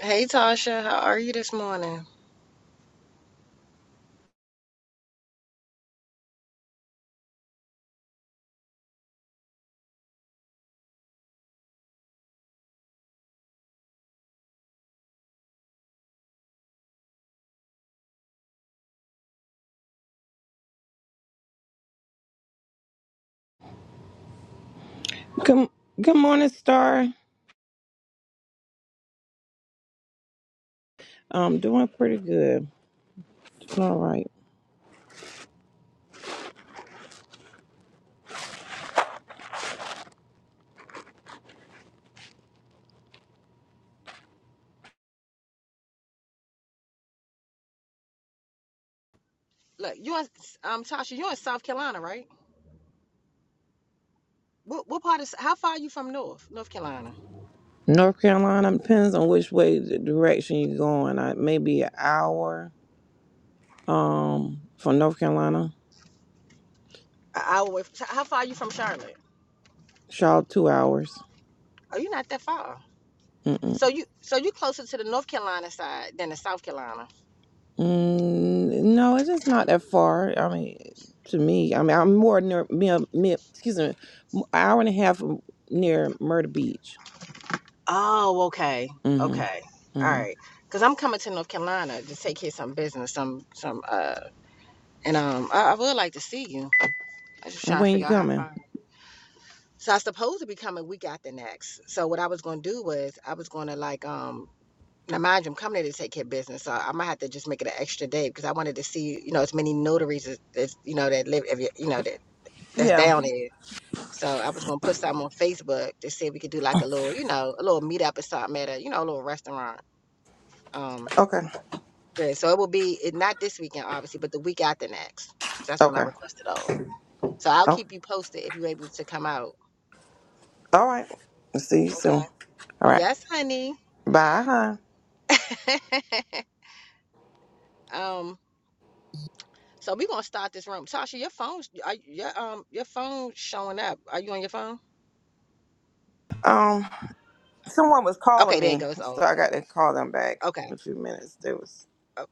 Hey Tasha, how are you this morning? Good, good morning, Star. I'm doing pretty good. All right. Look, you in um Tasha, you're in South Carolina, right? What what part of how far are you from North North Carolina? North Carolina depends on which way the direction you're going. I, maybe an hour um, from North Carolina. An hour away. From, how far are you from Charlotte? Charlotte, two hours. Oh, you're not that far. Mm-mm. So you so you closer to the North Carolina side than the South Carolina. Mm, no, it's just not that far. I mean, to me, I mean, I'm more near, near, near excuse me, m- hour and a half from near Myrtle Beach. Oh, okay, Mm-hmm. okay, all Mm-hmm. right. Cause I'm coming to North Carolina to take care of some business, some some uh, and um I, I would like to see you. I'm just And trying to when you figure out how coming? far. So I supposed to be coming week after next. So what I was gonna do was I was gonna like um Now, mind you, I'm coming there to take care of business, so I might have to just make it an extra day because I wanted to see, you know, as many notaries as, as you know that live, every- you know, that that's Yeah. down there. So I was gonna put something on Facebook to see if we could do like a little, you know, a little meetup or something at a, you know, a little restaurant. Um, Okay. yeah, so it will be it, not this weekend, obviously, but the week after next, 'cause that's when I Okay. requested off. So I'll Okay. keep you posted if you're able to come out. All right. See you Okay. soon. All right. Yes, honey. Bye. huh? um. So we're gonna start this room. Tasha, your phone's are, your um your phone showing up. Are you on your phone? Um, someone was Okay, calling there it me, goes so off. I got to call them back in Okay. a few minutes. There was O-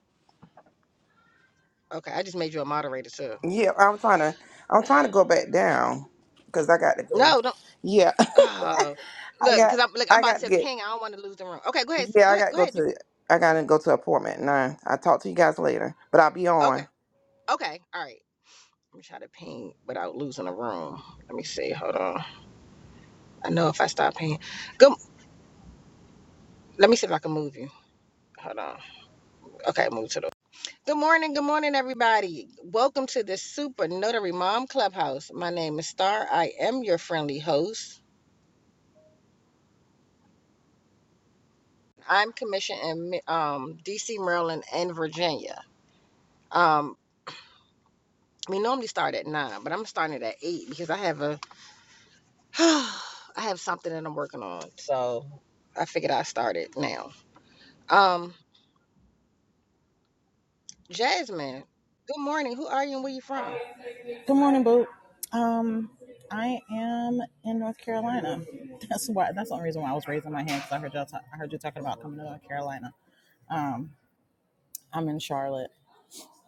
Okay. I just made you a moderator too. yeah, I'm trying to I'm trying to go back down because I got to go. No, don't Yeah, uh, I look, because got I'm look, I'm I about got to to get ping. I don't want to lose the room. Okay, go ahead. s- yeah Go I ahead. got to Go go ahead. You to I got to go to appointment at nine. I'll talk to you guys later, but I'll be okay. on. Okay. All right. Let me try to ping without losing the room. Let me see. Hold on. I know if I stop pinging. go. let me see if I can move you. Hold on. Okay, move to the Good morning, good morning, everybody. Welcome to the Super Notary Mom Clubhouse. My name is Star. I am your friendly host. I'm commissioned in um, DC, Maryland, and Virginia. Um, we normally start at nine, but I'm starting at eight because I have a I have something that I'm working on. So I figured I started now. Um, Jasmine, good morning. Who are you and where you from? Good morning, Boo. Um, I am in North Carolina. That's why. That's the only reason why I was raising my hand because I heard y'all. ta- I heard you talking about coming to North Carolina. Um, I'm in Charlotte,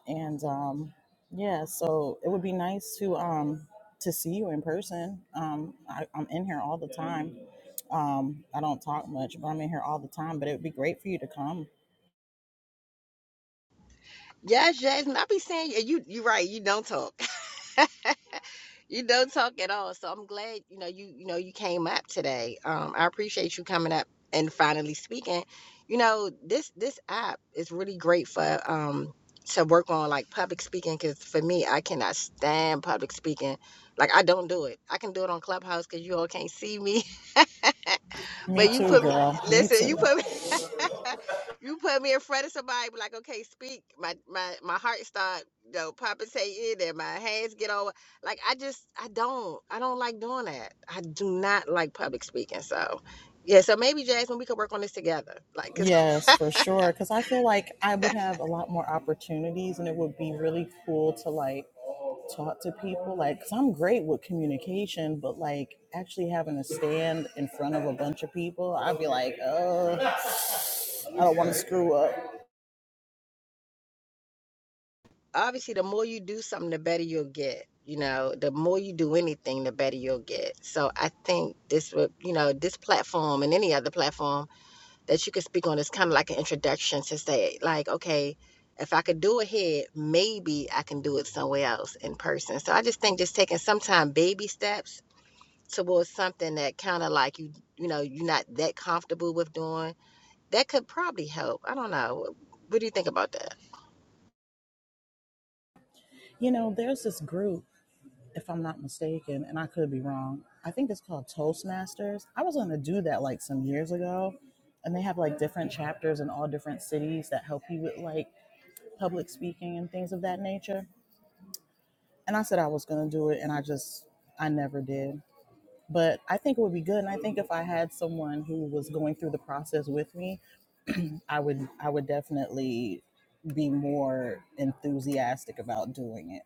and um, yeah. So it would be nice to um to see you in person. Um, I, I'm in here all the time. Um, I don't talk much, but I'm in here all the time. But it would be great for you to come. Yes, Jasmine. I be saying you. You you right. You don't talk. you don't talk at all. So I'm glad you know you you know you came up today. Um, I appreciate you coming up and finally speaking. You know this this app is really great for um to work on like public speaking because for me I cannot stand public speaking. Like I don't do it. I can do it on Clubhouse because you all can't see me. Me But you too, put me girl. Me listen, you too. put me you put me in front of somebody be like, okay, speak. My my my heart start you know, palpitating and my hands get over like I just I don't I don't like doing that. I do not like public speaking. So yeah, so maybe Jasmine, we could work on this together. Like, 'cause Yes, for sure. Because I feel like I would have a lot more opportunities, and it would be really cool to like talk to people. Like, because I'm great with communication, but like actually having to stand in front of a bunch of people, I'd be like, oh, I don't want to screw up. obviously the more you do something the better you'll get you know the more you do anything the better you'll get so i think this would you know this platform and any other platform that you could speak on is kind of like an introduction to say, like, okay, if I could do it here, maybe I can do it somewhere else in person. So I just think just taking sometime baby steps towards something that kind of like you, you know, you're not that comfortable with doing, that could probably help. I don't know. What do you think about that? You know, there's this group, if I'm not mistaken, and I could be wrong. I think it's called Toastmasters. I was going to do that like some years ago, and they have like different chapters in all different cities that help you with like public speaking and things of that nature. And I said I was going to do it, and I just, I never did. But I think it would be good, and I think if I had someone who was going through the process with me, I would, I would definitely be more enthusiastic about doing it.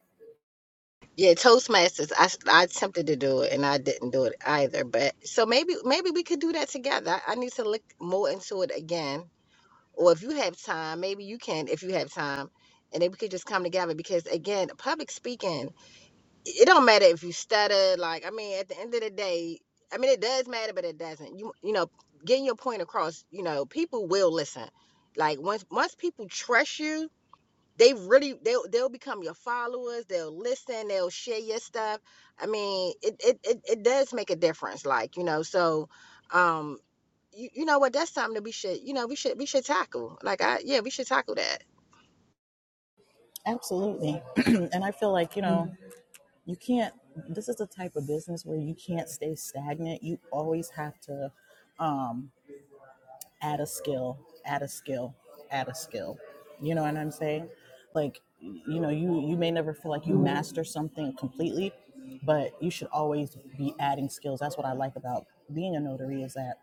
Yeah, Toastmasters. I, I attempted to do it and I didn't do it either. But so maybe maybe we could do that together. I, I need to look more into it again or if you have time, maybe you can if you have time, and then we could just come together because again, public speaking, it don't matter if you stutter. Like I mean, at the end of the day, I mean it does matter, but it doesn't. You you know, getting your point across, you know, people will listen. Like once once people trust you. They really they'll they'll become your followers. They'll listen. They'll share your stuff. I mean, it it, it, it does make a difference. Like you know, so Um, you, you know what that's something that we should you know we should we should tackle like i yeah we should tackle that Absolutely, and I feel like you know, you can't. This is the type of business where you can't stay stagnant. You always have to. Um, add a skill, add a skill, add a skill. You know what I'm saying? Like, you know, you you may never feel like you master something completely, but you should always be adding skills. That's what I like about being a notary is that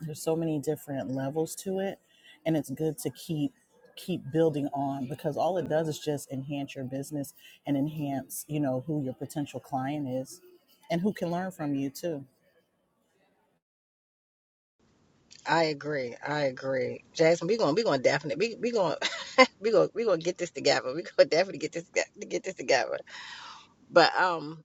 there's so many different levels to it, and it's good to keep keep building on because all it does is just enhance your business and enhance, you know, who your potential client is and who can learn from you too. i agree i agree jackson we gonna we gonna definitely we, we gonna we gonna we gonna get this together we gonna definitely get this toge- get this together but um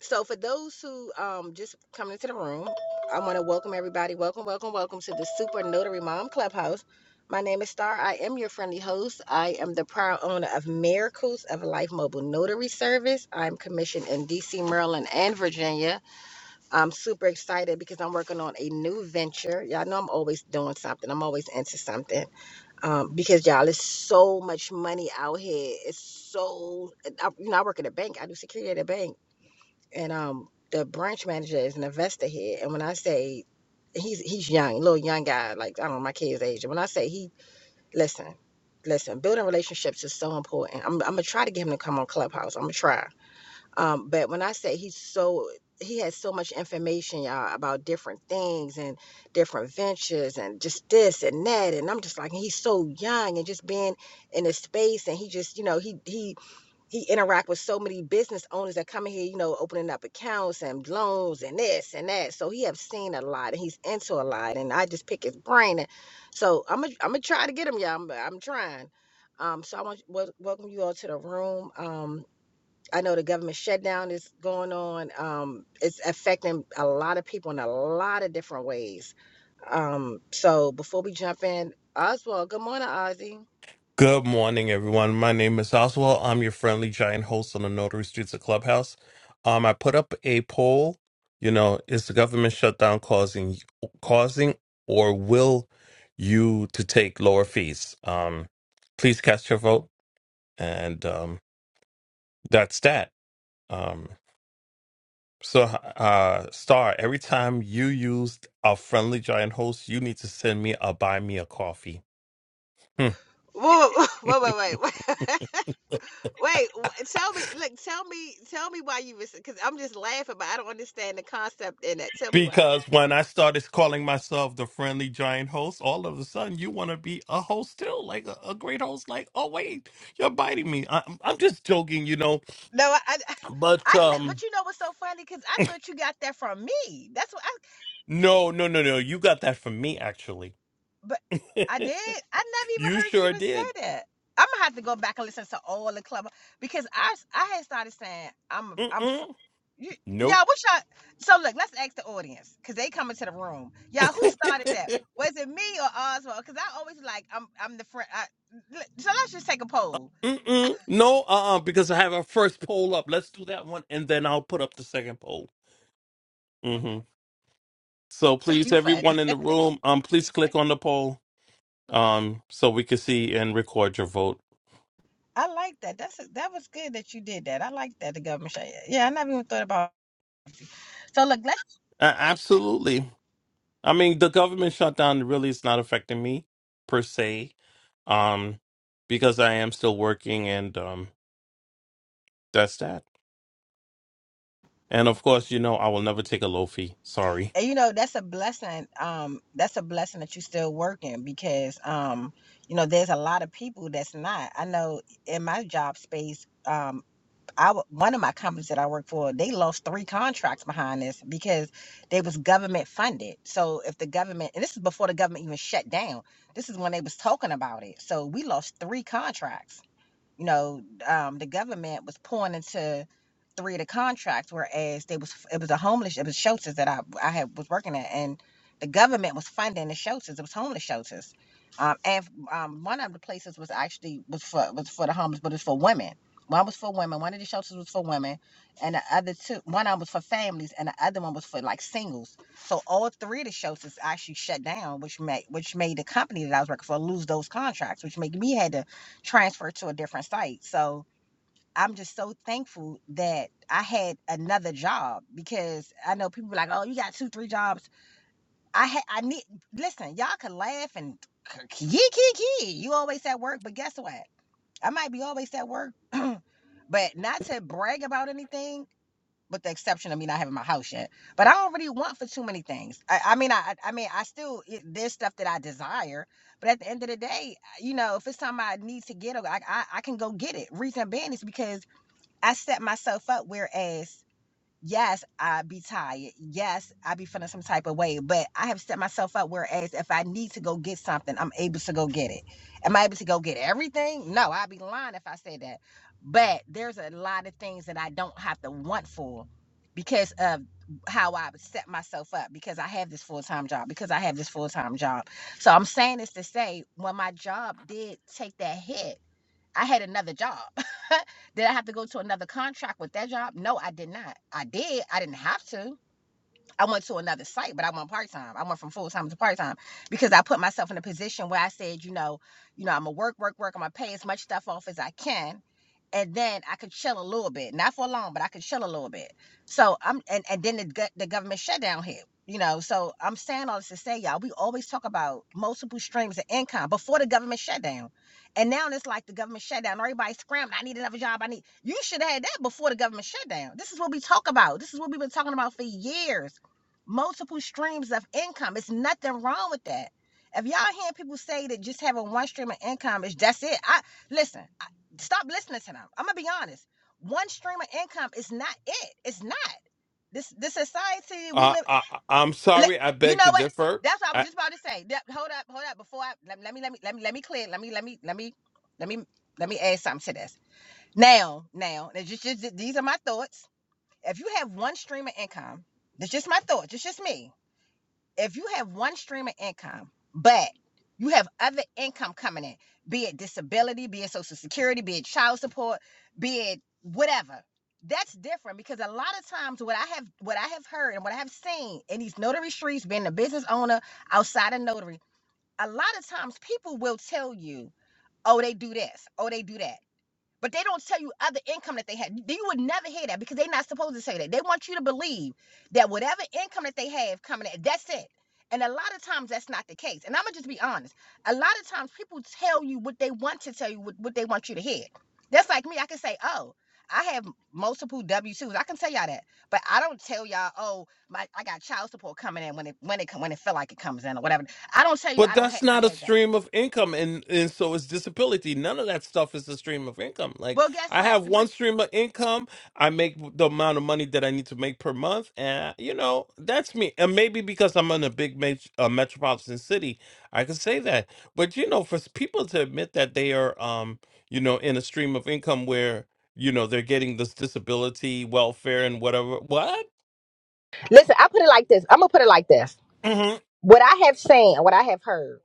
so for those who um just coming into the room i want to welcome everybody welcome welcome welcome to the super notary mom clubhouse my name is Star. I am your friendly host. I am the proud owner of Miracles of Life Mobile Notary Service. I'm commissioned in DC, Maryland, and Virginia. I'm super excited because I'm working on a new venture. Y'all know I'm always doing something. I'm always into something. Um, because y'all, there's so much money out here. It's so I, you know I work at a bank. I do security at a bank, and um, the branch manager is an investor here. And when I say he's he's young, little young guy, like I don't know my kid's age. And when I say he, listen, listen, building relationships is so important. I'm I'm gonna try to get him to come on Clubhouse. I'm gonna try. Um, but when I say he's so, he has so much information, y'all, about different things and different ventures and just this and that. And I'm just like, he's so young and just being in this space. And he just, you know, he, he, he interact with so many business owners that come in here, you know, opening up accounts and loans and this and that. So he have seen a lot and he's into a lot. And I just pick his brain. And so I'm going to, I'm going to try to get him. y'all. I'm, I'm trying. Um, so I want to wel- welcome you all to the room. Um, I know the government shutdown is going on. Um, it's affecting a lot of people in a lot of different ways. Um, so before we jump in, Oswald, good morning, Ozzy. Good morning, everyone. My name is Oswald. I'm your friendly giant host on the Notary Streets of Clubhouse. Um, I put up a poll. You know, is the government shutdown causing causing or will you to take lower fees? Um, please cast your vote, and um, that's that. Um, so, uh, Star, every time you use a friendly giant host, you need to send me a buy me a coffee. Whoa, whoa, whoa, wait, wait, wait. wh- Tell me, look, tell me, tell me why you was, because I'm just laughing, but I don't understand the concept in it. Tell me why. Because when I started calling myself the friendly giant host, all of a sudden you want to be a host still, like a, a great host. Like, oh wait, you're biting me. I, I'm I'm just joking, you know. No, I, I, But I kn- but um, you know what's so funny? Because I thought you got that from me. That's what. no, no, no, no. You got that from me, actually. But I did. I never even you heard you sure even did. say that. I'm gonna have to go back and listen to all the club because I I had started saying I'm I'm fr- Mm-mm. you, Nope. y'all. What y'all? So look, let's ask the audience because they come into the room. Y'all, who started that? Was it me or Oswald? Because I always like I'm I'm the friend. I, l- so let's just take a poll. Mm-mm. No, uh-uh, because I have our first poll up. Let's do that one, and then I'll put up the second poll. hmm So please, You funny. everyone in the room, um, please click on the poll. um, so we could see and record your vote. I like that. That's a, that was good that you did that. I like that the government. shut- Yeah, I never even thought about. So look, A- absolutely. I mean, the government shutdown really is not affecting me per se, um, because I am still working, and um, that's that. And of course, you know, I will never take a low fee. Sorry. and you know that's a blessing um that's a blessing that you're still working because um you know there's a lot of people that's not i know in my job space um i w- one of my companies that i work for they lost three contracts behind this because they was government funded so if the government and this is before the government even shut down this is when they was talking about it so we lost three contracts you know, um, the government was pouring into three of the contracts, whereas they was it was a homeless it was shelters that I I had was working at, and the government was funding the shelters. It was homeless shelters, um, and um, one of the places was actually was for was for the homeless, but it's for women. One was for women. One of the shelters was for women, and the other two, one of them was for families, and the other one was for like singles. So all three of the shelters actually shut down, which made which made the company that I was working for lose those contracts, which made me had to transferred to a different site. So I'm just so thankful that I had another job because I know people be like, "Oh, you got two, three jobs." I had, I need. Listen, y'all could laugh and kiki kiki. You always at work, but guess what? I might be always at work, but not to brag about anything with the exception of me not having my house yet. But I don't really want for too many things. I, I mean, I, I mean, I still it, there's stuff that I desire, but at the end of the day, you know, if it's something I need to get, I, I, I can go get it. Reason being is because I set myself up. Whereas Yes, I be tired. Yes, I be feeling some type of way, but I have set myself up whereas if I need to go get something, I'm able to go get it. Am I able to go get everything? No, I'd be lying if I said that. But there's a lot of things that I don't have to want for because of how I set myself up because I have this full-time job, because I have this full-time job. So I'm saying this to say when my job did take that hit, I had another job. Did I have to go to another contract with that job? No, I did not. I did. I didn't have to. I went to another site, but I went part time. I went from full time to part time because I put myself in a position where I said, you know, you know, I'm gonna work, work, work. I'm gonna pay as much stuff off as I can, and then I could chill a little bit, not for long, but I could chill a little bit. So I'm, and and then the the government shutdown hit, you know. So I'm saying all this to say, y'all, we always talk about multiple streams of income before the government shutdown, and now it's like the government shutdown. Everybody's scrambling. I need another job. I need. You should have had that before the government shutdown. This is what we talk about. This is what we've been talking about for years multiple streams of income. It's nothing wrong with that. If y'all hear people say that just having one stream of income is that's it, I listen. I, stop listening to them. I'm gonna be honest. One stream of income is not it. It's not this. This society we Uh, live. I, I- I'm li- sorry. I You beg know to what? differ. That's what I was just about to say. That- hold up, hold up. Before I let, let me let me let me let me clear. Let me let me let me let me let me add something to this. Now, now, it's just, just these are my thoughts. If you have one stream of income, that's just my thoughts. It's just me if you have one stream of income, but you have other income coming in, be it disability, be it social security, be it child support, be it whatever. That's different because a lot of times what I have what I have heard and what I have seen in these notary streets, being a business owner outside of notary, a lot of times people will tell you, oh, they do this, oh, they do that but they don't tell you other income that they had. You would never hear that because they're not supposed to say that. They want you to believe that whatever income that they have coming in, that's it. And a lot of times that's not the case. And I'm gonna just be honest. A lot of times people tell you what they want to tell you, what, what they want you to hear. That's like me. I can say, oh, I have multiple W twos. I can tell y'all that, but I don't tell y'all, oh, my I got child support coming in when it when it when it feel like it comes in or whatever. I don't tell you I But don't have that's I not a have that. stream of income, and and so is disability. None of that stuff is a stream of income. Like Well, guess I what? have But one stream of income. I make the amount of money that I need to make per month, and you know that's me. And maybe because I'm in a big met- uh, metropolitan city, I can say that. But you know, for s- people to admit that they are, um, you know, in a stream of income where you know they're getting this disability welfare and whatever, what? Listen, I put it like this. I'm gonna put it like this. Mm-hmm. what I have seen, what I have heard,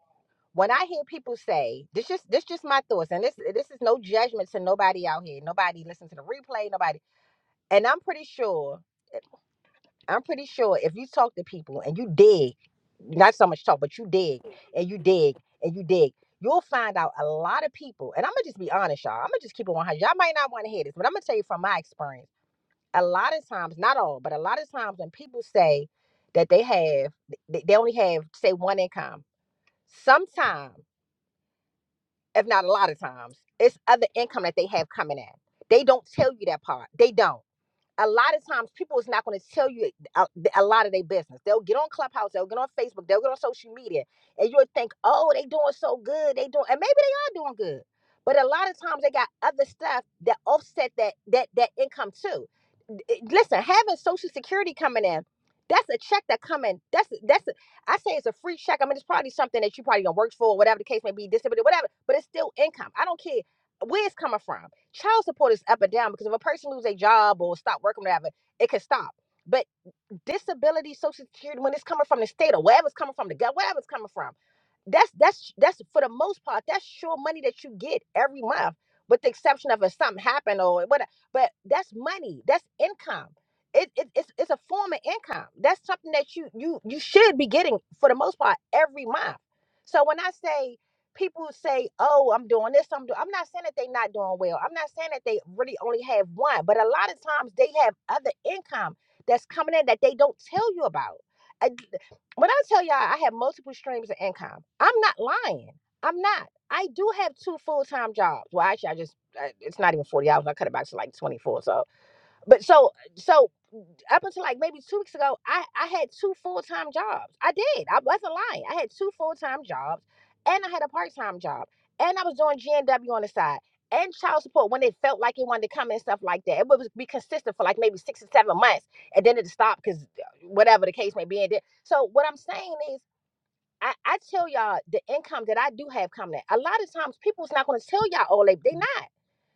when I hear people say, this just this just my thoughts, and this this is no judgment to nobody out here. Nobody listen to the replay, nobody. And I'm pretty sure, I'm pretty sure if you talk to people and you dig, not so much talk, but you dig and you dig and you dig, you'll find out a lot of people. And I'm gonna just be honest, y'all. I'm gonna just keep it 100. Y'all might not want to hear this, but I'm gonna tell you from my experience. A lot of times, not all, but a lot of times when people say that they have, they they only have say one income Sometimes, if not a lot of times, it's other income that they have coming in. They don't tell you that part. They don't. A lot of times, people is not going to tell you a, a lot of their business. They'll get on Clubhouse, they'll get on Facebook, they'll get on social media, and you'll think, "Oh, they doing so good. They doing, and maybe they are doing good." But a lot of times, they got other stuff that offset that that that income too eh, listen, having Social Security coming in, that's a check that coming. That's that's. A, I say it's a free check. I mean, it's probably something that you probably gonna work for, whatever the case may be, disability, whatever. But it's still income. I don't care where it's coming from. Child support is up and down because if a person loses a job or stop working, whatever, it can stop. But disability, social security, when it's coming from the state or wherever it's coming from, the government, wherever it's coming from, that's that's that's for the most part, that's sure money that you get every month, with the exception of if something happened or whatever. But that's money, that's income. It, it, it's, it's a form of income. That's something that you you you should be getting for the most part every month. So when I say people say, "Oh, I'm doing this," I'm doing, I'm not saying that they're not doing well. I'm not saying that they really only have one, but a lot of times they have other income that's coming in that they don't tell you about. I, when I tell y'all I have multiple streams of income, I'm not lying. I'm not. I do have two full time jobs. Well, actually, I just it's not even forty hours. I cut it back to like twenty four. So, but so so up until like maybe two weeks ago, I, I had two full time jobs. I did. I wasn't lying. I had two full time jobs and I had a part time job. And I was doing GNW on the side and child support when it felt like it wanted to come and stuff like that. It would be consistent for like maybe six or seven months and then it stopped because whatever the case may be. And then, so what I'm saying is I, I tell y'all the income that I do have coming. in. A lot of times people's not gonna tell y'all all they they not.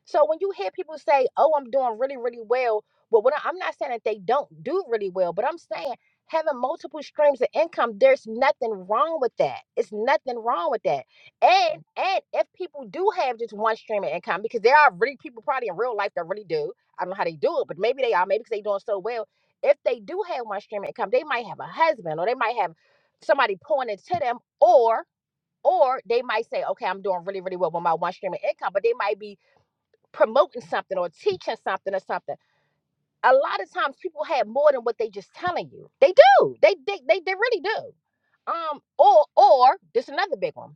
So when you hear people say, Oh, I'm doing really, really well, but what I, am not saying that they don't do really well, but I'm saying having multiple streams of income, there's nothing wrong with that. It's nothing wrong with that. And and if people do have just one stream of income, because there are really people probably in real life that really do. I don't know how they do it, but maybe they are, maybe because they're doing so well. If they do have one stream of income, they might have a husband or they might have somebody pointing to them or or they might say okay i'm doing really really well with my one stream of income but they might be promoting something or teaching something or something a lot of times people have more than what they just telling you they do they they, they, they really do um or or this is another big one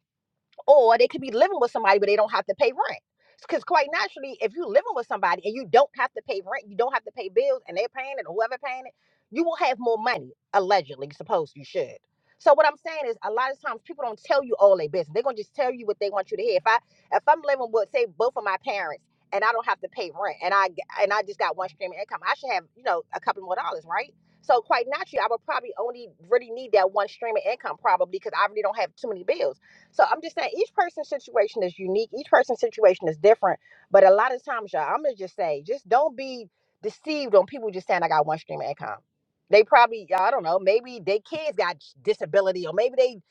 or they could be living with somebody but they don't have to pay rent because quite naturally if you're living with somebody and you don't have to pay rent you don't have to pay bills and they're paying it or whoever paying it you will have more money allegedly supposed you should so what i'm saying is a lot of times people don't tell you all their business they're going to just tell you what they want you to hear if i if i'm living with say both of my parents and i don't have to pay rent and i g- and i just got one stream of income i should have you know a couple more dollars right so quite naturally i would probably only really need that one stream of income probably because i really don't have too many bills so I'm just saying each person's situation is unique. Each person's situation is different. But a lot of times, y'all, I'm gonna just say, just don't be deceived on people just saying I got one stream of income. They probably, I don't know, maybe their kids got disability, or maybe they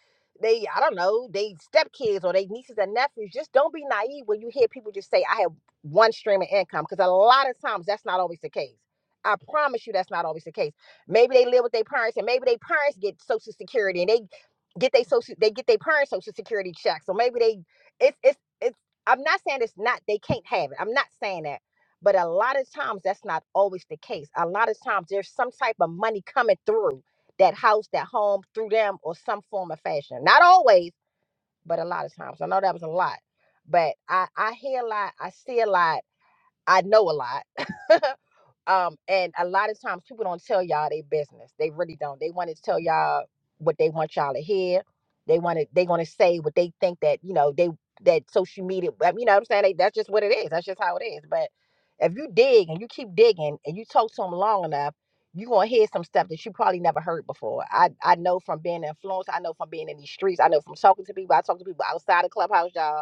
they, I don't know, they stepkids or they nieces and nephews. Just don't be naive when you hear people just say, I have one stream of income, because a lot of times that's not always the case. I promise you that's not always the case. Maybe they live with their parents and maybe their parents get social security and they get they social they get their parents social security check so maybe they it's it's it's i'm not saying it's not they can't have it i'm not saying that but a lot of times that's not always the case a lot of times there's some type of money coming through that house that home through them or some form of fashion not always but a lot of times i know that was a lot but i i hear a lot i see a lot i know a lot Um, and a lot of times people don't tell y'all their business. They really don't. They want to tell y'all what they want y'all to hear. They want to. They want to say what they think that you know they that social media. I mean, you know what I'm saying? They, that's just what it is. That's just how it is. But if you dig and you keep digging and you talk to them long enough, you gonna hear some stuff that you probably never heard before. I I know from being influenced. I know from being in these streets. I know from talking to people. I talk to people outside of clubhouse, y'all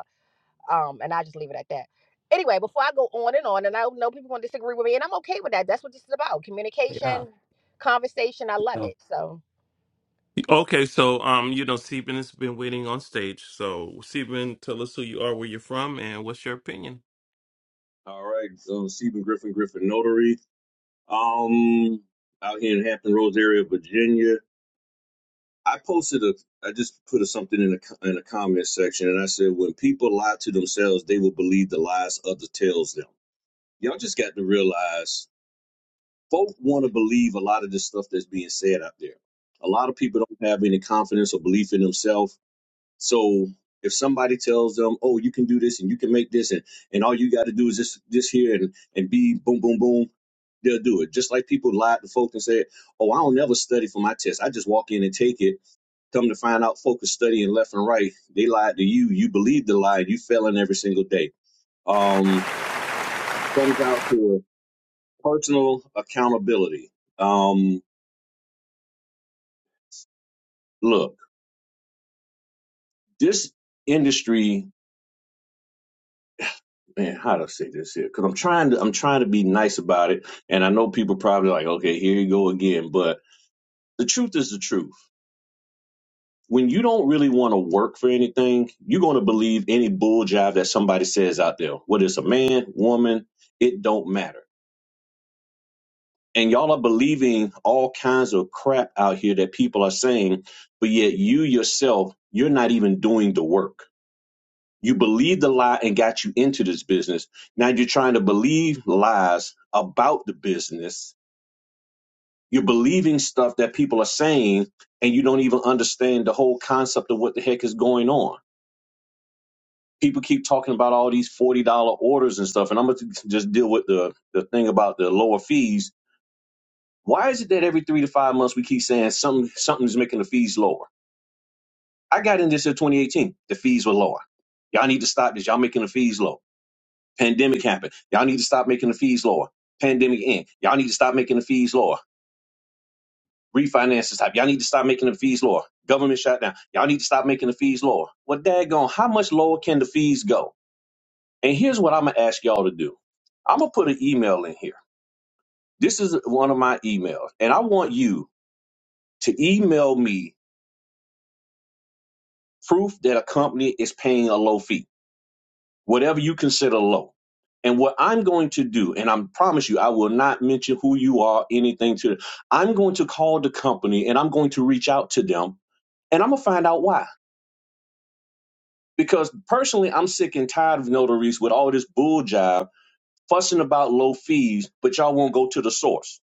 um, and I just leave it at that. Anyway, before I go on and on, and I know people gonna disagree with me, and I'm okay with that. That's what this is about: communication, conversation. I love it. So, Okay, so um, you know, Seben has been waiting on stage. So Seben, tell us who you are, where you're from, and what's your opinion. All right, so Stephen Griffin, Griffin Notary, um, out here in Hampton Roads area, Virginia. I posted a, I just put a, something in a in a comment section, and I said, when people lie to themselves, they will believe the lies others tells them. Y'all just got to realize, folk want to believe a lot of this stuff that's being said out there. A lot of people don't have any confidence or belief in themselves So if somebody tells them, "Oh, you can do this and you can make this and and all you got to do is this this here and and be boom boom boom," they'll do it. Just like people lied to folk and said, "Oh, I don't never study for my test. I just walk in and take it." Come to find out, folk are studying left and right. They lied to you. You believed the lie. You fell in every single day. Um, comes out to personal accountability. Um, look, this industry man, how to say this here? Because I'm trying to I'm trying to be nice about it, and I know people probably like, okay, here you go again. But the truth is the truth. When you don't really want to work for anything, you're going to believe any bull job that somebody says out there. Whether it's a man, woman, it don't matter. And y'all are believing all kinds of crap out here that people are saying, but yet you yourself, you're not even doing the work You believed the lie and got you into this business. Now you're trying to believe lies about the business. You're believing stuff that people are saying, and you don't even understand the whole concept of what the heck is going on. People keep talking about all these $40 orders and stuff, and I'm going to just deal with the, the thing about the lower fees. Why is it that every three to five months we keep saying something, something's making the fees lower? I got in this in 2018. The fees were lower. Y'all need to stop this. Y'all making the fees low. Pandemic happened. Y'all need to stop making the fees lower. Pandemic end. Y'all need to stop making the fees lower. Refinances type. Y'all need to stop making the fees lower. Government shutdown. Y'all need to stop making the fees lower. Well, daggone, how much lower can the fees go? And here's what I'm gonna ask y'all to do. I'm gonna put an email in here. This is one of my emails, and I want you to email me proof that a company is paying a low fee whatever you consider low. And what I'm going to do, and I promise you, I will not mention who you are, anything to I'm going to call the company and I'm going to reach out to them and I'm gonna find out why. Because personally, I'm sick and tired of notaries with all this bull jive fussing about low fees, but y'all won't go to the source.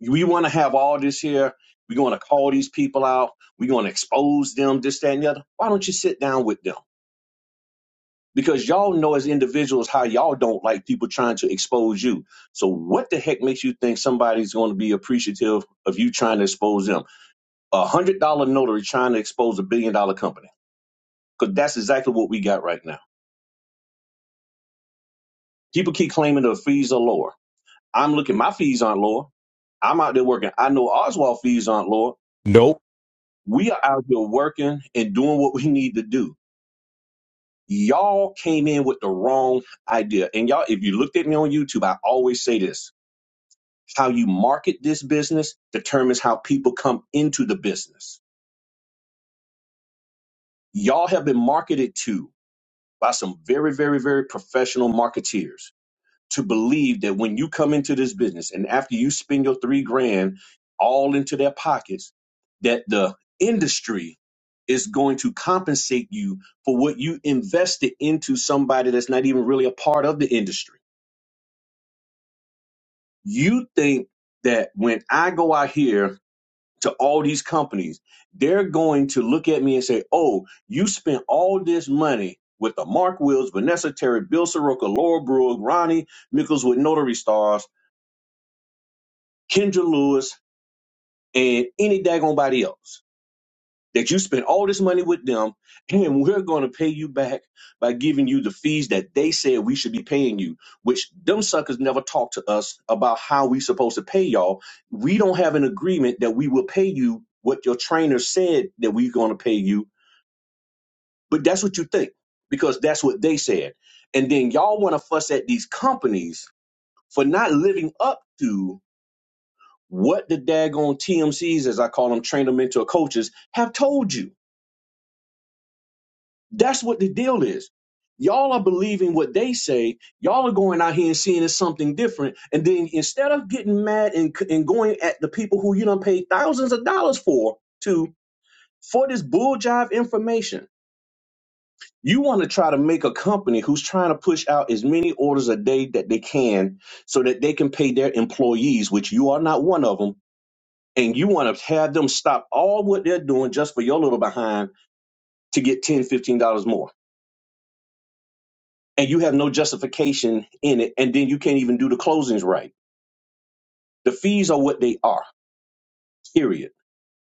We want to have all this here. We're going to call these people out. We're going to expose them, this, that, and the other. Why don't you sit down with them? because y'all know as individuals how y'all don't like people trying to expose you. So what the heck makes you think somebody's going to be appreciative of you trying to expose them? A hundred dollar notary trying to expose a billion dollar company because that's exactly what we got right now. People keep claiming the fees are lower. I'm looking, my fees aren't lower. I'm out there working. I know Oswald fees aren't lower. Nope. We are out here working and doing what we need to do. Y'all came in with the wrong idea. And y'all, if you looked at me on YouTube, I always say this How you market this business determines how people come into the business. Y'all have been marketed to by some very, very, very professional marketeers to believe that when you come into this business and after you spend your three grand all into their pockets, that the industry is going to compensate you for what you invested into somebody that's not even really a part of the industry. You think that when I go out here to all these companies, they're going to look at me and say, "Oh, you spent all this money with the Mark Wills, Vanessa Terry, Bill Soroka, Laura Brooke, Ronnie Mickles with Notary Stars, Kendra Lewis, and any daggone body else." that you spent all this money with them, and we're going to pay you back by giving you the fees that they said we should be paying you, which them suckers never talk to us about how we supposed to pay y'all. We don't have an agreement that we will pay you what your trainer said that we're going to pay you, but that's what you think because that's what they said. And then y'all want to fuss at these companies for not living up to what the daggone TMCs, as I call them, trainer mentor coaches, have told you That's what the deal is. Y'all are believing what they say. Y'all are going out here and seeing it's something different. And then instead of getting mad and, and going at the people who you don't pay thousands of dollars for to for this bull jive information, you want to try to make a company who's trying to push out as many orders a day that they can so that they can pay their employees, which you are not one of them. And you want to have them stop all what they're doing just for your little behind to get $10, dollars, $15 more. and you have no justification in it, and then you can't even do the closings right. The fees are what they are, period.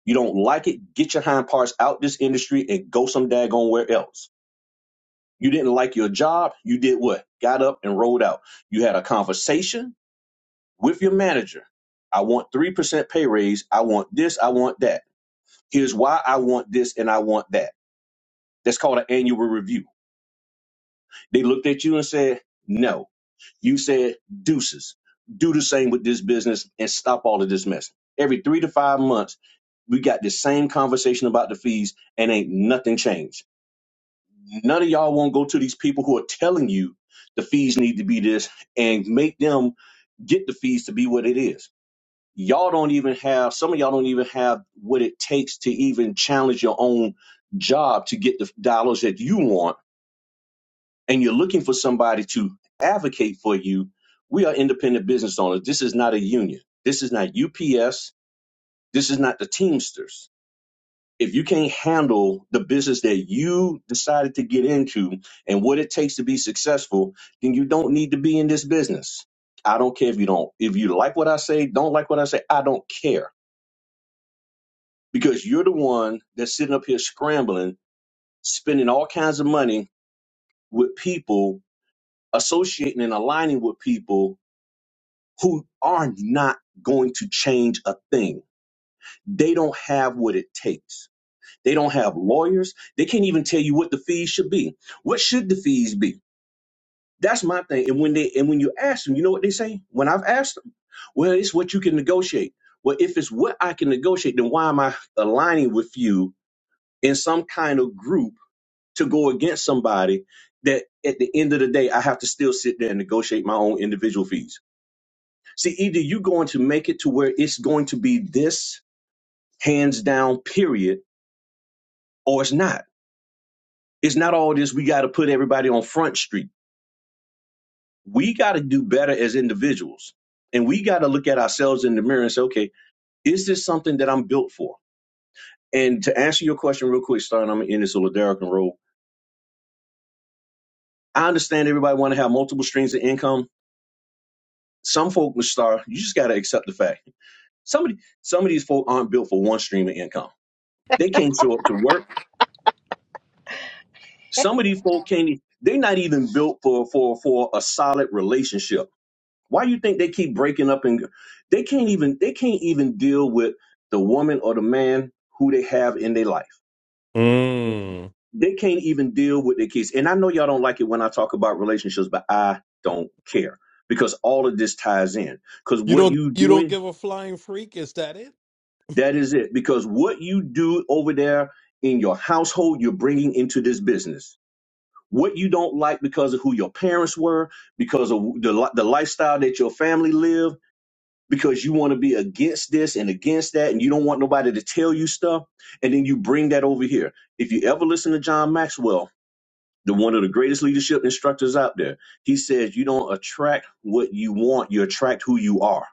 You don't like it, get your hind parts out this industry and go some daggone where else. You didn't like your job, you did what? Got up and rolled out. You had a conversation with your manager. I want 3% pay raise. I want this, I want that. Here's why I want this and I want that. That's called an annual review. They looked at you and said, no You said deuces. Do the same with this business and stop all of this mess. Every three to five months, we got the same conversation about the fees and ain't nothing changed. None of y'all won't go to these people who are telling you the fees need to be this and make them get the fees to be what it is. Y'all don't even have, some of y'all don't even have what it takes to even challenge your own job to get the dollars that you want and you're looking for somebody to advocate for you, we are independent business owners. This is not a union. This is not UPS. This is not the Teamsters. If you can't handle the business that you decided to get into and what it takes to be successful, then you don't need to be in this business. I don't care if you don't. If you like what I say, don't like what I say, I don't care because you're the one that's sitting up here scrambling, spending all kinds of money with people, associating and aligning with people who are not going to change a thing. They don't have what it takes. They don't have lawyers. They can't even tell you what the fees should be. What should the fees be? That's my thing. And when they and when you ask them, you know what they say? When I've asked them, well, it's what you can negotiate. Well, if it's what I can negotiate, then why am I aligning with you in some kind of group to go against somebody that at the end of the day I have to still sit there and negotiate my own individual fees? See, either you're going to make it to where it's going to be this hands down period, or it's not. It's not all this. We got to put everybody on front street. We got to do better as individuals. And we got to look at ourselves in the mirror and say, okay, is this something that I'm built for? And to answer your question real quick, starting, I'm in this little Derek I understand everybody want to have multiple streams of income. Some folk, Mr. Star, you just got to accept the fact. Somebody, some of these folk aren't built for one stream of income. They can't show up to work Some of these folk can't. They're not even built for for for a solid relationship. Why you think they keep breaking up and they can't even they can't even deal with the woman or the man who they have in their life. Mm. They can't even deal with their kids. And I know y'all don't like it when I talk about relationships, but I don't care because all of this ties in. Because You what don't you you don't doing, give a flying freak, is that it? that is it. Because what you do over there in your household, you're bringing into this business what you don't like because of who your parents were, because of the li- the lifestyle that your family lived, because you want to be against this and against that, and you don't want nobody to tell you stuff, and then you bring that over here. If you ever listen to John Maxwell, the one of the greatest leadership instructors out there, he says you don't attract what you want, you attract who you are.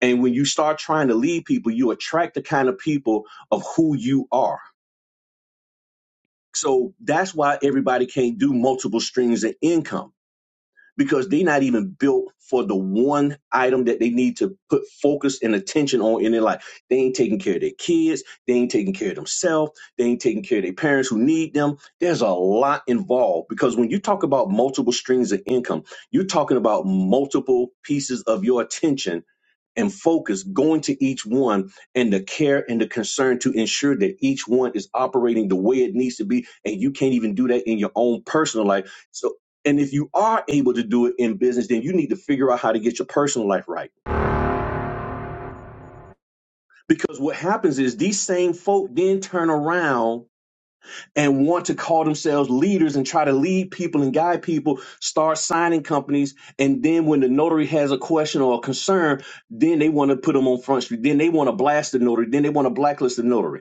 And when you start trying to lead people, you attract the kind of people of who you are. So that's why everybody can't do multiple streams of income because they're not even built for the one item that they need to put focus and attention on in their life. They ain't taking care of their kids. They ain't taking care of themselves. They ain't taking care of their parents who need them. There's a lot involved because when you talk about multiple streams of income, you're talking about multiple pieces of your attention and focus going to each one and the care and the concern to ensure that each one is operating the way it needs to be and you can't even do that in your own personal life so and if you are able to do it in business then you need to figure out how to get your personal life right because what happens is these same folk then turn around and want to call themselves leaders and try to lead people and guide people start signing companies and then when the notary has a question or a concern then they want to put them on front street then they want to blast the notary then they want to blacklist the notary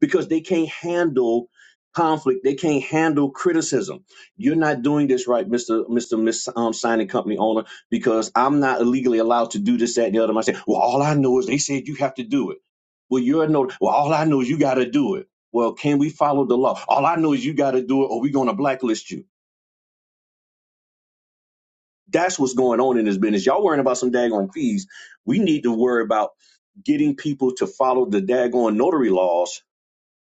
because they can't handle conflict. They can't handle criticism. You're not doing this right, Mister Mister Miss um, Signing Company owner, because I'm not illegally allowed to do this, that, and the other. I say, well, all I know is they said you have to do it. Well, you're a no. Well, all I know is you got to do it. Well, can we follow the law? All I know is you got to do it, or we're going to blacklist you. That's what's going on in this business. Y'all worrying about some daggone fees. We need to worry about getting people to follow the daggone notary laws,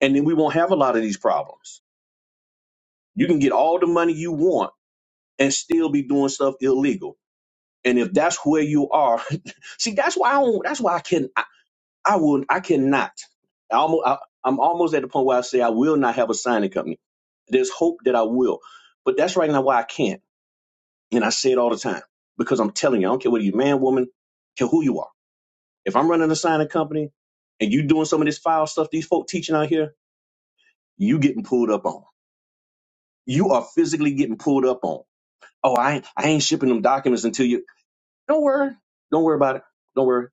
and then we won't have a lot of these problems. You can get all the money you want and still be doing stuff illegal. And if that's where you are, see, that's why I don't, that's why I can, I, I will, I cannot. I almost, I, I'm almost at the point where I say I will not have a signing company. There's hope that I will, but that's right now why I can't. And I say it all the time because I'm telling you, I don't care whether you're man, woman, care who you are. If I'm running a signing company and you doing some of this foul stuff these folk teaching out here, you getting pulled up on. You are physically getting pulled up on oh, I ain't, I ain't shipping them documents until you. Don't worry. Don't worry about it. Don't worry.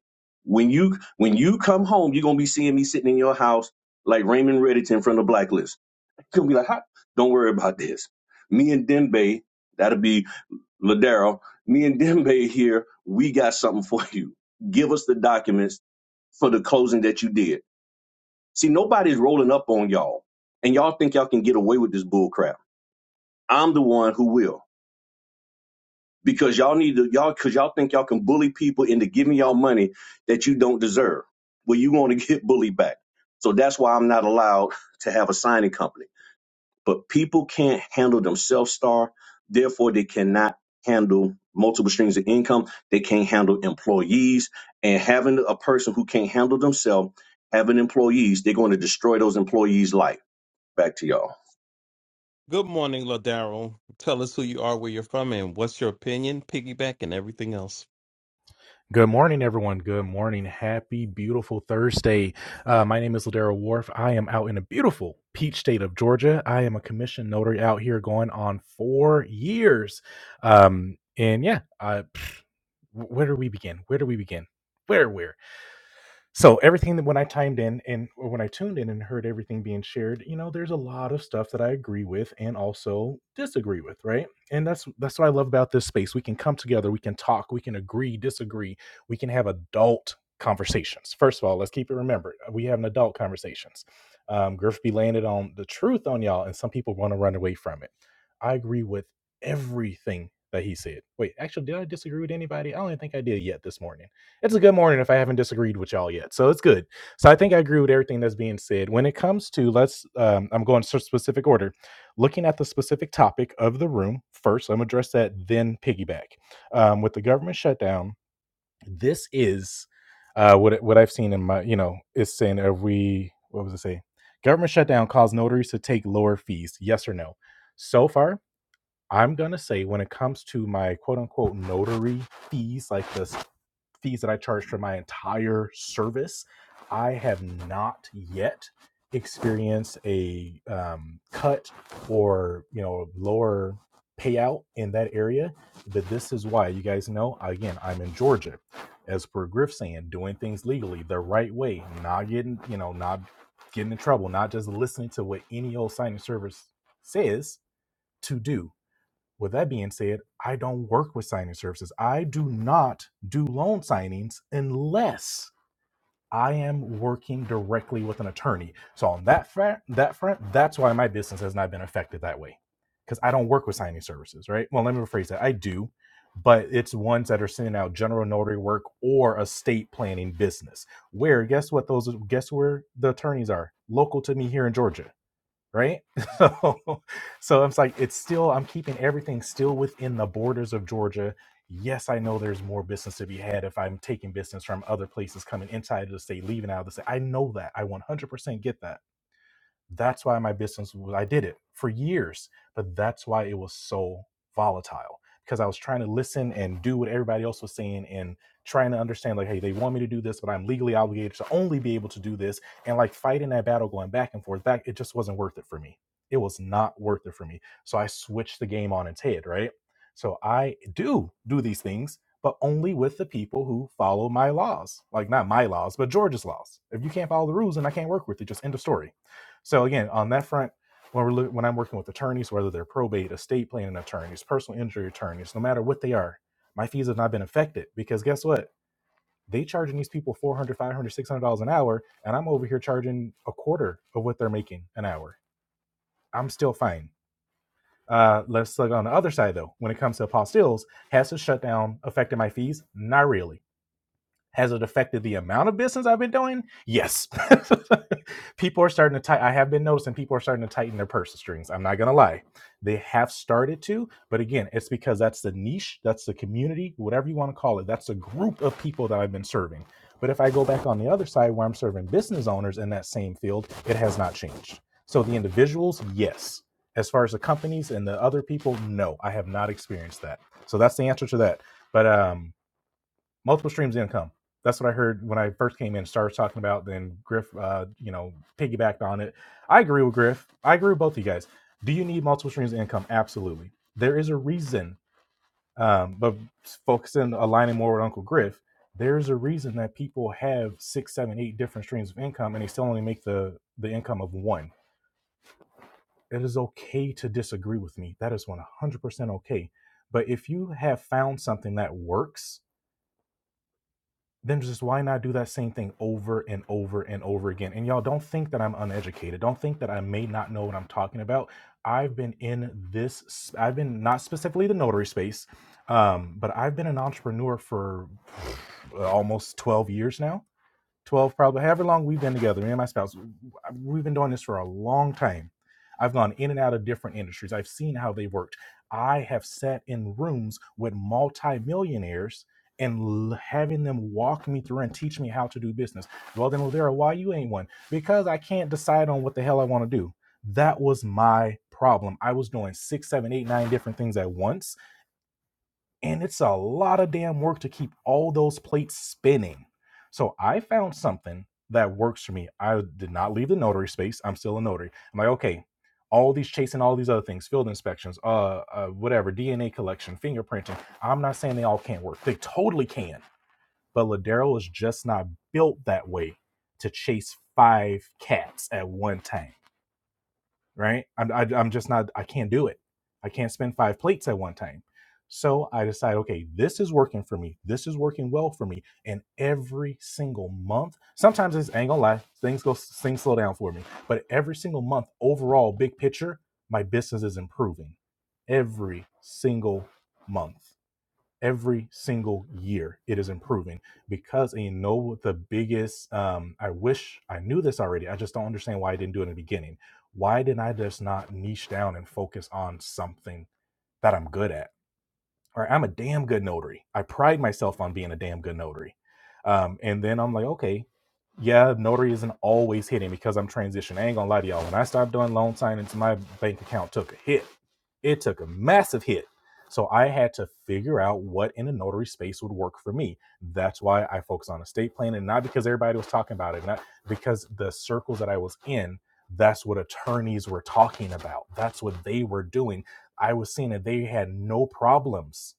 When you when you come home, you're gonna be seeing me sitting in your house like Raymond Reddington from the Blacklist. You're gonna be like, "Huh? don't worry about this. Me and Dembe, that'll be Ladero. Me and Dembe here. We got something for you. Give us the documents for the closing that you did. See, nobody's rolling up on y'all, and y'all think y'all can get away with this bull crap. I'm the one who will. because y'all need to y'all because y'all think y'all can bully people into giving y'all money that you don't deserve. Well, you want to get bullied back. So that's why I'm not allowed to have a signing company. But people can't handle themselves, star. Therefore, they cannot handle multiple streams of income. They can't handle employees. And having a person who can't handle themselves, having employees, they're going to destroy those employees' life. Back to y'all. Good morning, Ladaro. Tell us who you are, where you're from, and what's your opinion, piggyback, and everything else. Good morning, everyone. Good morning. Happy, beautiful Thursday. Uh, my name is Ladera Wharf. I am out in a beautiful peach state of Georgia. I am a commissioned notary out here going on four years. Um, and yeah, uh, where do we begin? Where do we begin? Where, where? so everything that when i timed in and or when i tuned in and heard everything being shared you know there's a lot of stuff that i agree with and also disagree with right and that's that's what i love about this space we can come together we can talk we can agree disagree we can have adult conversations first of all let's keep it remembered we have an adult conversations um, griff be landed on the truth on y'all and some people want to run away from it i agree with everything that he said wait actually did i disagree with anybody i don't even think i did yet this morning it's a good morning if I haven't disagreed with y'all yet. So it's good. So I think I agree with everything that's being said. When it comes to let's, um, I'm going to specific order, looking at the specific topic of the room first. I'm gonna address that, then piggyback um, with the government shutdown. This is uh, what what I've seen in my, you know, it's saying are we? What was it say? Government shutdown caused notaries to take lower fees. Yes or no? So far, I'm gonna say when it comes to my quote unquote notary fees, like this fees that I charge for my entire service, I have not yet experienced a um, cut or you know lower payout in that area. But this is why you guys know. Again, I'm in Georgia, as per Griff saying, doing things legally the right way, not getting you know not getting in trouble, not just listening to what any old signing service says to do with that being said, I don't work with signing services. I do not do loan signings unless I am working directly with an attorney. So on that front, that front, that's why my business has not been affected that way, because I don't work with signing services, right? Well, let me rephrase that. I do, but it's ones that are sending out general notary work or estate planning business. Where guess what those guess where the attorneys are local to me here in Georgia right? So, so it's like it's still I'm keeping everything still within the borders of Georgia. Yes, I know there's more business to be had if I'm taking business from other places coming inside of the state, leaving out of the state. I know that. I 100% get that that's why my business I did it for years, but that's why it was so volatile because I was trying to listen and do what everybody else was saying and trying to understand like, hey, they want me to do this, but I'm legally obligated to only be able to do this. And like fighting that battle going back and forth, back, it just wasn't worth it for me. It was not worth it for me. So I switched the game on its head, right? So I do do these things, but only with the people who follow my laws. Like not my laws, but George's laws. If you can't follow the rules, then I can't work with you. Just end of story so again, on that front, when we're look, when I'm working with attorneys, whether they're probate, estate planning attorneys, personal injury attorneys, no matter what they are, my fees have not been affected because guess what? They charging these people 400, 500, 600 dollars an hour, and I'm over here charging a quarter of what they're making an hour. I'm still fine. Uh, let's look on the other side though. When it comes to apostilles, has the shutdown affected my fees? Not really. Has it affected the amount of business I've been doing? Yes. people are starting to tighten. I have been noticing people are starting to tighten their purse strings. I'm not going to lie. They have started to. But again, it's because that's the niche, that's the community, whatever you want to call it. That's the group of people that I've been serving. But if I go back on the other side where I'm serving business owners in that same field, it has not changed. So the individuals, yes. As far as the companies and the other people, no, I have not experienced that. So that's the answer to that. But um, multiple streams of income. That's what I heard when I first came in. Started talking about then Griff, uh, you know, piggybacked on it. I agree with Griff. I agree with both of you guys. Do you need multiple streams of income? Absolutely. There is a reason. Um, but focusing aligning more with Uncle Griff, there's a reason that people have six, seven, eight different streams of income, and they still only make the the income of one. It is okay to disagree with me. That is 100% okay. But if you have found something that works then just why not do that same thing over and over and over again? And y'all don't think that I'm uneducated. Don't think that I may not know what I'm talking about. I've been in this, s- I've been not specifically the notary space, um, but I've been an entrepreneur for uh, almost 12 years now 12 probably however long we've been together me and my spouse we've been doing this for a long time i've gone in and out of different industries i've seen how they worked i have sat in rooms with multimillionaires and l- having them walk me through and teach me how to do business well then Ladera, why you ain't one because i can't decide on what the hell i want to do that was my problem i was doing six seven eight nine different things at once and it's a lot of damn work to keep all those plates spinning. So I found something that works for me. I did not leave the notary space. I'm still a notary. I'm like, okay, all these chasing all these other things, field inspections, uh, uh whatever, DNA collection, fingerprinting. I'm not saying they all can't work. They totally can. But Ladero is just not built that way to chase five cats at one time right? I'm, I, I'm just not, I can't do it. I can't spend five plates at one time. So I decide, okay, this is working for me. This is working well for me. And every single month, sometimes it's, I ain't gonna lie, things go, things slow down for me. But every single month, overall, big picture, my business is improving every single month every single year it is improving because and you know what the biggest um i wish i knew this already i just don't understand why i didn't do it in the beginning why didn't i just not niche down and focus on something that i'm good at or I'm a damn good notary. I pride myself on being a damn good notary. Um, and then I'm like, okay, yeah, notary isn't always hitting because I'm transitioning. I ain't gonna lie to y'all. When I stopped doing loan signings, my bank account took a hit. It took a massive hit. So I had to figure out what in a notary space would work for me. That's why I focus on estate planning, not because everybody was talking about it, not because the circles that I was in, that's what attorneys were talking about. That's what they were doing I was seeing that they had no problems,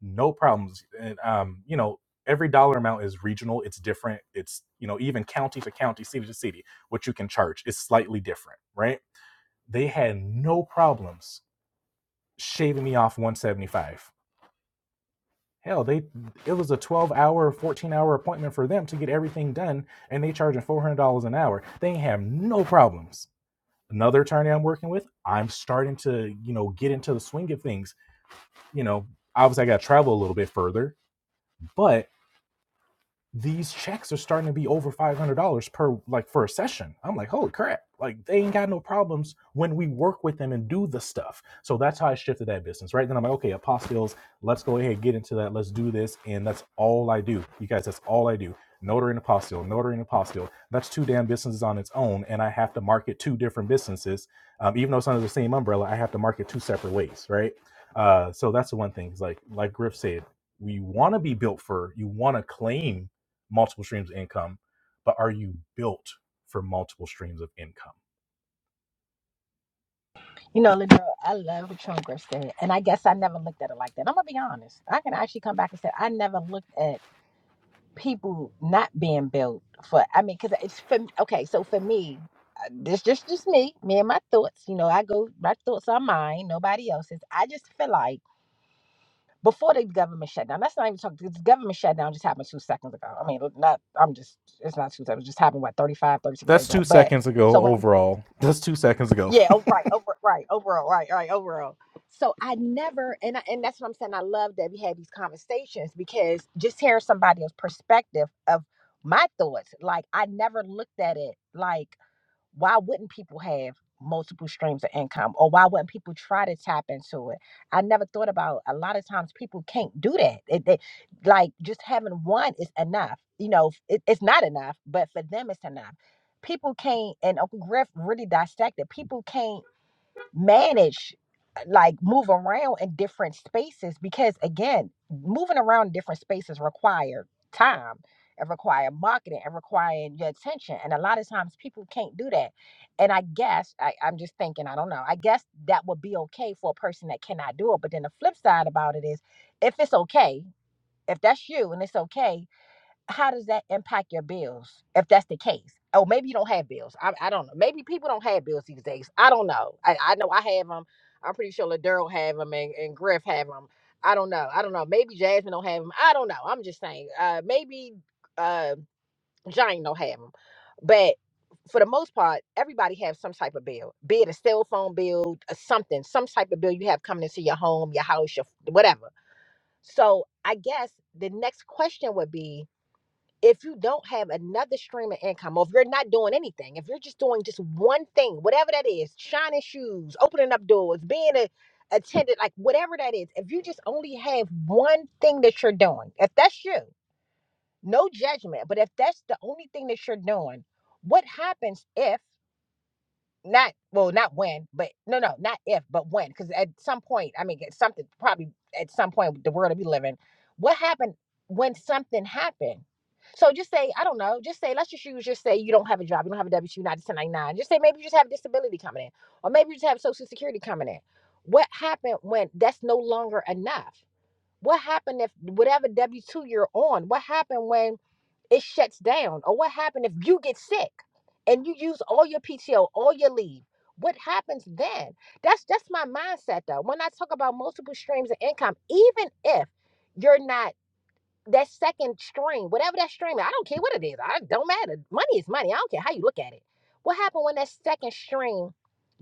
no problems. And, um, you know, every dollar amount is regional, it's different. It's, you know, even county to county, city to city, what you can charge is slightly different, right? They had no problems shaving me off 175. Hell, they it was a 12 hour, 14 hour appointment for them to get everything done, and they charging $400 an hour. They have no problems. Another attorney I'm working with, I'm starting to, you know, get into the swing of things you know, obviously I got to travel a little bit further, but these checks are starting to be over $500 per like for a session i'm like holy crap like they ain't got no problems when we work with them and do the stuff so that's how i shifted that business right then i'm like okay apostilles let's go ahead and get into that let's do this and that's all i do you guys that's all i do notary and apostille notary and apostille that's two damn businesses on its own and i have to market two different businesses um, even though it's under the same umbrella i have to market two separate ways right uh, so that's the one thing is like like griff said we want to be built for you want to claim multiple streams of income, but are you built for multiple streams of income? you know, Ladero, I love what Sean Griff said, and I guess I never looked at it like that. I'm gonna be honest. I can actually come back and say I never looked at people not being built for. I mean, because it's for okay. So for me, uh, this just just me, me and my thoughts. You know, I go my thoughts are mine, nobody else's. I just feel like. before the government shutdown. That's not even talking. The government shutdown just happened two seconds ago. I mean, not. I'm just. It's not two seconds. It just happened what 35, 36 That's days two ago. But seconds so ago when I'm- overall. That's two seconds ago. yeah, oh, right, over, right, overall, right, right, overall. So I never, and I, and that's what I'm saying. I love that we had these conversations because just hearing somebody else's perspective of my thoughts, like I never looked at it like why wouldn't people have multiple streams of income or why wouldn't people try to tap into it i never thought about a lot of times people can't do that it, they, like just having one is enough you know it, it's not enough but for them it's enough people can't and uncle griff really dissected people can't manage like move around in different spaces because again moving around in different spaces require time it require marketing it requiring your attention and a lot of times people can't do that and i guess I, i'm just thinking i don't know i guess that would be okay for a person that cannot do it but then the flip side about it is if it's okay if that's you and it's okay how does that impact your bills if that's the case? Oh, maybe you don't have bills. I, I don't know. Maybe people don't have bills these days. I don't know. I, I know I have them. I'm pretty sure Ladurl have them and, and Griff have them. I don't know. I don't know. Maybe Jasmine don't have them. I don't know. I'm just saying. Uh, maybe uh, Jane don't have them. But for the most part, everybody has some type of bill, be it a cell phone bill, a something, some type of bill you have coming into your home, your house, your whatever. So I guess the next question would be, if you don't have another stream of income or if you're not doing anything if you're just doing just one thing whatever that is shining shoes opening up doors being a attendant like whatever that is if you just only have one thing that you're doing if that's you no judgment but if that's the only thing that you're doing what happens if not well not when but no no not if but when because at some point i mean at something probably at some point the world that we live in what happened when something happened so just say i don't know just say let's just use just say you don't have a job you don't have a w2 not a 1099 just say maybe you just have disability coming in or maybe you just have social security coming in what happened when that's no longer enough what happened if whatever w2 you're on what happened when it shuts down. Or what happened if you get sick and you use all your PTO, all your leave? What happens then? That's that's my mindset though. When I talk about multiple streams of income, even if you're not that second stream, whatever that stream, is, I don't care what it is. I don't matter. Money is money. I don't care how you look at it. What happened when that second stream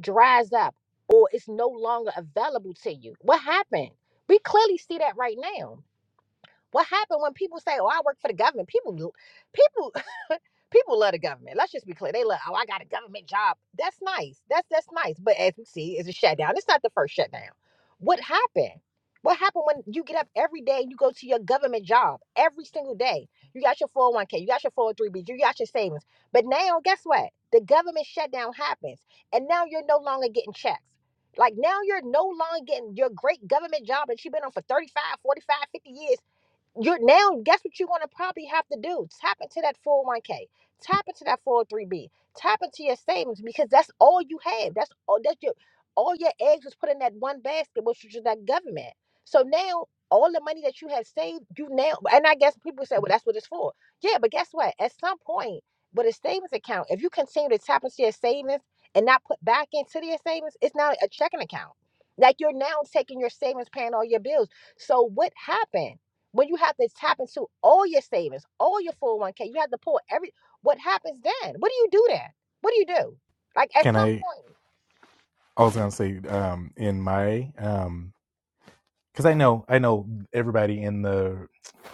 dries up or it's no longer available to you? What happened? We clearly see that right now what happened when people say, "Oh, I work for the government"? People, people, people love the government. Let's just be clear. They love, "Oh, I got a government job." That's nice. That's that's nice. But as we see, it's a shutdown. It's not the first shutdown. What happened? What happened when you get up every day and you go to your government job every single day? You got your 401k, you got your 403b, you got your savings. But now, guess what? The government shutdown happens, and now you're no longer getting checks. Like now you're no longer getting your great government job that you've been on for 35, 45, 50 years you're now guess what you're going to probably have to do tap into that 401k tap into that 403b tap into your savings because that's all you have that's all that's your all your eggs was put in that one basket which is that government so now all the money that you have saved you now and i guess people say well that's what it's for yeah but guess what at some point with a savings account if you continue to tap into your savings and not put back into your savings it's now a checking account like you're now taking your savings paying all your bills so what happened when you have to tap into all your savings, all your 401k, you have to pull every what happens then? What do you do then? What do you do? Like at Can some I? point. I was gonna say um, in my um, because I know I know everybody in the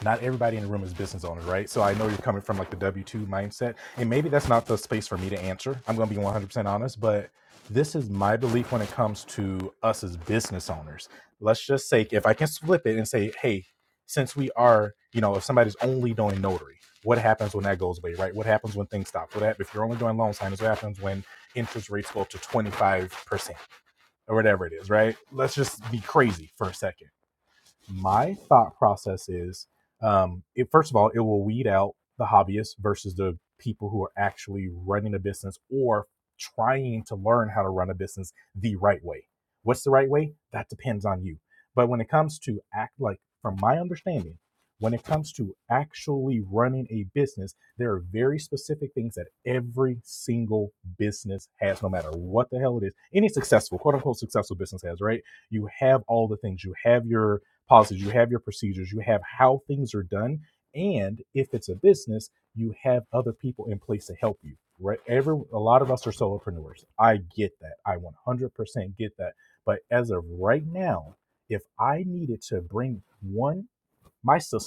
not everybody in the room is business owner, right? So I know you're coming from like the W two mindset, and maybe that's not the space for me to answer. I'm going to be 100 percent honest, but this is my belief when it comes to us as business owners. Let's just say if I can flip it and say, hey, since we are, you know, if somebody's only doing notary, what happens when that goes away, right? What happens when things stop? What hap- if you're only doing loan signings? What happens when interest rates go up to 25 percent or whatever it is, right? Let's just be crazy for a second my thought process is um, it first of all it will weed out the hobbyists versus the people who are actually running a business or trying to learn how to run a business the right way what's the right way that depends on you but when it comes to act like from my understanding when it comes to actually running a business there are very specific things that every single business has no matter what the hell it is any successful quote unquote successful business has right you have all the things you have your policies, you have your procedures, you have how things are done. And if it's a business, you have other people in place to help you. Right? Every a lot of us are solopreneurs. I get that. I 100% get that. But as of right now, if I needed to bring one, my sister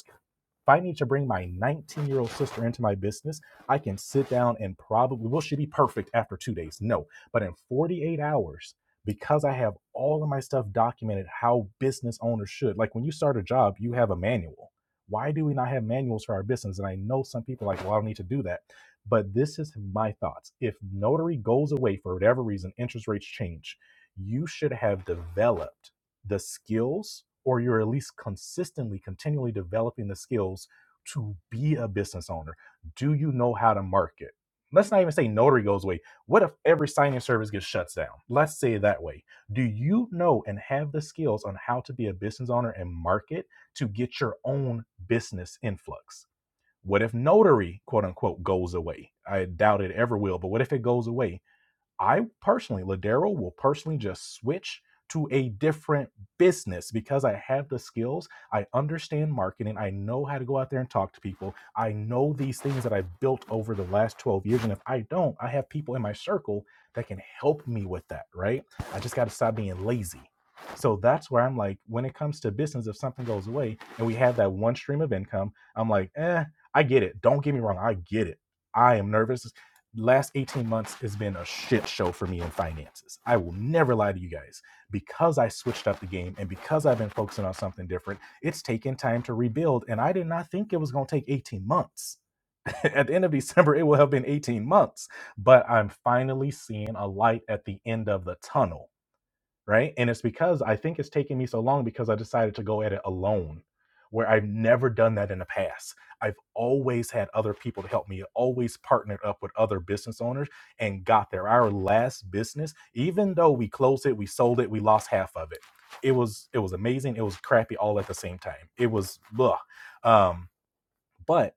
if I need to bring my 19 year old sister into my business, I can sit down and probably, will she be perfect after two days? No. But in 48 hours, because I have all of my stuff documented how business owners should, like when you start a job, you have a manual. Why do we not have manuals for our business? And I know some people are like, well, I don't need to do that. But this is my thoughts. If notary goes away for whatever reason, interest rates change, you should have developed the skills or you're at least consistently continually developing the skills to be a business owner do you know how to market let's not even say notary goes away what if every signing service gets shuts down let's say it that way do you know and have the skills on how to be a business owner and market to get your own business influx what if notary quote unquote goes away i doubt it ever will but what if it goes away I personally, Ladero will personally just switch to a different business because I have the skills. I understand marketing. I know how to go out there and talk to people. I know these things that I've built over the last 12 years. And if I don't, I have people in my circle that can help me with that, right? I just got to stop being lazy. So that's where I'm like, when it comes to business, if something goes away and we have that one stream of income, I'm like, eh, I get it. Don't get me wrong. I get it. I am nervous last 18 months has been a shit show for me in finances. I will never lie to you guys. Because I switched up the game and because I've been focusing on something different, it's taken time to rebuild. And I did not think it was going to take 18 months. at the end of December, it will have been 18 months, but I'm finally seeing a light at the end of the tunnel right? And it's because I think it's taking me so long because I decided to go at it alone, where I've never done that in the past. I've always had other people to help me, always partnered up with other business owners and got there. Our last business, even though we closed it, we sold it, we lost half of it. It was it was amazing, it was crappy all at the same time. It was ugh. Um, but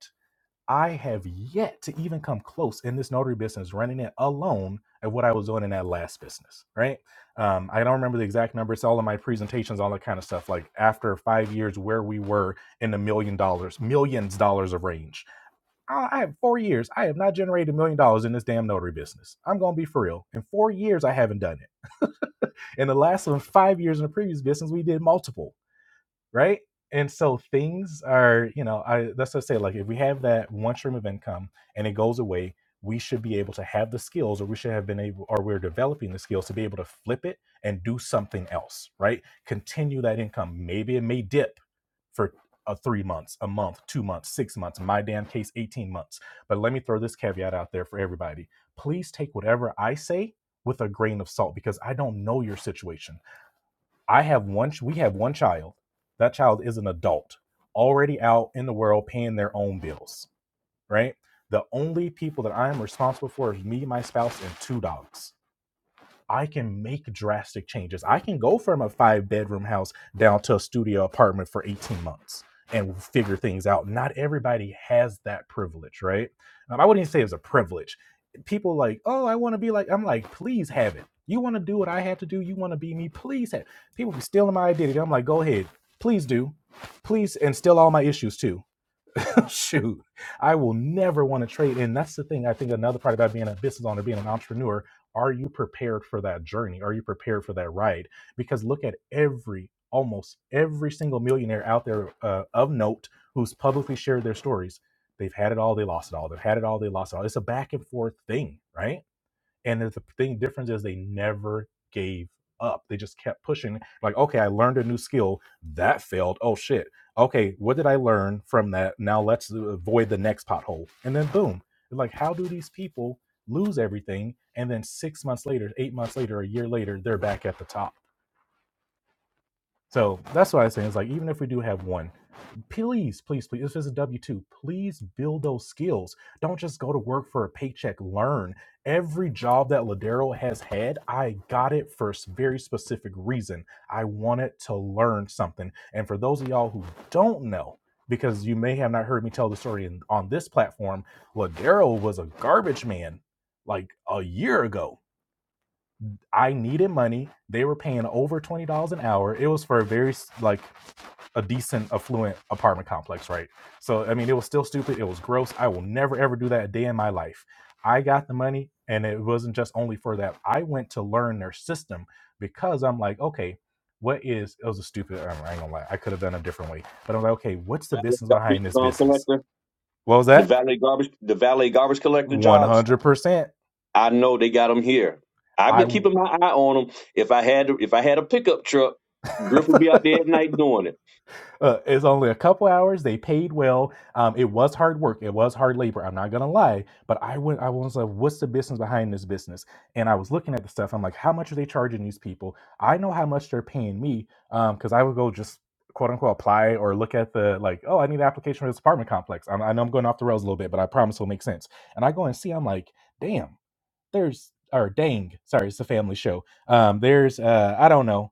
I have yet to even come close in this notary business running it alone at what I was doing in that last business, right? Um, I don't remember the exact number. It's all in my presentations, all that kind of stuff. Like after five years, where we were in the million dollars, millions dollars of range. I I have four years. I have not generated a million dollars in this damn notary business. I'm going to be for real. In four years, I haven't done it. In the last one, five years in the previous business, we did multiple right? And so things are, you know, I that's what I say. Like if we have that one stream of income and it goes away, we should be able to have the skills, or we should have been able, or we're developing the skills to be able to flip it and do something else, right? Continue that income. Maybe it may dip for uh, three months, a month, two months, six months. In my damn case, eighteen months. But let me throw this caveat out there for everybody: please take whatever I say with a grain of salt because I don't know your situation. I have one. We have one child. That child is an adult, already out in the world, paying their own bills. Right. The only people that I am responsible for is me, my spouse, and two dogs. I can make drastic changes. I can go from a five bedroom house down to a studio apartment for 18 months and figure things out. Not everybody has that privilege, right? Um, I wouldn't even say it's a privilege. People like, oh, I want to be like, I'm like, please have it. You want to do what I had to do? You want to be me? Please have. it. People be stealing my identity. I'm like, go ahead, please do, please, and steal all my issues too shoot, I will never want to trade. And that's the thing. I think another part about being a business owner, being an entrepreneur, are you prepared for that journey? Are you prepared for that ride? Because look at every, almost every single millionaire out there uh, of note who's publicly shared their stories. They've had it all, they lost it all. They've had it all, they lost it all. It's a back and forth thing, right? And the thing difference is they never gave up. They just kept pushing. Like, okay, I learned a new skill that failed. Oh shit. Okay, what did I learn from that? Now let's avoid the next pothole. And then boom. Like, how do these people lose everything? And then six months later, eight months later, a year later, they're back at the top. So that's what I was saying. It's like even if we do have one. Please, please, please, if it's a W 2, please build those skills. Don't just go to work for a paycheck. Learn. Every job that Ladero has had, I got it for a very specific reason. I wanted to learn something. And for those of y'all who don't know, because you may have not heard me tell the story in, on this platform, Ladero was a garbage man like a year ago. I needed money. They were paying over twenty dollars an hour. It was for a very like a decent affluent apartment complex, right? So I mean, it was still stupid. It was gross. I will never ever do that a day in my life. I got the money, and it wasn't just only for that. I went to learn their system because I'm like, okay, what is? It was a stupid. I ain't gonna lie. I could have done a different way, but I'm like, okay, what's the Valet business Garbage behind this um, business? collector, What was the that? valet garbage, the valet garbage collector One jobs hundred percent. I know they got them here. I've I been keeping my eye on them. If I had if I had a pickup truck, Griff would be out there at night doing it. Uh, it's only a couple hours. They paid well. Um, it was hard work. It was hard labor. I'm not gonna lie. But I went. I was like, "What's the business behind this business?" And I was looking at the stuff. I'm like, "How much are they charging these people? I know how much they're paying me because I would go just quote unquote apply or look at the like, oh, I need an application for this apartment complex. i I know I'm going off the rails a little bit, but I promise it'll make sense. And I go and see. I'm like, damn. There's or dang. Sorry, it's a family show. Um, there's uh, I don't know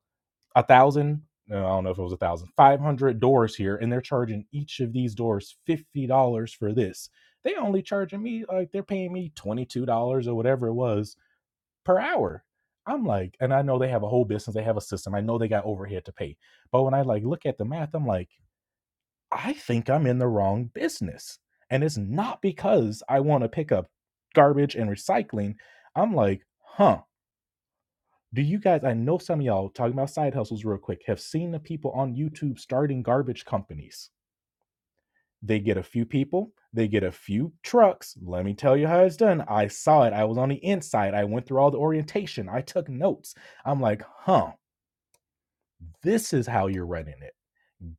a thousand no, i don't know if it was a thousand five hundred doors here and they're charging each of these doors fifty dollars for this they only charging me like they're paying me twenty two dollars or whatever it was per hour i'm like and i know they have a whole business they have a system i know they got overhead to pay but when i like look at the math i'm like i think i'm in the wrong business and it's not because i want to pick up garbage and recycling i'm like huh do you guys? I know some of y'all talking about side hustles real quick. Have seen the people on YouTube starting garbage companies. They get a few people, they get a few trucks. Let me tell you how it's done. I saw it. I was on the inside. I went through all the orientation. I took notes. I'm like, huh, this is how you're running it.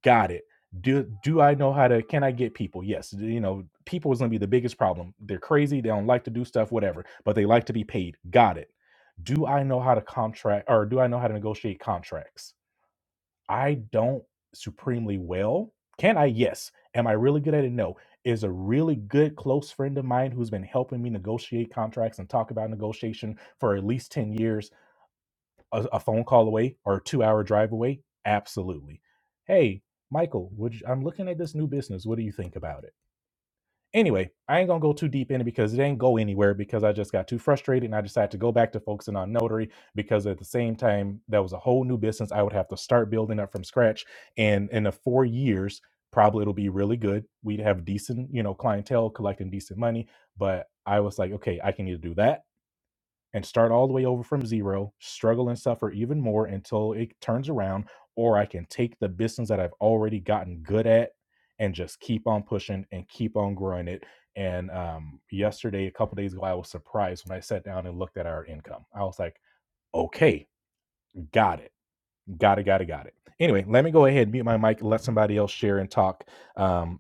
Got it. Do do I know how to? Can I get people? Yes. You know, people is gonna be the biggest problem. They're crazy. They don't like to do stuff, whatever, but they like to be paid. Got it do I know how to contract or do I know how to negotiate contracts? I don't supremely well. Can I? Yes. Am I really good at it? No. Is a really good close friend of mine who's been helping me negotiate contracts and talk about negotiation for at least 10 years a, a phone call away or a two hour drive away? Absolutely. Hey, Michael, would you, I'm looking at this new business. What do you think about it? Anyway, I ain't gonna go too deep in it because it ain't go anywhere because I just got too frustrated and I decided to go back to focusing on notary because at the same time that was a whole new business I would have to start building up from scratch. And in the four years, probably it'll be really good. We'd have decent, you know, clientele collecting decent money. But I was like, okay, I can either do that and start all the way over from zero, struggle and suffer even more until it turns around, or I can take the business that I've already gotten good at and just keep on pushing and keep on growing it. And um, yesterday, a couple days ago, I was surprised when I sat down and looked at our income. I was like, okay, got it, got it, got it, got it. Anyway, let me go ahead and mute my mic, and let somebody else share and talk. Um,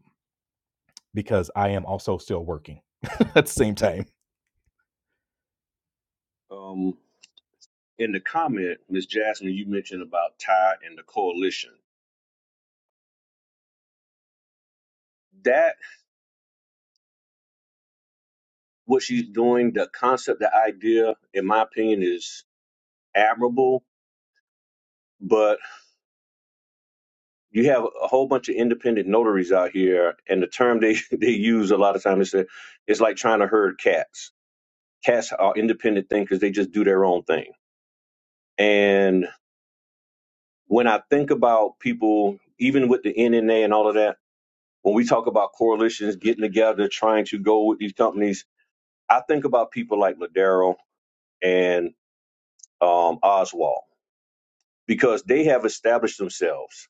because I am also still working at the same time. Um, in the comment, Miss Jasmine, you mentioned about Ty and the coalition. That what she's doing, the concept, the idea, in my opinion, is admirable. But you have a whole bunch of independent notaries out here, and the term they they use a lot of times is that it's like trying to herd cats. Cats are independent thing because they just do their own thing, and when I think about people, even with the NNA and all of that, when we talk about coalitions getting together, trying to go with these companies, I think about people like Ladero and um, Oswald because they have established themselves.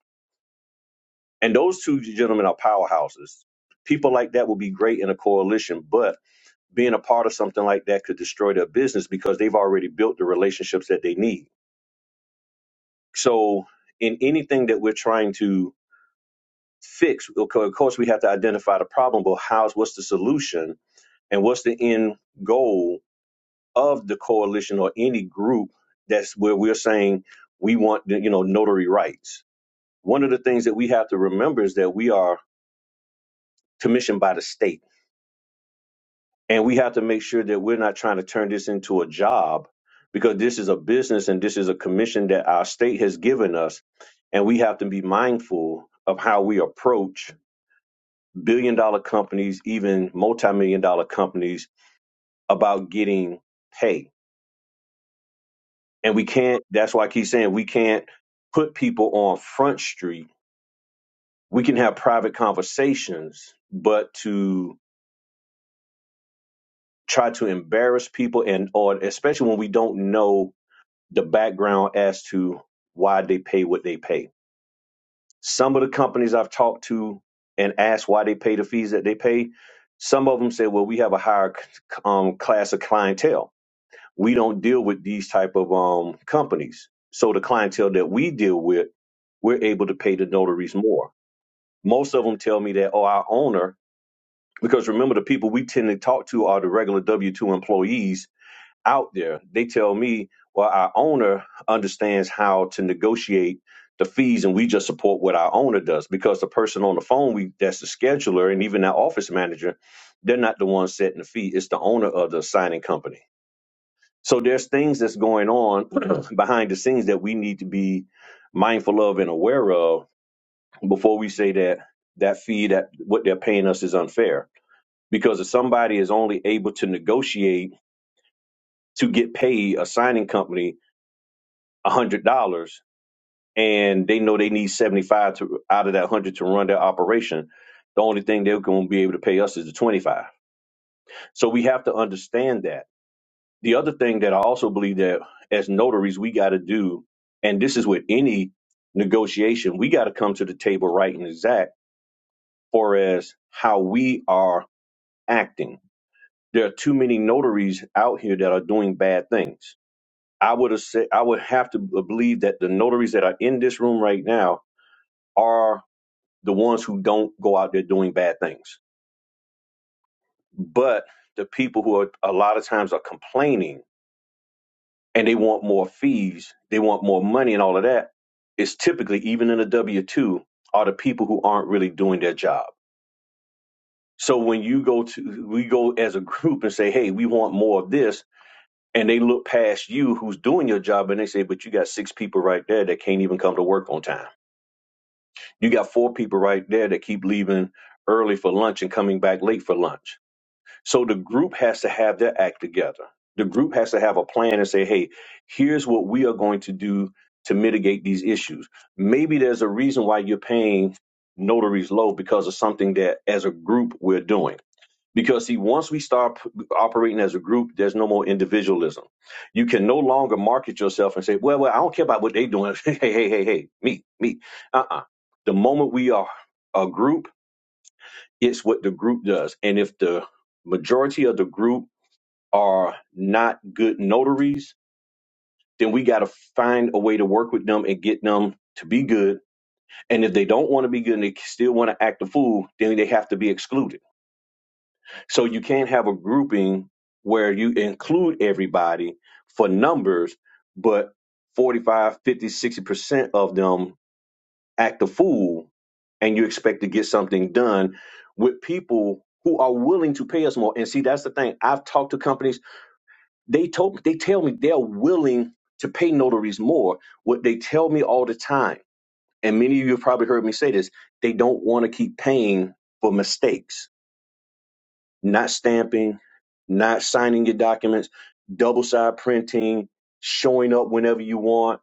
And those two gentlemen are powerhouses. People like that will be great in a coalition, but being a part of something like that could destroy their business because they've already built the relationships that they need. So, in anything that we're trying to fix. Okay, of course, we have to identify the problem, but how's what's the solution and what's the end goal of the coalition or any group that's where we're saying we want, you know, notary rights. One of the things that we have to remember is that we are commissioned by the state, and we have to make sure that we're not trying to turn this into a job because this is a business and this is a commission that our state has given us, and we have to be mindful of how we approach billion dollar companies, even multi million dollar companies about getting pay. And we can't, that's why I keep saying we can't put people on Front Street. We can have private conversations, but to try to embarrass people and, or especially when we don't know the background as to why they pay what they pay. Some of the companies I've talked to and asked why they pay the fees that they pay, some of them say, well, we have a higher um, class of clientele we don't deal with these type of um companies. So the clientele that we deal with, we're able to pay the notaries more. Most of them tell me that, oh, our owner, because remember the people we tend to talk to are the regular W two employees out there. They tell me, well, our owner understands how to negotiate the fees, and we just support what our owner does because the person on the phone, we that's the scheduler, and even our office manager, they're not the ones setting the fee. It's the owner of the signing company. So there's things that's going on behind the scenes that we need to be mindful of and aware of before we say that that fee that what they're paying us is unfair. Because if somebody is only able to negotiate to get paid a signing company hundred dollars and they know they need seventy five to out of that hundred to run their operation, the only thing they're gonna be able to pay us is the twenty five. So we have to understand that The other thing that I also believe that as notaries, we got to do, and this is with any negotiation, we got to come to the table right and exact for as how we are acting. There are too many notaries out here that are doing bad things. I would have said I would have to believe that the notaries that are in this room right now are the ones who don't go out there doing bad things. But the people who are a lot of times are complaining and they want more fees, they want more money and all of that, it's typically, even in a W 2, are the people who aren't really doing their job. So when you go to, we go as a group and say, hey, we want more of this. And they look past you who's doing your job and they say, but you got six people right there that can't even come to work on time. You got four people right there that keep leaving early for lunch and coming back late for lunch So the group has to have their act together. The group has to have a plan and say, hey, here's what we are going to do to mitigate these issues. Maybe there's a reason why you're paying notaries low because of something that as a group we're doing. Because see, once we start p- operating as a group, there's no more individualism. You can no longer market yourself and say, well, well, I don't care about what they're doing. hey, hey, hey, hey, me, me. Uh-uh. The moment we are a group, it's what the group does. And if the majority of the group are not good notaries, then we got to find a way to work with them and get them to be good. And if they don't want to be good and they still want to act a fool, then they have to be excluded. So you can't have a grouping where you include everybody for numbers, but forty five, fifty, sixty percent of them act a fool and you expect to get something done with people who are willing to pay us more. And see, that's the thing. I've talked to companies, they told they tell me they're willing to pay notaries more. What they tell me all the time, and many of you have probably heard me say this, they don't want to keep paying for mistakes not stamping, not signing your documents, double side printing, showing up whenever you want,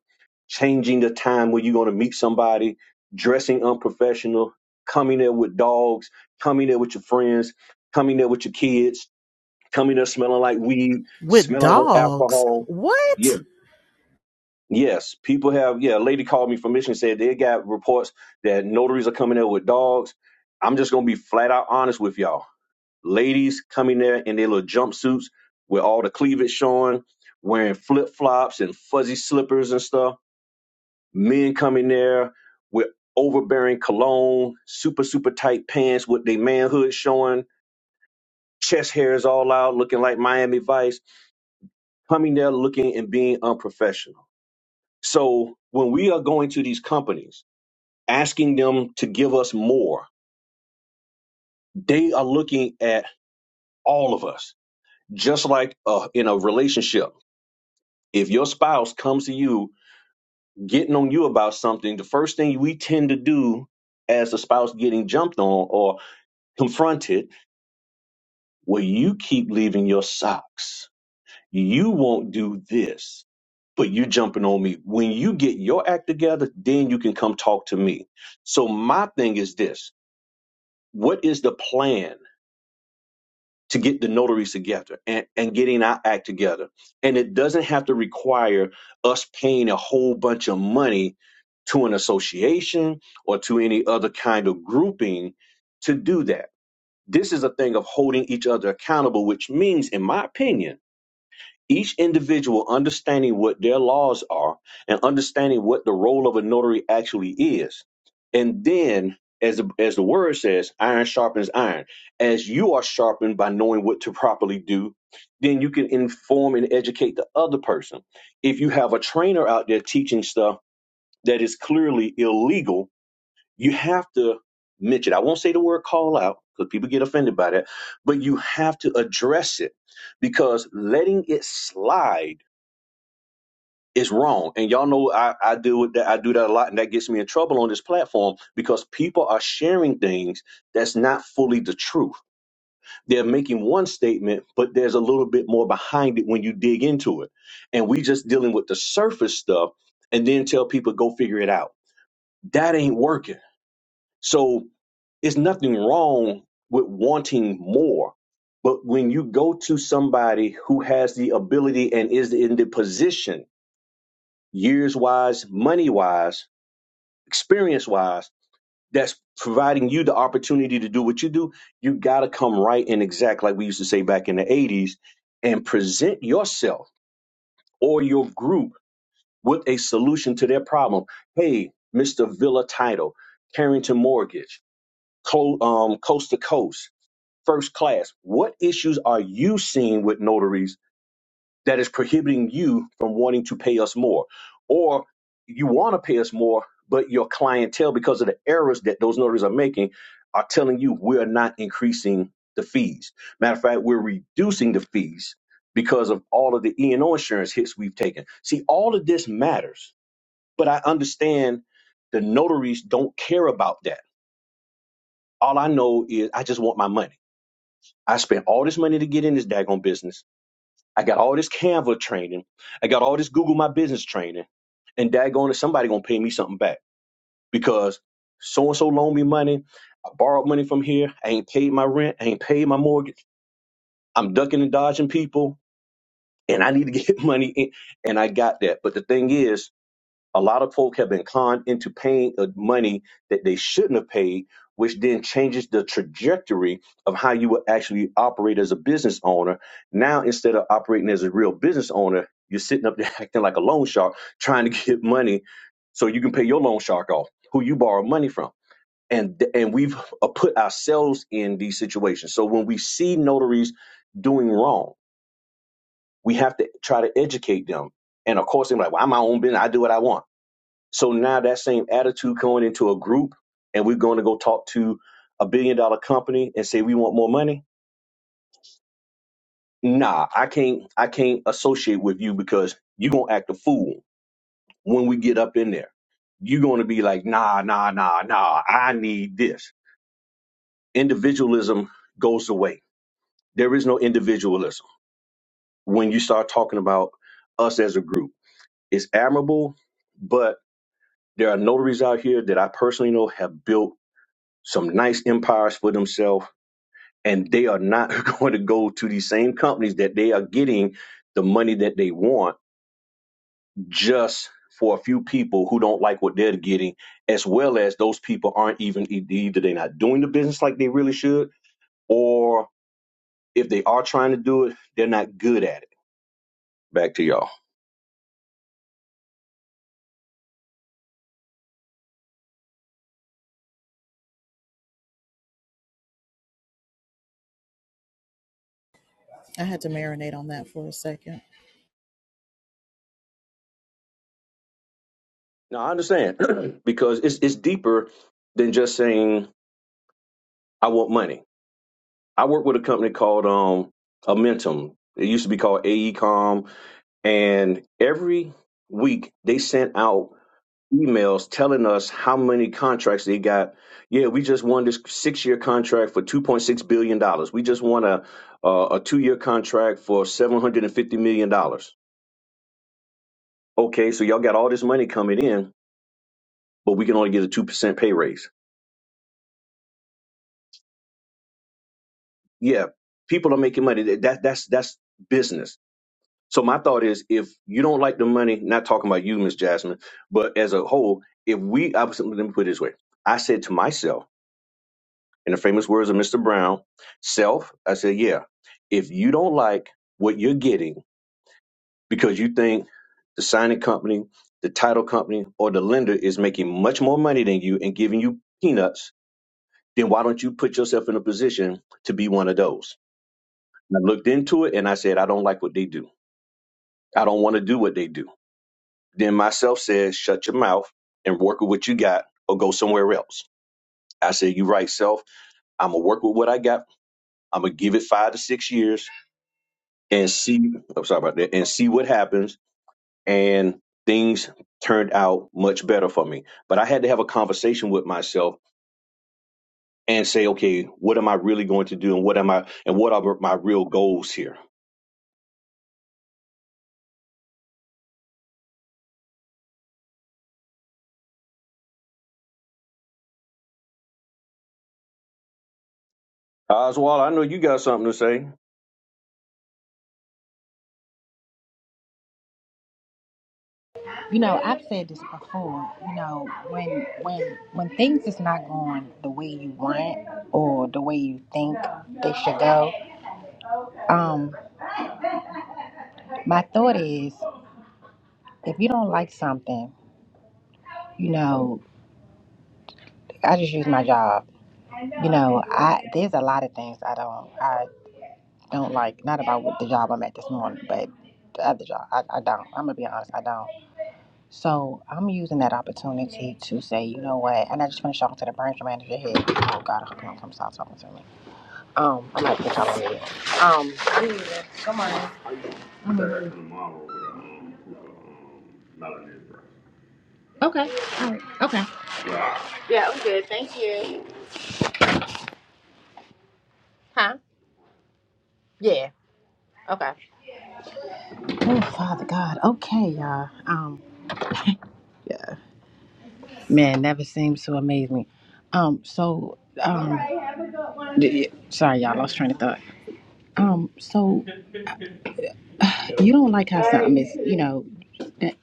changing the time where you're going to meet somebody, dressing unprofessional, coming there with dogs, coming there with your friends, coming there with your kids, coming there smelling like weed, With smelling like dogs. alcohol. What? Yeah. Yes. People have, yeah, a lady called me from Michigan said they got reports that notaries are coming there with dogs. I'm just going to be flat out honest with y'all ladies coming there in their little jumpsuits with all the cleavage showing, wearing flip flops and fuzzy slippers and stuff. Men coming there with overbearing cologne, super, super tight pants with their manhood showing, chest hairs all out, looking like Miami Vice, coming there looking and being unprofessional. So when we are going to these companies, asking them to give us more, they are looking at all of us, just like uh, in a relationship If your spouse comes to you getting on you about something, the first thing we tend to do as a spouse getting jumped on or confronted, well, you keep leaving your socks. You won't do this, but you jumping on me. When you get your act together, then you can come talk to me. So my thing is this. What is the plan? to get the notaries together and, and getting our act together. And it doesn't have to require us paying a whole bunch of money to an association or to any other kind of grouping to do that. This is a thing of holding each other accountable, which means, in my opinion, each individual understanding what their laws are and understanding what the role of a notary actually is. And then, as the, as the word says, iron sharpens iron. As you are sharpened by knowing what to properly do, then you can inform and educate the other person. If you have a trainer out there teaching stuff that is clearly illegal, you have to mention. I won't say the word call out because people get offended by that, but you have to address it because letting it slide is wrong. And y'all know I, I deal with that. I do that a lot, and that gets me in trouble on this platform because people are sharing things that's not fully the truth. They're making one statement, but there's a little bit more behind it when you dig into it. And we just dealing with the surface stuff and then tell people go figure it out. That ain't working. So It's nothing wrong with wanting more. But when you go to somebody who has the ability and is in the position, years wise, money wise, experience wise, that's providing you the opportunity to do what you do, you got to come right and exact, like we used to say back in the 80s, and present yourself or your group with a solution to their problem. Hey, Mr. Villa Title, Carrington Mortgage, Co- um, Coast to Coast first class. What issues are you seeing with notaries that is prohibiting you from wanting to pay us more? Or you want to pay us more, but your clientele, because of the errors that those notaries are making, are telling you we're not increasing the fees. Matter of fact, we're reducing the fees because of all of the E&O insurance hits we've taken. See, all of this matters, but I understand the notaries don't care about that. All I know is I just want my money I spent all this money to get in this daggone business. I got all this Canva training. I got all this Google My Business training. And daggone it, somebody gonna pay me something back because so and so loaned me money. I borrowed money from here. I ain't paid my rent. I ain't paid my mortgage. I'm ducking and dodging people, and I need to get money in. And I got that. But the thing is, a lot of folk have been conned into paying uh, money that they shouldn't have paid, which then changes the trajectory of how you will actually operate as a business owner. Now, instead of operating as a real business owner, you're sitting up there acting like a loan shark, trying to get money so you can pay your loan shark off, who you borrow money from. And, th- and we've uh, put ourselves in these situations. So when we see notaries doing wrong, we have to try to educate them. And of course, they're like, well, I'm my own business. I do what I want so now that same attitude going into a group and we're going to go talk to a billion dollar company and say we want more money. Nah, I can't I can't associate with you because you're gonna act a fool when we get up in there. You're gonna be like, nah, nah, nah, nah, I need this. Individualism goes away. There is no individualism when you start talking about us as a group. It's admirable, but there are notaries out here that I personally know have built some nice empires for themselves and they are not going to go to these same companies that they are getting the money that they want just for a few people who don't like what they're getting, as well as those people aren't even e- either they're not doing the business like they really should, or if they are trying to do it, they're not good at it. Back to y'all. I had to marinate on that for a second. Now I understand because it's it's deeper than just saying I want money. I work with a company called um Amentum. It used to be called AECOM And every week they sent out emails telling us how many contracts they got. Yeah, we just won this six year contract for $2.6 billion. dollars. We just won a, a, a two year contract for $750 million. dollars. Okay, so y'all got all this money coming in, but we can only get a 2% pay raise. Yeah, people are making money. That, that's, that's business So my thought is, if you don't like the money, not talking about you, Miss Jasmine, but as a whole, if we, I was, let me put it this way, I said to myself, in the famous words of Mr. Brown, self, I said, yeah, if you don't like what you're getting because you think the signing company, the title company, or the lender is making much more money than you and giving you peanuts, then why don't you put yourself in a position to be one of those? And I looked into it and I said, I don't like what they do. I don't want to do what they do. Then myself said, shut your mouth and work with what you got or go somewhere else. I said, you right, self. I'm going to work with what I got. I'm going to give it five to six years and see. I'm sorry about that. And see what happens. And things turned out much better for me. But I had to have a conversation with myself and say, okay, what am I really going to do? And what am I, and what are my real goals here? Oswald, I know you got something to say. You know, I've said this before. You know, when when when things is not going the way you want or the way you think they should go, um, my thought is if you don't like something, you know, I just use my job. You know, I there's a lot of things I don't. I. I don't like not about what the job I'm at this morning, but the other job. I, I don't. I'm gonna be honest, I don't. So I'm using that opportunity to say, you know what? And I just finished talking to the branch manager here. Oh God, I hope you don't come stop talking to me. Um, i might get bitch, I'm here. Um, Okay. All right. Okay. huh? Yeah. Okay. Oh Father God. Okay, y'all. Um, yeah. Man, never seems to amaze me. Um, so um, d- sorry y'all, I lost train of thought. Um, so you don't like how something is, you know. That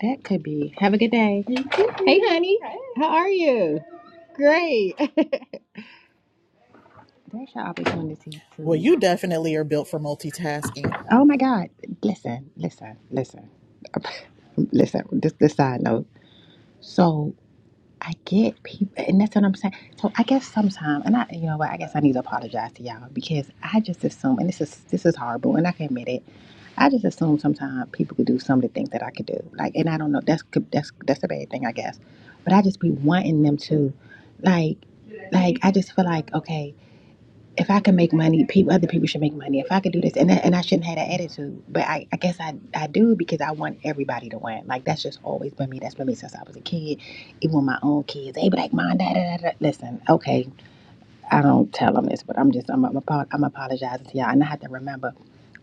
that could be. Have a good day. You too. Hey, honey. Hey. How are you? Great. There's your opportunity Well, to. you definitely are built for multitasking. Oh my God. Listen, listen, listen, listen. This this side note. So I get people, and that's what I'm saying. So I guess sometimes, and I, you know what? I guess I need to apologize to y'all because I just assume, and this is this is horrible, and I can admit it. I just assume sometimes people could do some of the things that I could do. Like, and I don't know. That's could- that's that's a bad thing, I guess. But I just be wanting them to, like, like I just feel like okay, if I can make money, people other people should make money. If I could do this, and I- and I shouldn't have that attitude. But I, I guess I I do because I want everybody to win. Like that's just always been me. That's been me since I was a kid. Even with my own kids, they be like, "Mom, da da da da." Listen, okay, I don't tell them this, but I'm just I'm I'm, apo- I'm apologizing to y'all, and I have to remember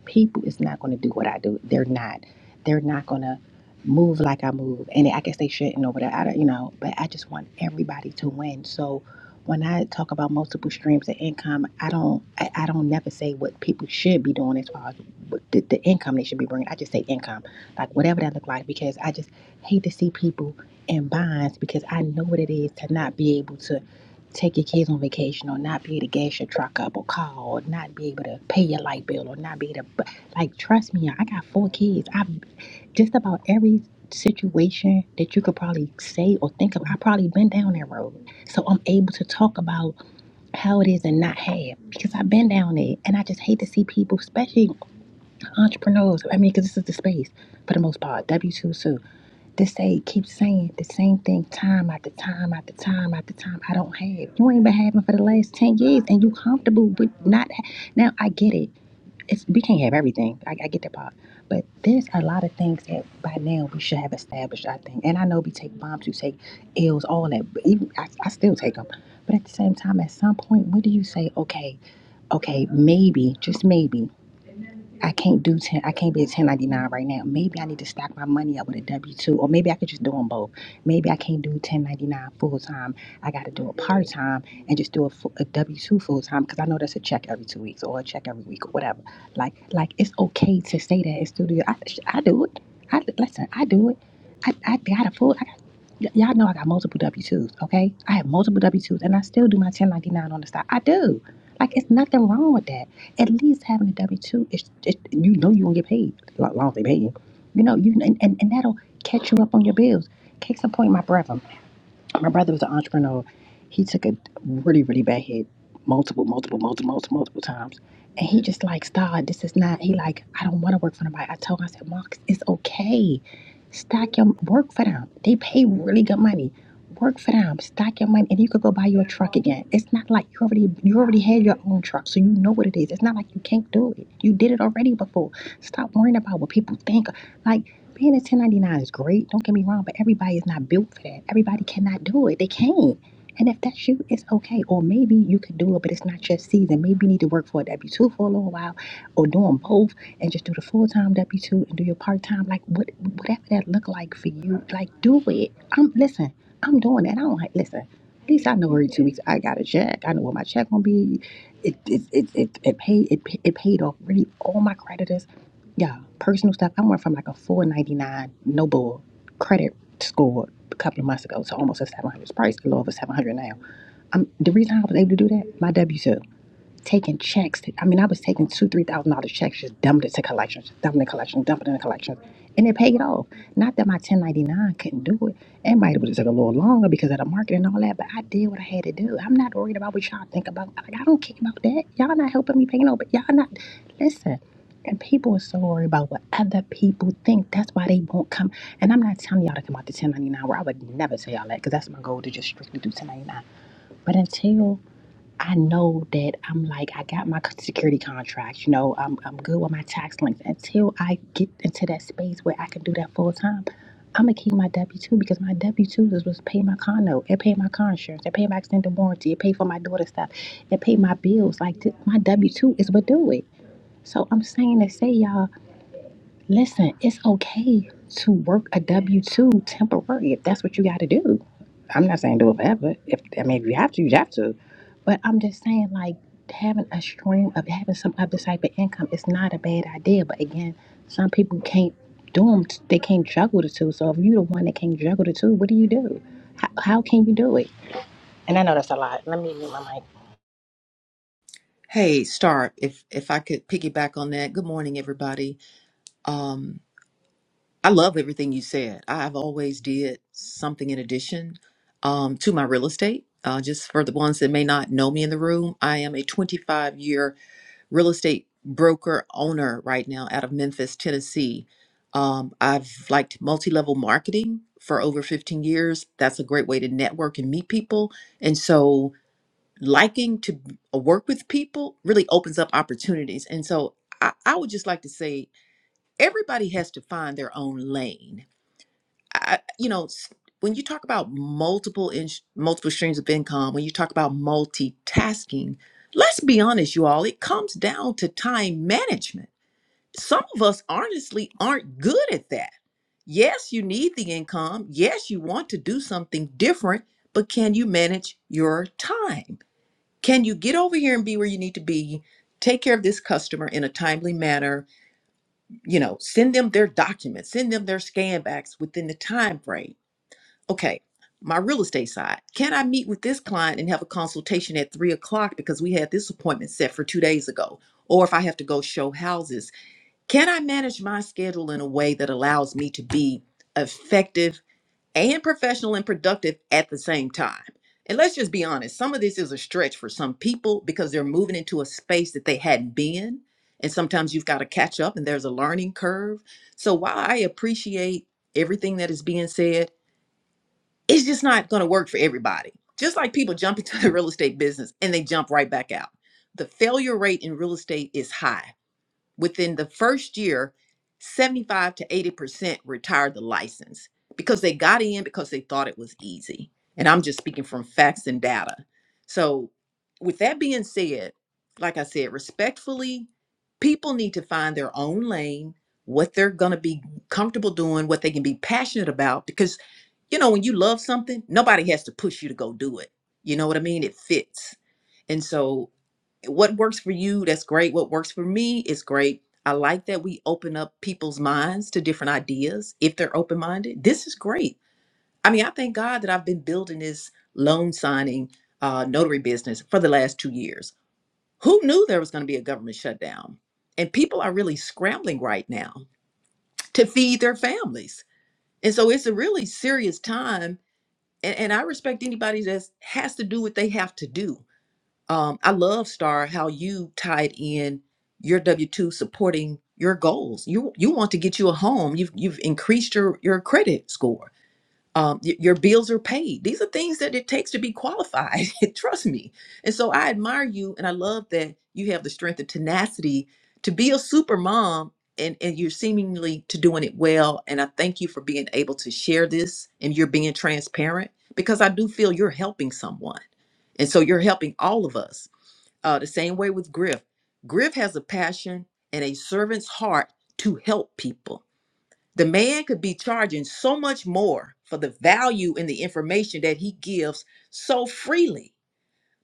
people is not going to do what I do. They're not. They're not going to move like I move. And I guess they shouldn't Over whatever. I don't, you know, but I just want everybody to win. So when I talk about multiple streams of income, I don't, I, I don't never say what people should be doing as far as what the, the income they should be bringing. I just say income, like whatever that look like, because I just hate to see people in bonds because I know what it is to not be able to take your kids on vacation or not be able to gas your truck up or call or not be able to pay your light bill or not be able to like trust me i got four kids i've just about every situation that you could probably say or think of i have probably been down that road so i'm able to talk about how it is and not have because i've been down there and i just hate to see people especially entrepreneurs i mean because this is the space for the most part w2 this aide keeps saying the same thing time after time after time after time. I don't have. You ain't been having for the last 10 years and you comfortable with not. Ha- now, I get it. It's, we can't have everything. I, I get that part. But there's a lot of things that by now we should have established, I think. And I know we take bombs, we take L's, all that. But even I, I still take them. But at the same time, at some point, when do you say, okay, okay, maybe, just maybe. I can't do ten. I can't be a ten ninety nine right now. Maybe I need to stack my money up with a W two, or maybe I could just do them both. Maybe I can't do ten ninety nine full time. I got to do it part time and just do a, fu- a W two full time because I know that's a check every two weeks or a check every week or whatever. Like like it's okay to say that in studio. I, I do it. I listen. I do it. I, I got a full. Y- y'all know I got multiple W two's. okay? I have multiple W two's, and I still do my ten ninety nine on the side. I do. Like it's nothing wrong with that. At least having a W two is, it, you know, you gonna get paid. As long as they pay you, you know, you and, and, and that'll catch you up on your bills. Case in point, my brother. My brother was an entrepreneur. He took a really, really bad hit multiple, multiple, multiple, multiple, multiple times. And he just like, stop, this is not, he like, I don't want to work for nobody. I told him, I said, Marcus, it's okay. Stack your, work for them. They pay really good money. Work for them. Stack your money and you could go buy your truck again. It's not like you already, you already had your own truck. So you know what it is. It's not like you can't do it. You did it already before. Stop worrying about what people think. Like. Being a 1099 is great, don't get me wrong, but everybody is not built for that. Everybody cannot do it. They can't. And if that's you, it's okay. Or maybe you could do it, but it's not your season. Maybe you need to work for a W 2 for a little while or do them both and just do the full time W 2 and do your part time. Like, what, whatever that look like for you, like, do it. I'm, listen, I'm doing that. I don't like, listen, at least I know every two weeks I got a check. I know what my check gonna be. It, it, it, it, it paid, it, it paid off really all my creditors yeah, personal stuff. I went from like a 499 no bull credit score a couple of months ago to almost a 700. It's probably a little over 700 now. Um, the reason I was able to do that, my W 2 taking checks. I mean, I was taking two, three thousand dollar checks, just dumped it to collections, dumping in collections, dumping in the collections, and it paid off. Not that my ten ninety nine couldn't do it. It might have just took a little longer because of the market and all that, but I did what I had to do. I'm not worried about what y'all think about. Like, I don't care about that. Y'all not helping me pay no, but y'all not listen. And people are so worried about what other people think. That's why they won't come. And I'm not telling y'all to come out to 1099 where I would never tell y'all that because that's my goal to just strictly do 1099. But until I know that I'm like, I got my security contract, you know, I'm, I'm good with my tax links. Until I get into that space where I can do that full time, I'm gonna keep my W two because my W two is was pay my car note, it pay my car insurance, it pay my extended warranty, it pay for my daughter stuff, it pay my bills. Like th- my W two is what do it. So I'm saying to say y'all Listen, it's okay to work a W two temporary if that's what you got to do. I'm not saying do it forever. If I mean, if you have to, you have to. But I'm just saying, like having a stream of having some other type of income is not a bad idea. But again, some people can't do them. They can't juggle the two. So if you're the one that can't juggle the two, what do you do? How, how can you do it? And I know that's a lot. Let me mute my mic. Hey, Star, if if I could piggyback on that. Good morning, everybody. Um, I love everything you said. I've always did something in addition um, to my real estate. Uh, just for the ones that may not know me in the room, I am a 25 year real estate broker owner right now out of Memphis, Tennessee. Um, I've liked multi level marketing for over 15 years. That's a great way to network and meet people. And so liking to work with people really opens up opportunities. And so I, I would just like to say everybody has to find their own lane. I, you know, s- when you talk about multiple in, multiple streams of income, when you talk about multitasking, let's be honest, you all, it comes down to time management. Some of us honestly aren't good at that. Yes, you need the income. Yes, you want to do something different, but can you manage your time? can you get over here and be where you need to be take care of this customer in a timely manner you know send them their documents send them their scan backs within the time frame okay my real estate side can i meet with this client and have a consultation at three o'clock because we had this appointment set for two days ago or if i have to go show houses can i manage my schedule in a way that allows me to be effective and professional and productive at the same time. And let's just be honest, some of this is a stretch for some people because they're moving into a space that they hadn't been. And sometimes you've got to catch up and there's a learning curve. So while I appreciate everything that is being said, it's just not going to work for everybody. Just like people jump into the real estate business and they jump right back out. The failure rate in real estate is high within the first year, 75 to 80% retired the license because they got in because they thought it was easy. And I'm just speaking from facts and data. So, with that being said, like I said, respectfully, people need to find their own lane, what they're going to be comfortable doing, what they can be passionate about. Because, you know, when you love something, nobody has to push you to go do it. You know what I mean? It fits. And so what works for you that's great what works for me is great i like that we open up people's minds to different ideas if they're open-minded this is great i mean i thank god that i've been building this loan signing uh, notary business for the last two years who knew there was going to be a government shutdown and people are really scrambling right now to feed their families and so it's a really serious time and, and i respect anybody that has to do what they have to do um, I love Star how you tied in your W two supporting your goals. You you want to get you a home. You've you've increased your your credit score. Um, y- your bills are paid. These are things that it takes to be qualified. Trust me. And so I admire you, and I love that you have the strength and tenacity to be a super mom, and and you're seemingly to doing it well. And I thank you for being able to share this, and you're being transparent because I do feel you're helping someone. And so you're helping all of us uh, the same way with Griff. Griff has a passion and a servant's heart to help people. The man could be charging so much more for the value and the information that he gives so freely.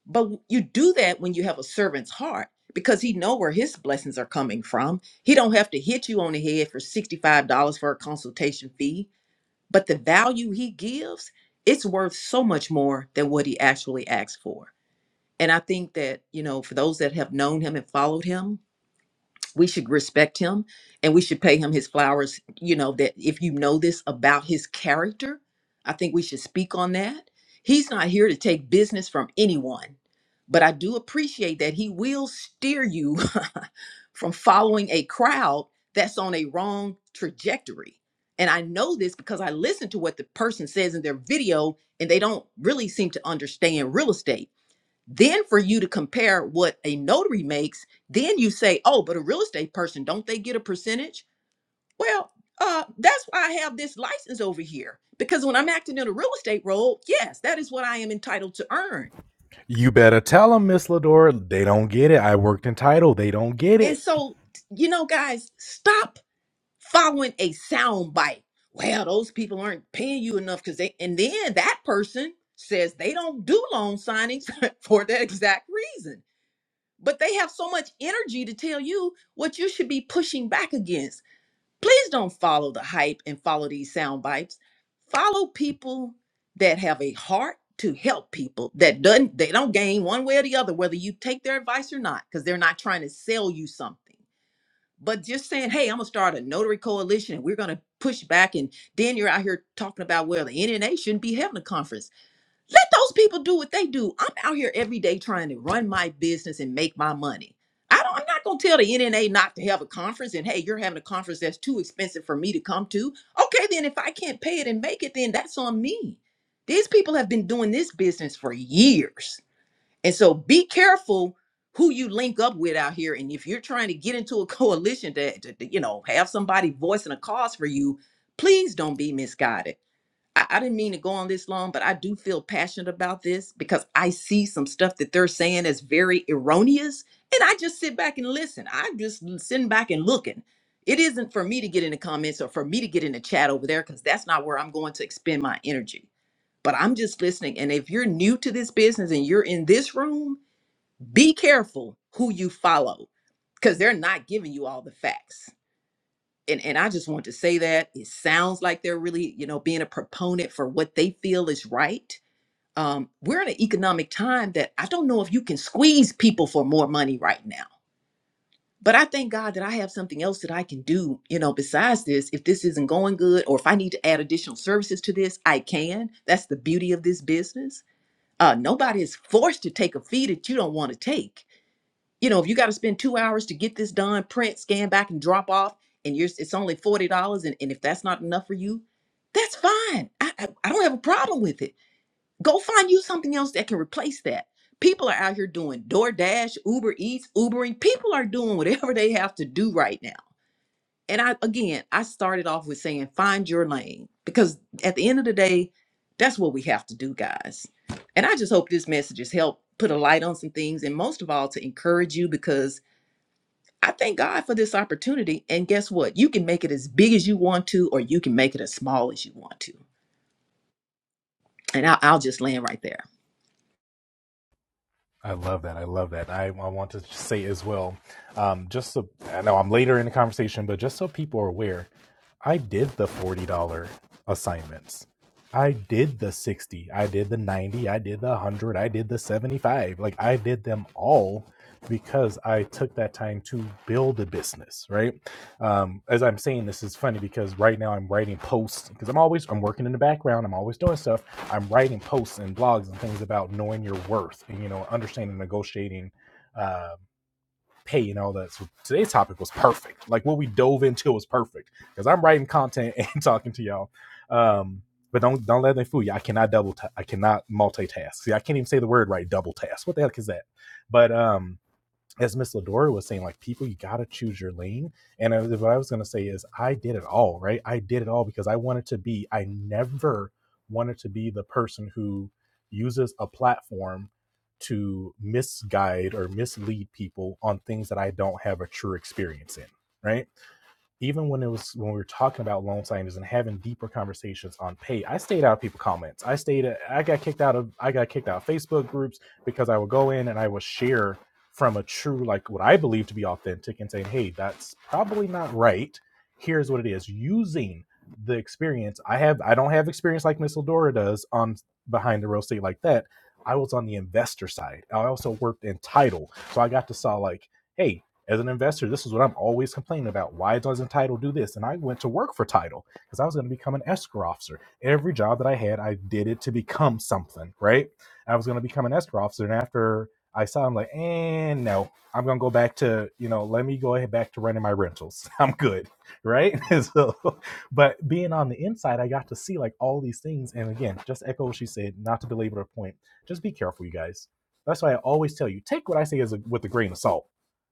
But you do that when you have a servant's heart because he know where his blessings are coming from. He don't have to hit you on the head for $65 for a consultation fee, but the value he gives, it's worth so much more than what he actually asks for. And I think that, you know, for those that have known him and followed him, we should respect him and we should pay him his flowers. You know, that if you know this about his character, I think we should speak on that. He's not here to take business from anyone, but I do appreciate that he will steer you from following a crowd that's on a wrong trajectory. And I know this because I listen to what the person says in their video, and they don't really seem to understand real estate then for you to compare what a notary makes then you say oh but a real estate person don't they get a percentage well uh that's why i have this license over here because when i'm acting in a real estate role yes that is what i am entitled to earn You better tell them, Miss Ladora. They don't get it. I worked in title. They don't get and it. so you know guys stop following a sound bite well those people aren't paying you enough because they and then that person says they don't do loan signings for that exact reason but they have so much energy to tell you what you should be pushing back against. Please don't follow the hype and follow these sound bites. Follow people that have a heart to help people that doesn't they don't gain one way or the other whether you take their advice or not because they're not trying to sell you something but just saying hey i'm gonna start a notary coalition and we're gonna push back and then you're out here talking about well the nna shouldn't be having a conference let those people do what they do. I'm out here every day trying to run my business and make my money. I don't, I'm not going to tell the NNA not to have a conference and hey, you're having a conference that's too expensive for me to come to. Okay, then if I can't pay it and make it, then that's on me. These people have been doing this business for years. And so be careful who you link up with out here. And if you're trying to get into a coalition to, to to, you know, have somebody voicing a cause for you, please don't be misguided I, I didn't mean to go on this long, but I do feel passionate about this because I see some stuff that they're saying is very erroneous. And I just sit back and listen. I'm just sitting back and looking. It isn't for me to get in the comments or for me to get in the chat over there because that's not where I'm going to expend my energy. But I'm just listening. And if you're new to this business and you're in this room, be careful who you follow because they're not giving you all the facts and and I just want to say that it sounds like they're really, you know, being a proponent for what they feel is right. Um, we're in an economic time that I don't know if you can squeeze people for more money right now. But I thank God that I have something else that I can do, you know, besides this. If this isn't going good or if I need to add additional services to this, I can. That's the beauty of this business. Uh, nobody is forced to take a fee that you don't want to take you know, if you got to spend two hours to get this done, print, scan back, and drop off, and you're it's only forty dollars, and, and if that's not enough for you, that's fine. I, I I don't have a problem with it. Go find you something else that can replace that. People are out here doing DoorDash, Uber Eats, Ubering. People are doing whatever they have to do right now. And I again, I started off with saying find your lane because at the end of the day, that's what we have to do, guys. And I just hope this message has helped put a light on some things, and most of all, to encourage you because I thank God for this opportunity. And guess what? You can make it as big as you want to, or you can make it as small as you want to. And I'll, I'll just land right there. I love that. I love that. I, I want to say as well, um, just so I know I'm later in the conversation, but just so people are aware, I did the $40 assignments. I did the 60, I did the 90, I did the 100, I did the 75. Like I did them all because I took that time to build a business, right? Um, as I'm saying this is funny because right now I'm writing posts because I'm always I'm working in the background, I'm always doing stuff I'm writing posts and blogs and things about knowing your worth and you know understanding negotiating uh, pay and all that. So today's topic was perfect. Like what we dove into was perfect because I'm writing content and talking to y'all. Um, but don't don't let them fool you. I cannot double. ta- I cannot multitask. See, I can't even say the word right. Double task. What the heck is that? But um, as Miss Ladora was saying, like people, you gotta choose your lane. And I, what I was gonna say is, I did it all, right? I did it all because I wanted to be. I never wanted to be the person who uses a platform to misguide or mislead people on things that I don't have a true experience in, right? even when it was when we were talking about loan signings and having deeper conversations on pay, I stayed out of people comments. I stayed I got kicked out of I got kicked out of Facebook groups because I would go in and I would share from a true like what I believe to be authentic and saying, "Hey, that's probably not right. Here's what it is." Using the experience I have, I don't have experience like Miss Eldora does on behind the real estate like that. I was on the investor side. I also worked in title, so I got to saw like, "Hey, as an investor, this is what I'm always complaining about. Why doesn't Title do this? And I went to work for Title because I was going to become an escrow officer. Every job that I had, I did it to become something, right? I was going to become an escrow officer. And after I saw, I'm like, and no, I'm going to go back to, you know, let me go ahead back to running my rentals. I'm good, right? so, but being on the inside, I got to see like all these things. And again, just echo what she said, not to belabor the point, just be careful, you guys. That's why I always tell you take what I say as a, with a grain of salt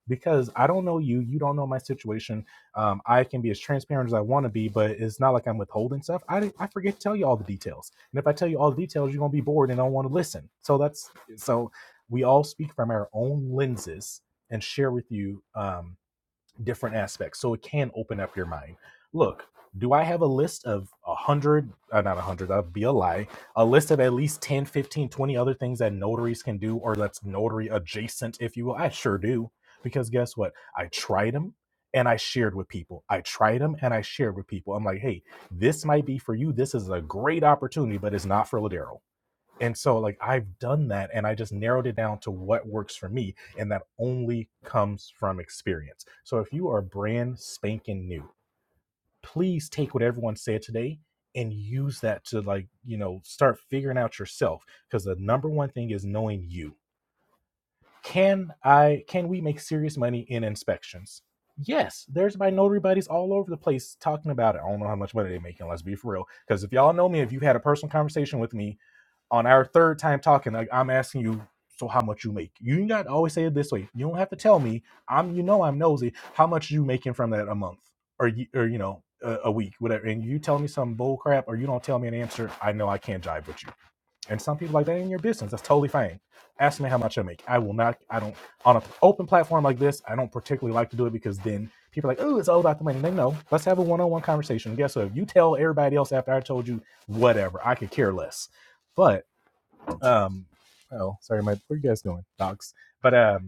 because I don't know you, you don't know my situation. Um, I can be as transparent as I want to be, but it's not like I'm withholding stuff. I I forget to tell you all the details, and if I tell you all the details, you're gonna be bored and don't want to listen. So that's so we all speak from our own lenses and share with you. Um, different aspects. So it can open up your mind. Look, do I have a list of a hundred, uh, not a hundred, that'd be a lie, a list of at least 10, 15, 20 other things that notaries can do or that's notary adjacent, if you will? I sure do. Because guess what? I tried them and I shared with people. I tried them and I shared with people. I'm like, hey, this might be for you. This is a great opportunity, but it's not for Ladero and so, like, I've done that and I just narrowed it down to what works for me. And that only comes from experience. So, if you are brand spanking new, please take what everyone said today and use that to, like, you know, start figuring out yourself. Because the number one thing is knowing you. Can I, can we make serious money in inspections? Yes, there's my notary buddies all over the place talking about it. I don't know how much money they're making, let's be for real. Because if y'all know me, if you've had a personal conversation with me, on our third time talking, like I'm asking you, so how much you make? You not always say it this way. You don't have to tell me. I'm, you know, I'm nosy. How much you making from that a month or y- or you know a, a week, whatever? And you tell me some bull crap, or you don't tell me an answer. I know I can't jive with you. And some people like that in your business. That's totally fine. Ask me how much I make. I will not. I don't on an open platform like this. I don't particularly like to do it because then people are like, oh, it's all about the money. They know. Let's have a one-on-one conversation. Guess what? If you tell everybody else after I told you, whatever, I could care less. But um, oh, sorry, my where are you guys going, docs? But um,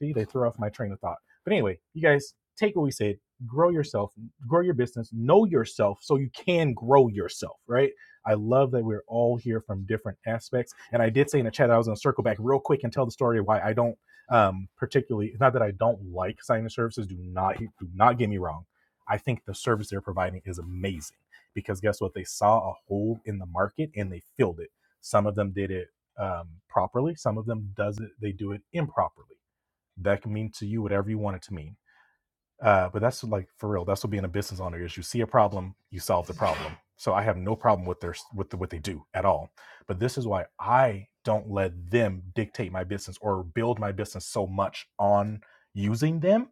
See, they threw off my train of thought. But anyway, you guys take what we said, grow yourself, grow your business, know yourself so you can grow yourself, right? I love that we're all here from different aspects. And I did say in the chat that I was going to circle back real quick and tell the story why I don't um, particularly, not that I don't like signing services, do not, do not get me wrong. I think the service they're providing is amazing because guess what? They saw a hole in the market and they filled it. Some of them did it um, properly. Some of them does it, they do it improperly that can mean to you whatever you want it to mean. Uh, but that's like for real. That's what being a business owner is. You see a problem, you solve the problem. So I have no problem with their with the, what they do at all. But this is why I don't let them dictate my business or build my business so much on using them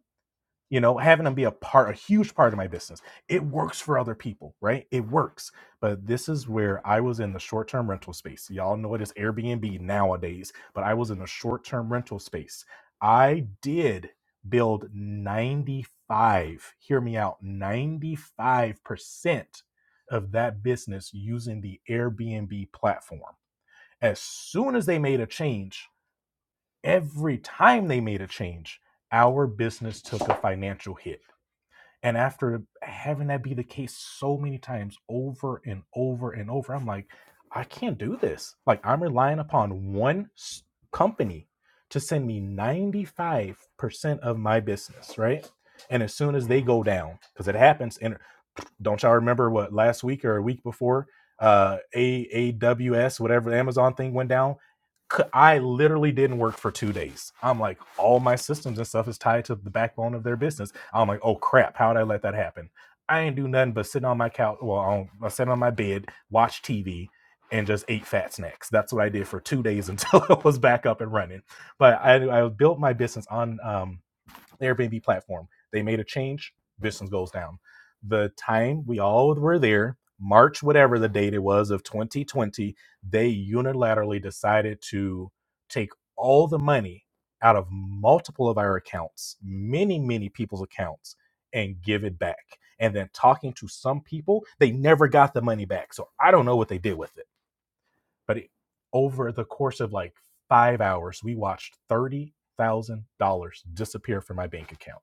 you know having them be a part a huge part of my business it works for other people right it works but this is where i was in the short-term rental space y'all know it is airbnb nowadays but i was in the short-term rental space i did build 95 hear me out 95% of that business using the airbnb platform as soon as they made a change every time they made a change our business took a financial hit and after having that be the case so many times over and over and over, I'm like, I can't do this. Like, I'm relying upon one s- company to send me 95% of my business, right? And as soon as they go down, because it happens don't y'all remember what last week or a week before uh aws whatever the amazon thing went down I literally didn't work for two days i'm like all my systems and stuff is tied to the backbone of their business i'm like oh crap how did i let that happen i ain't do nothing but sit on my couch well on, i sat on my bed watch tv and just ate fat snacks that's what i did for two days until it was back up and running but i i built my business on um Airbnb platform. They made a change. Business goes down. The time we all were there, March, whatever the date it was of 2020, they unilaterally decided to take all the money out of multiple of our accounts, many, many people's accounts, and give it back. And then talking to some people, they never got the money back. So I don't know what they did with it. But it, over the course of like five hours, we watched $30,000 disappear from my bank account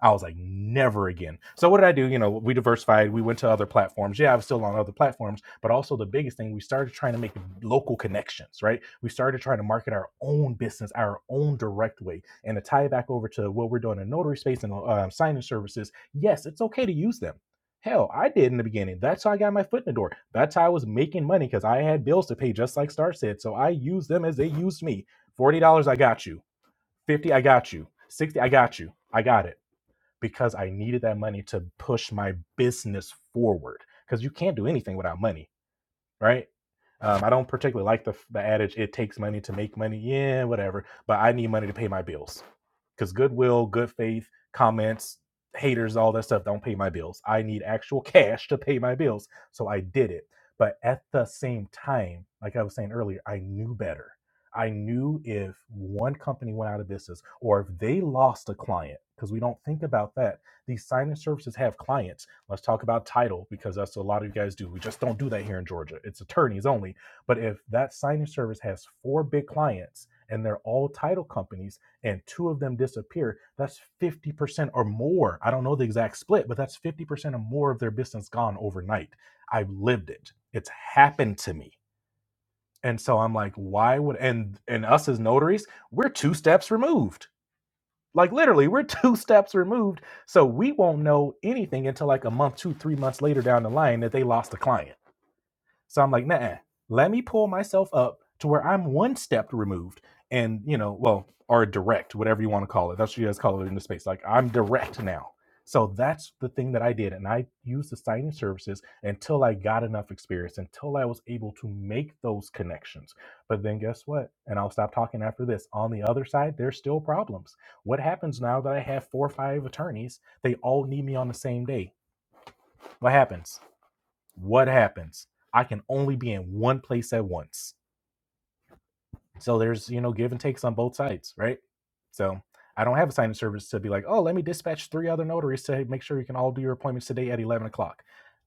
I was like, never again. So what did I do? You know, we diversified. We went to other platforms. Yeah, I was still on other platforms, but also the biggest thing, we started trying to make local connections, right? We started trying to market our own business, our own direct way, and to tie back over to what we're doing in notary space and um, signing services. Yes, it's okay to use them. Hell, I did in the beginning. That's how I got my foot in the door. That's how I was making money because I had bills to pay, just like Star said. So I used them as they used me. Forty dollars, I got you. Fifty, I got you. Sixty, I got you. I got it because I needed that money to push my business forward. Because you can't do anything without money right? Um, I don't particularly like the the adage "it takes money to make money." Yeah, whatever. But I need money to pay my bills because goodwill, good faith, comments, haters, all that stuff don't pay my bills. I need actual cash to pay my bills, so I did it. But at the same time, like I was saying earlier, I knew better. I knew if one company went out of business or if they lost a client, because we don't think about that. These signing services have clients Let's talk about title because that's what a lot of you guys do. We just don't do that here in Georgia. It's attorneys only. But if that signing service has four big clients and they're all title companies and two of them disappear, that's 50% or more. I don't know the exact split, but that's 50% or more of their business gone overnight. I've lived it. It's happened to me. And so I'm like, why would and and us as notaries, we're two steps removed like literally, we're two steps removed, so we won't know anything until like a month, two, three months later down the line that they lost the client. So I'm like, nah, let me pull myself up to where I'm one step removed and, you know, well, or direct, whatever you want to call it. That's what you guys call it in the space. Like, I'm direct now. So that's the thing that I did. And I used the signing services until I got enough experience, until I was able to make those connections. But then guess what? And I'll stop talking after this. On the other side, there's still problems. What happens now that I have four or five attorneys? They all need me on the same day. What happens? What happens? I can only be in one place at once. So there's, you know, give and takes on both sides, right? So I don't have a signing service to be like, oh, let me dispatch three other notaries to make sure you can all do your appointments today at 11 o'clock.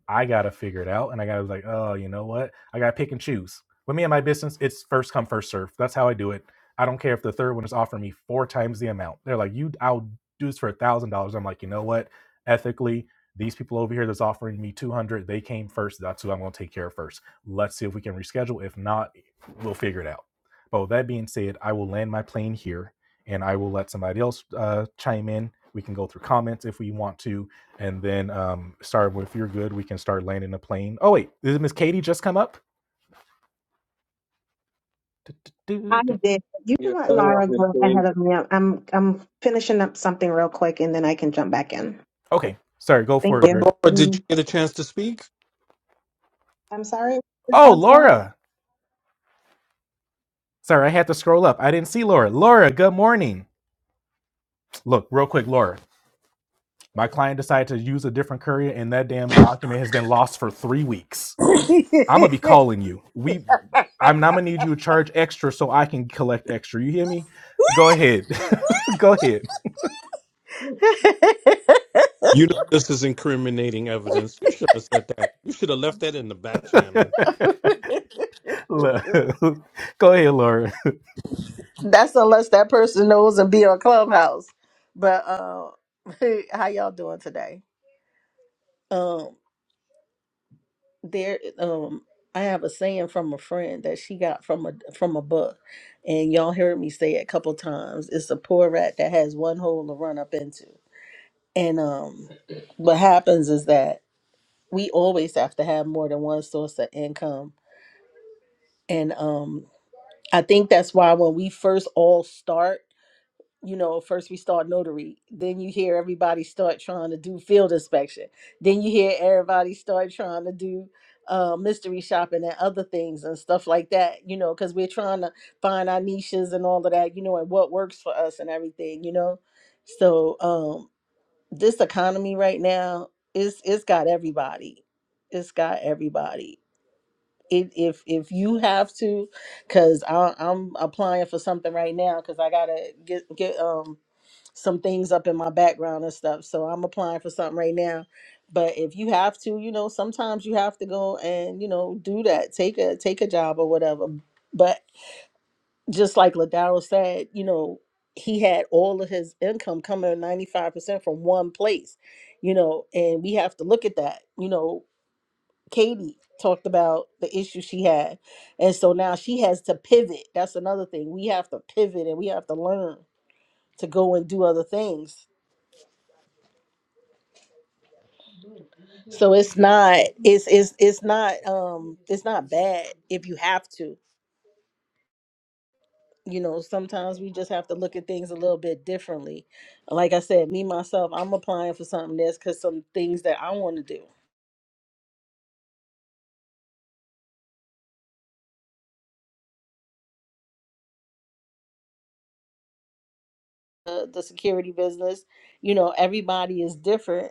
I got to figure it out. And I got to like, oh, you know what? I got to pick and choose. With me and my business, it's first come, first serve. That's how I do it. I don't care if the third one is offering me four times the amount. They're like, you, I'll do this for a thousand dollars. I'm like, you know what? Ethically, these people over here that's offering me 200, they came first. That's who I'm going to take care of first. Let's see if we can reschedule. If not, we'll figure it out. But with that being said, I will land my plane here and I will let somebody else uh, chime in. We can go through comments if we want to. And then um, start with, if you're good, we can start landing the plane. Oh, wait, did Miss Katie just come up? I did. You can let Laura go ahead of me. I'm I'm I'm finishing up something real quick, and then I can jump back in. Okay, sorry, go Thank for it, you. Griff. Laura, did you Mm, get a chance to speak? I'm sorry. Your Oh, mom's back? Laura. Sorry, I had to scroll up. I didn't see Laura. Laura, good morning. Look, real quick, Laura. My client decided to use a different courier, and that damn document has been lost for three weeks. I'm gonna be calling you. We, I'm, I'm gonna need you to charge extra so I can collect extra. You hear me? Go ahead, go ahead, You know this is incriminating evidence. You should have said that. You should have left that in the back channel. Look, go ahead, Laura. That's unless that person knows and be on Clubhouse. But uh, how y'all doing today? Um, there. Um, I have a saying from a friend that she got from a from a book, and y'all heard me say it a couple times. It's a poor rat that has one hole to run up into. And um, what happens is that we always have to have more than one source of income And um, I think that's why when we first all start, you know, first we start notary, then you hear everybody start trying to do field inspection, then you hear everybody start trying to do uh, mystery shopping and other things and stuff like that, you know, because we're trying to find our niches and all of that, you know, and what works for us and everything, you know. So um, this economy right now is it's got everybody, it's got everybody it, if if you have to, because I'm applying for something right now because I gotta get get um some things up in my background and stuff. So I'm applying for something right now. But if you have to, you know, sometimes you have to go and you know do that. Take a take a job or whatever. But just like Ladaro said, you know, he had all of his income coming 95% from one place, you know, and we have to look at that, you know, Katie talked about the issue she had. And so now she has to pivot. That's another thing. We have to pivot and we have to learn to go and do other things. So it's not it's it's it's not um it's not bad if you have to. You know, sometimes we just have to look at things a little bit differently. Like I said, me myself, I'm applying for something that's cuz some things that I want to do. The, the security business, you know, everybody is different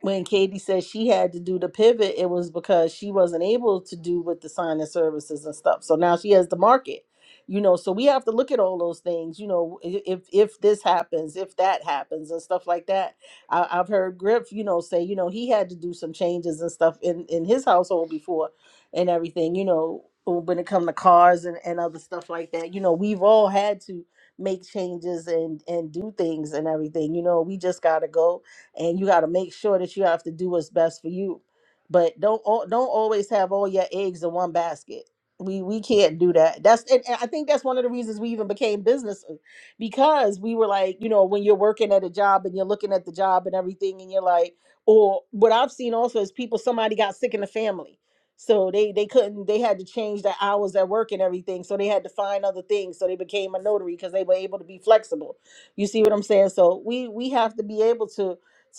when Katie said she had to do the pivot, it was because she wasn't able to do with the signing services and stuff. So now she has the market, you know. So we have to look at all those things, you know. i- If if this happens, if that happens, and stuff like that. I, I've heard Griff, you know, say you know he had to do some changes and stuff in in his household before, and everything, you know, when it come to cars and and other stuff like that. You know, we've all had to make changes and and do things and everything. You know, we just gotta go and you got to make sure that you have to do what's best for you. But don't al- don't always have all your eggs in one basket. We we can't do that. That's and, and I think that's one of the reasons we even became business uh, because we were like, you know, when you're working at a job and you're looking at the job and everything and you're like, or what I've seen also is people somebody got sick in the family. So they they couldn't they had to change their hours at work and everything. So they had to find other things. So they became a notary because they were able to be flexible. You see what I'm saying? So we we have to be able to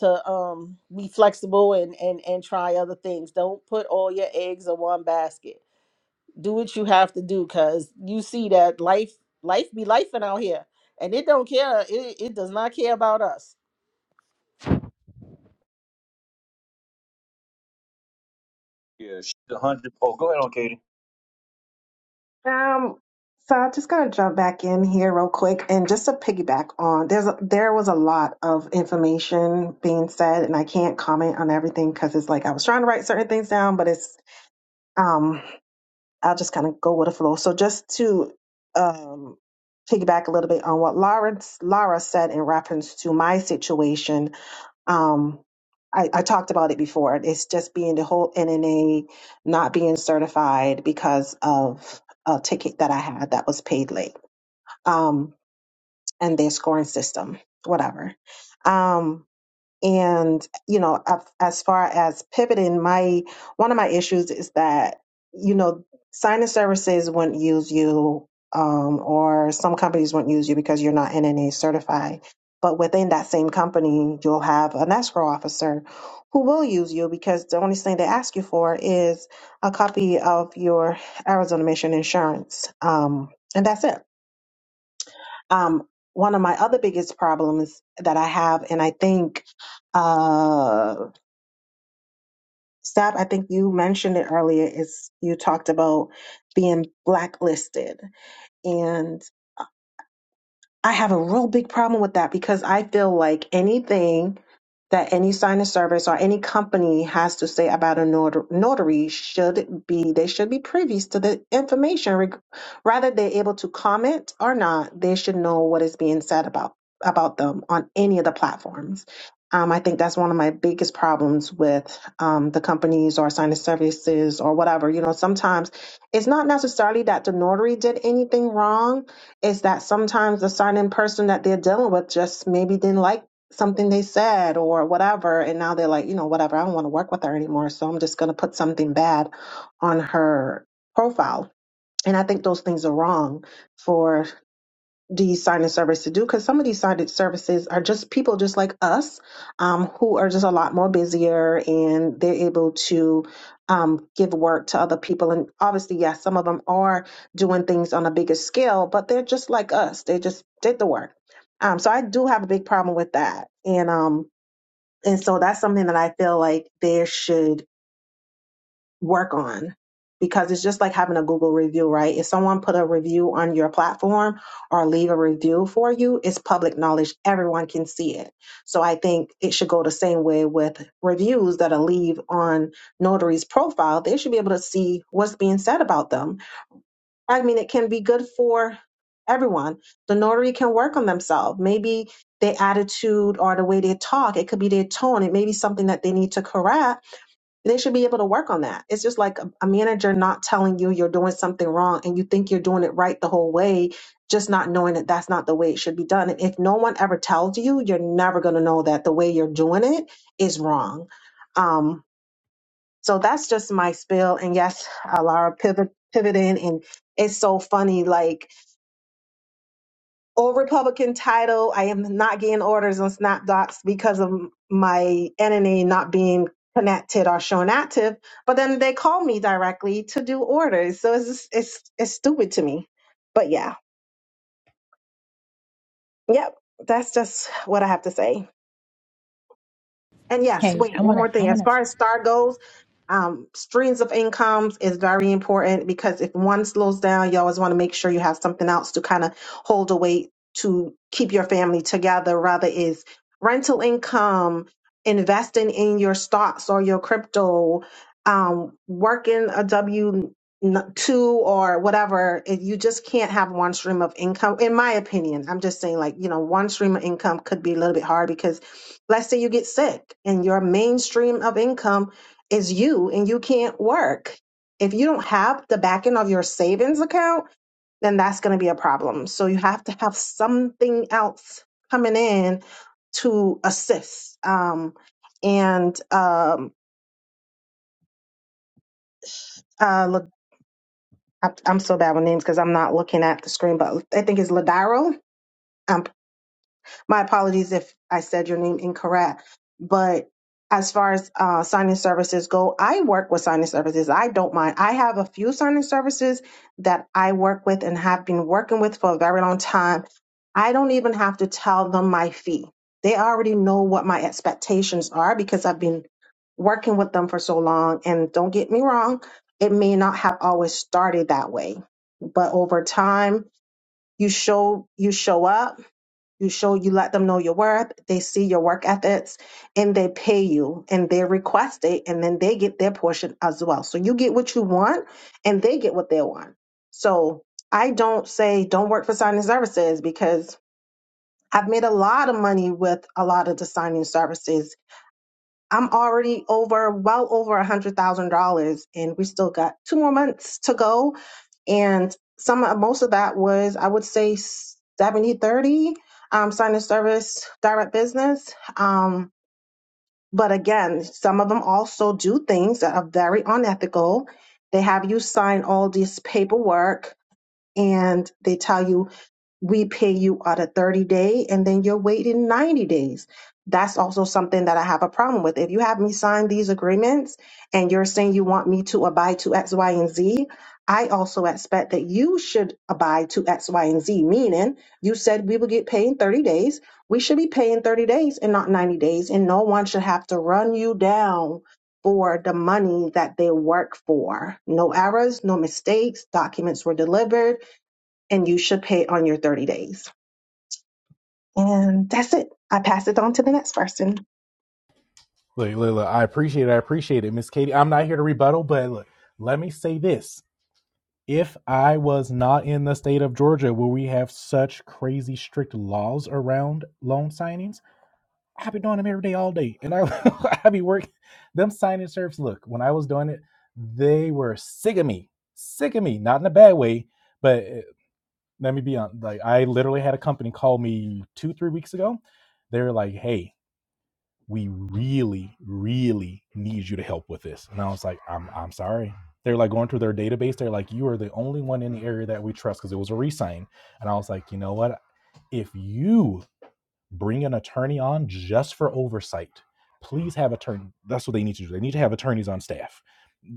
to um be flexible and and and try other things. Don't put all your eggs in one basket. Do what you have to do cuz you see that life life be life out here and it don't care it, it does not care about us. Yes. Um, so I'm just gonna jump back in here real quick, and just to piggyback on, there's a, there was a lot of information being said, and I can't comment on everything because it's like I was trying to write certain things down, but it's um. I'll just kind of go with the flow. So just to um, piggyback a little bit on what Lawrence Lara said in reference to my situation, um, I, I talked about it before. It's just being the whole NNA not being certified because of a ticket that I had that was paid late, um, and their scoring system, whatever. Um, and you know af- as far as pivoting my one of my issues is that you know signing services wouldn't use you um, or some companies wouldn't use you because you're not nna certified but within that same company you'll have an escrow officer who will use you because the only thing they ask you for is a copy of your arizona mission insurance um, and that's it um, one of my other biggest problems that I have, and I think, uh, Stab, I think you mentioned it earlier, is you talked about being blacklisted. And I have a real big problem with that because I feel like anything that any sign of service or any company has to say about a notar- notary should be, they should be privy to the information. Reg- Rather, they're able to comment or not, they should know what is being said about, about them on any of the platforms. Um, I think that's one of my biggest problems with um, the companies or sign of services or whatever. You know, sometimes it's not necessarily that the notary did anything wrong is that sometimes the certain person that they're dealing with just maybe didn't like something they said or whatever and now they're like you know whatever i don't want to work with her anymore so i'm just going to put something bad on her profile and i think those things are wrong for these signing services to do because some of these signing services are just people just like us um, who are just a lot more busier and they're able to um, give work to other people and obviously yes some of them are doing things on a bigger scale but they're just like us they just did the work um, so i do have a big problem with that and um and so that's something that i feel like there should work on because it's just like having a Google review, right? If someone put a review on your platform or leave a review for you, it's public knowledge. Everyone can see it. So I think it should go the same way with reviews that are leave on notary's profile. They should be able to see what's being said about them. I mean, it can be good for everyone. The notary can work on themselves. Maybe their attitude or the way they talk, it could be their tone. It may be something that they need to correct they should be able to work on that. It's just like a, a manager not telling you you're doing something wrong and you think you're doing it right the whole way, just not knowing that that's not the way it should be done. And if no one ever tells you, you're never going to know that the way you're doing it is wrong. Um, so that's just my spill. And yes, uh, Laura pivot, pivoting, and it's so funny. Like old Republican title. I am not getting orders on SnapDocs because of my entity not being connected or shown active. But then they call me directly to do orders, so it's just, it's it's stupid to me. But yeah, yep, that's just what I have to say. And yes, Hey, I wait, one wanna, more I thing. As wanna. far as STAR goes, um, streams of incomes is very important because if one slows down, you always want to make sure you have something else to kind of hold the weight to keep your family together. Rather is rental income, investing in your stocks or your crypto, um, working a W two or whatever. If you just can't have one stream of income, in my opinion, I'm just saying like you know one stream of income could be a little bit hard because Let's say you get sick and your mainstream of income is you and you can't work. If you don't have the back end of your savings account, then that's going to be a problem. So you have to have something else coming in to assist. Um, and um, uh, look, I- I'm so bad with names because I'm not looking at the screen, but I think it's Ladaro. My apologies if I said your name incorrect, but as far as uh, signing services go, I work with signing services. I don't mind. I have a few signing services that I work with and have been working with for a very long time. I don't even have to tell them my fee. They already know what my expectations are because I've been working with them for so long. And don't get me wrong, it may not have always started that way, but over time, you show you show up you show you let them know your worth, they see your work ethics, and they pay you and they request it, and then they get their portion as well. So you get what you want and they get what they want. So I don't say don't work for signing services because I've made a lot of money with a lot of the signing services I'm already over, well over a hundred thousand dollars, and we still got two more months to go. And some, most of that was, I would say, seventy thirty, 30 um, sign of service, direct business. Um, but again, some of them also do things that are very unethical. They have you sign all this paperwork and they tell you we pay you out a 30 day and then you're waiting 90 days. That's also something that I have a problem with. If you have me sign these agreements and you're saying you want me to abide to X, Y, and Z, I also expect that you should abide to X, Y, and Z, meaning you said we will get paid in 30 days. We should be paying 30 days and not 90 days, and no one should have to run you down for the money that they work for. No errors, no mistakes, documents were delivered and you should pay on your 30 days. And that's it. I pass it on to the next person. Look, look, look, I appreciate it. I appreciate it, Miss Katie. I'm not here to rebuttal, but look, let me say this: if I was not in the state of Georgia, where we have such crazy strict laws around loan signings. I be doing them every day, all day, and I I be working them signing serves. Look, when I was doing it, they were sick of me, sick of me. Not in a bad way, but eh, let me be honest. Like I literally had a company call me two, three weeks ago. They were like, "Hey, we really, really need you to help with this," and I was like, "I'm I'm sorry." They're like going through their database. They're like, "You are the only one in the area that we trust," because it was a resign, and I was like, "You know what? If you bring an attorney on just for oversight. Please have attorney. That's what they need to do. They need to have attorneys on staff,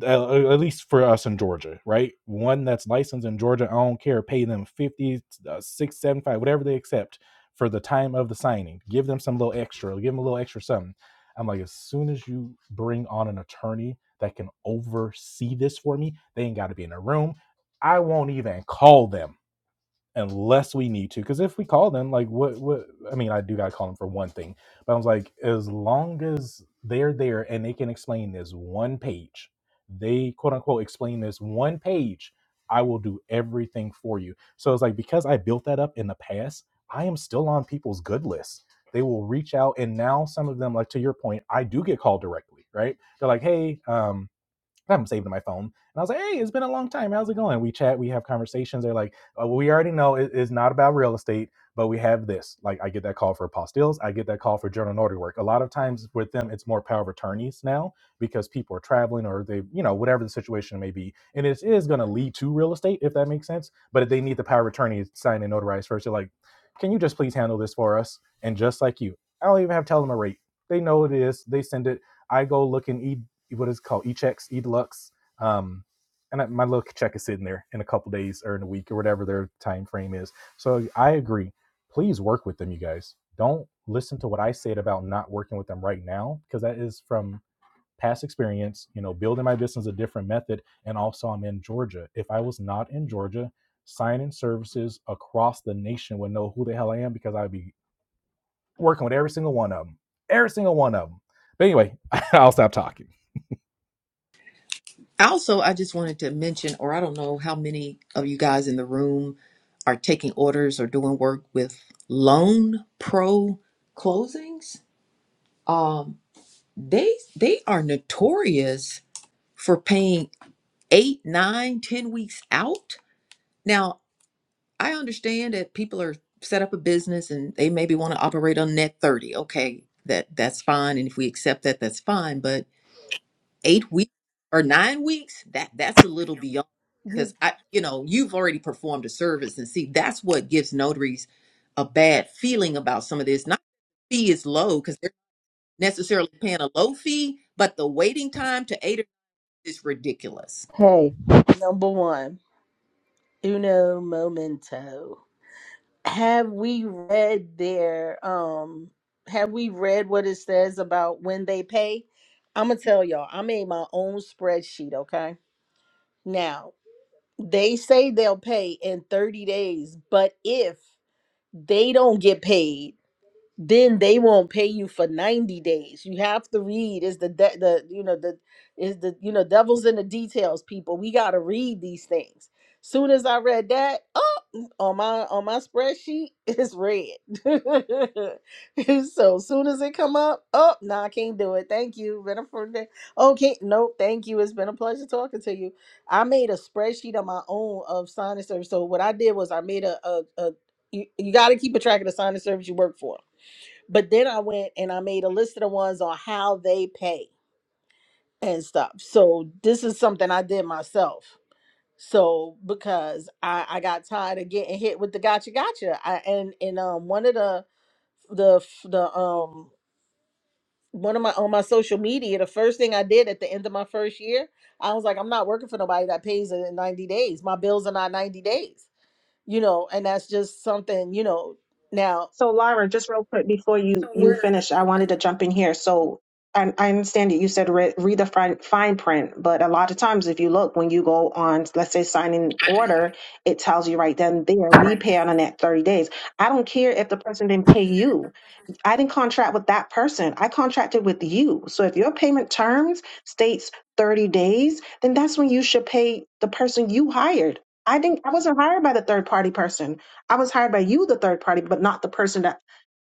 uh, at least for us in Georgia, right? One that's licensed in Georgia. I don't care. Pay them fifty, uh, six, seven, five, whatever they accept for the time of the signing. Give them some little extra. Give them a little extra something. I'm like, as soon as you bring on an attorney that can oversee this for me, they ain't got to be in a room. I won't even call them unless we need to. Because if we call them, like what what I mean, I do gotta call them for one thing. But I was like, as long as they're there and they can explain this one page, they quote unquote explain this one page, I will do everything for you. So it's like because I built that up in the past, I am still on people's good list. They will reach out and now some of them, like to your point, I do get called directly, right? They're like, hey, um, I have them saved in my phone. And I was like, hey, it's been a long time. How's it going? We chat, we have conversations. They're like, oh, we already know it- it's not about real estate, but we have this. Like, I get that call for apostilles. I get that call for journal notary work. A lot of times with them, it's more power of attorneys now because people are traveling or they, you know, whatever the situation may be. And it is going to lead to real estate, if that makes sense. But if they need the power of attorney signed and notarized first, they're like, can you just please handle this for us? And just like you, I don't even have to tell them a rate. They know what it is. They send it. I go look and eat what is it called e deluxe. Um, and I, my little check is sitting there in a couple days or in a week or whatever their time frame is. So I agree. Please work with them, you guys. Don't listen to what I said about not working with them right now because that is from past experience. You know, building my business a different method, and also I'm in Georgia. If I was not in Georgia, sign-in services across the nation would know who the hell I am because I'd be working with every single one of them, every single one of them. But anyway, I'll stop talking. Also, I just wanted to mention, or I don't know how many of you guys in the room are taking orders or doing work with Loan Pro closings. Um, they they are notorious for paying eight, nine, ten weeks out. Now, I understand that people are set up a business and they maybe want to operate on net 30. Okay, that that's fine and if we accept that that's fine, but 8 weeks or 9 weeks, that that's a little beyond because I you know, you've already performed a service and see that's what gives notaries a bad feeling about some of this. Not the fee is low cuz they're not necessarily paying a low fee, but the waiting time to 8 is ridiculous. Hey, Number 1, uno momento. Have we read their um have we read what it says about when they pay? I'm going to tell y'all. I made my own spreadsheet, okay? Now, they say they'll pay in 30 days, but if they don't get paid then they won't pay you for 90 days you have to read is the de- the you know the is the you know devil's in the details people we got to read these things soon as i read that oh on my on my spreadsheet it's red so soon as it come up oh no i can't do it thank you been a fun day. okay nope thank you it's been a pleasure talking to you i made a spreadsheet of my own of sign and service so what i did was i made a, a, a you, you got to keep a track of the sign and service you work for but then I went and I made a list of the ones on how they pay and stuff. So this is something I did myself. So because I, I got tired of getting hit with the gotcha gotcha. I and and um one of the the the um one of my on my social media, the first thing I did at the end of my first year, I was like, I'm not working for nobody that pays in 90 days. My bills are not 90 days, you know, and that's just something, you know. Now, So Laura, just real quick before you So we- you word, just finish, I real wanted quick. to jump in here. So I, I understand that you said read, read the fine, fine print, but a lot of times if you look when you go on, let's say signing order, it tells you right then and there we pay out on that thirty days. I don't care if the person didn't pay you. I didn't contract with that person. I contracted with you. So if your payment terms states 30 days, then that's when you should pay the person you hired. I didn't I wasn't hired by the third party person. I was hired by you the third party, but not the person that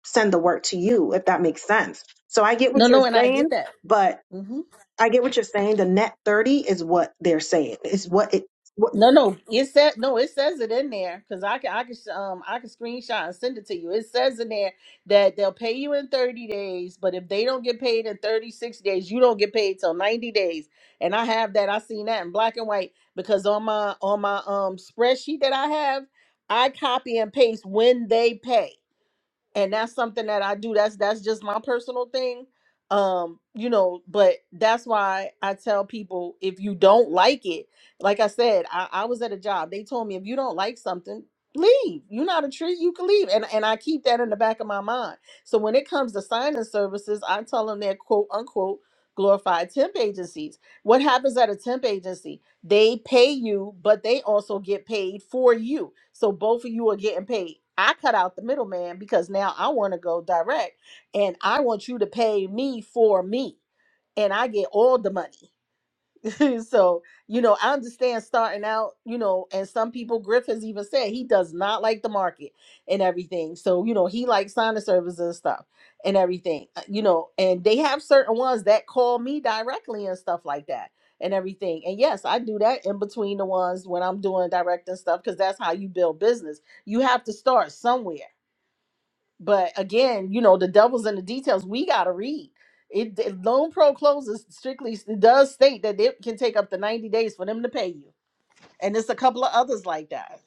send the work to you if that makes sense. So I get no, what you're no, and I saying, get that. but Mm-hmm. I get what you're saying. The net 30 is what they're saying. It's what it what No, no, it said no. It says it in there because I can, I can, um, I can screenshot and send it to you. It says in there that they'll pay you in thirty days, but if they don't get paid in thirty six days, you don't get paid till ninety days. And I have that. I seen that in black and white because on my on my um spreadsheet that I have, I copy and paste when they pay and that's something that I do. That's that's just my personal thing. Um, you know, but that's why I tell people if you don't like it, like I said, I, I was at a job. They told me if you don't like something, leave. You're not a tree, you can leave. And and I keep that in the back of my mind. So when it comes to signing services, I tell them they're quote unquote glorified temp agencies. What happens at a temp agency? they pay you, but they also get paid for you. So both of you are getting paid. I cut out the middleman because now I want to go direct and I want you to pay me for me and I get all the money. so you know i understand starting out you know and some people griff has even said he does not like the market and everything so you know he likes signing services and stuff and everything uh, you know and they have certain ones that call me directly and stuff like that and everything and yes i do that in between the ones when i'm doing direct and stuff because that's how you build business you have to start somewhere but again, you know, the devil's in the details. We got to read. It, it loan pro closes strictly it does state that it can take up to 90 days for them to pay you. And it's a couple of others like that.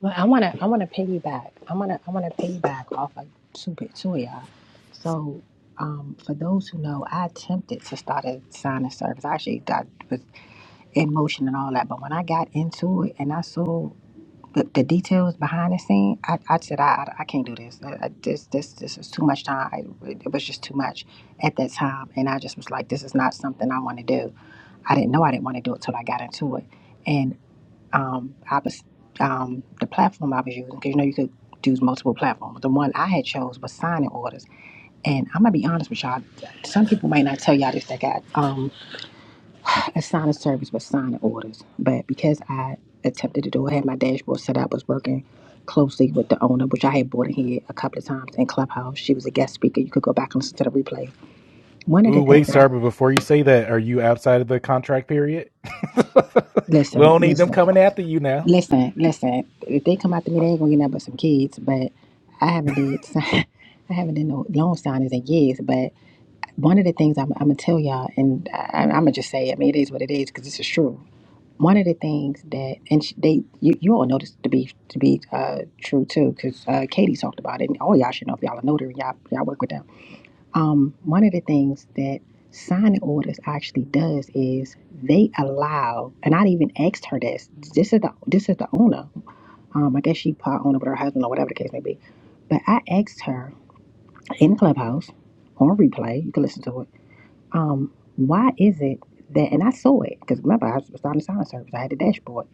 Well, I want to. I want to piggyback. I want to. I want to piggyback off of two pe- two of y'all. So, um, for those who know, I attempted to start a sign of service. I actually got was in motion and all that, but when I got into it and I saw the, the details behind the scene, I, I said, I, I I can't do this. I, I, this this this is too much time. I, it was just too much at that time, and I just was like, this is not something I want to do. I didn't know I didn't want to do it till I got into it. and um, I was um, the platform I was using because you know you could do multiple platforms. The one I had chose was signing orders, and I'm gonna be honest with y'all. Some people might not tell y'all this. that got um, a signing service with signing orders, but because I attempted to do it, I had my dashboard set up, was working closely with the owner, which I had brought in here a couple of times in Clubhouse. She was a guest speaker. You could go back and listen to the replay. One of Ooh, the wait, things that I Star, but before you say that, are you outside of the contract period? we listen, don't need them listen. coming after you now. Listen, listen. If they come after me, they ain't gonna get nothing but some kids. But I haven't did, I haven't done no loan signings in years. But one of the things I'm, I'm gonna tell y'all, and I, I'm gonna just say, I mean, it is what it is because this is true. One of the things that, and sh- they, you, you all know this to be to be uh, true too, because uh, Katie talked about it, and all y'all should know if y'all are notary, y'all y'all work with them. Um, one of the things that signing orders actually does is they allow, and I even asked her this. This is the this is the owner. Um, I guess she pot on it with her husband or whatever the case may be. But I asked her in Clubhouse on replay, you can listen to it. Um, why is it that, and I saw it because remember I was starting the sign service. I had the dashboard.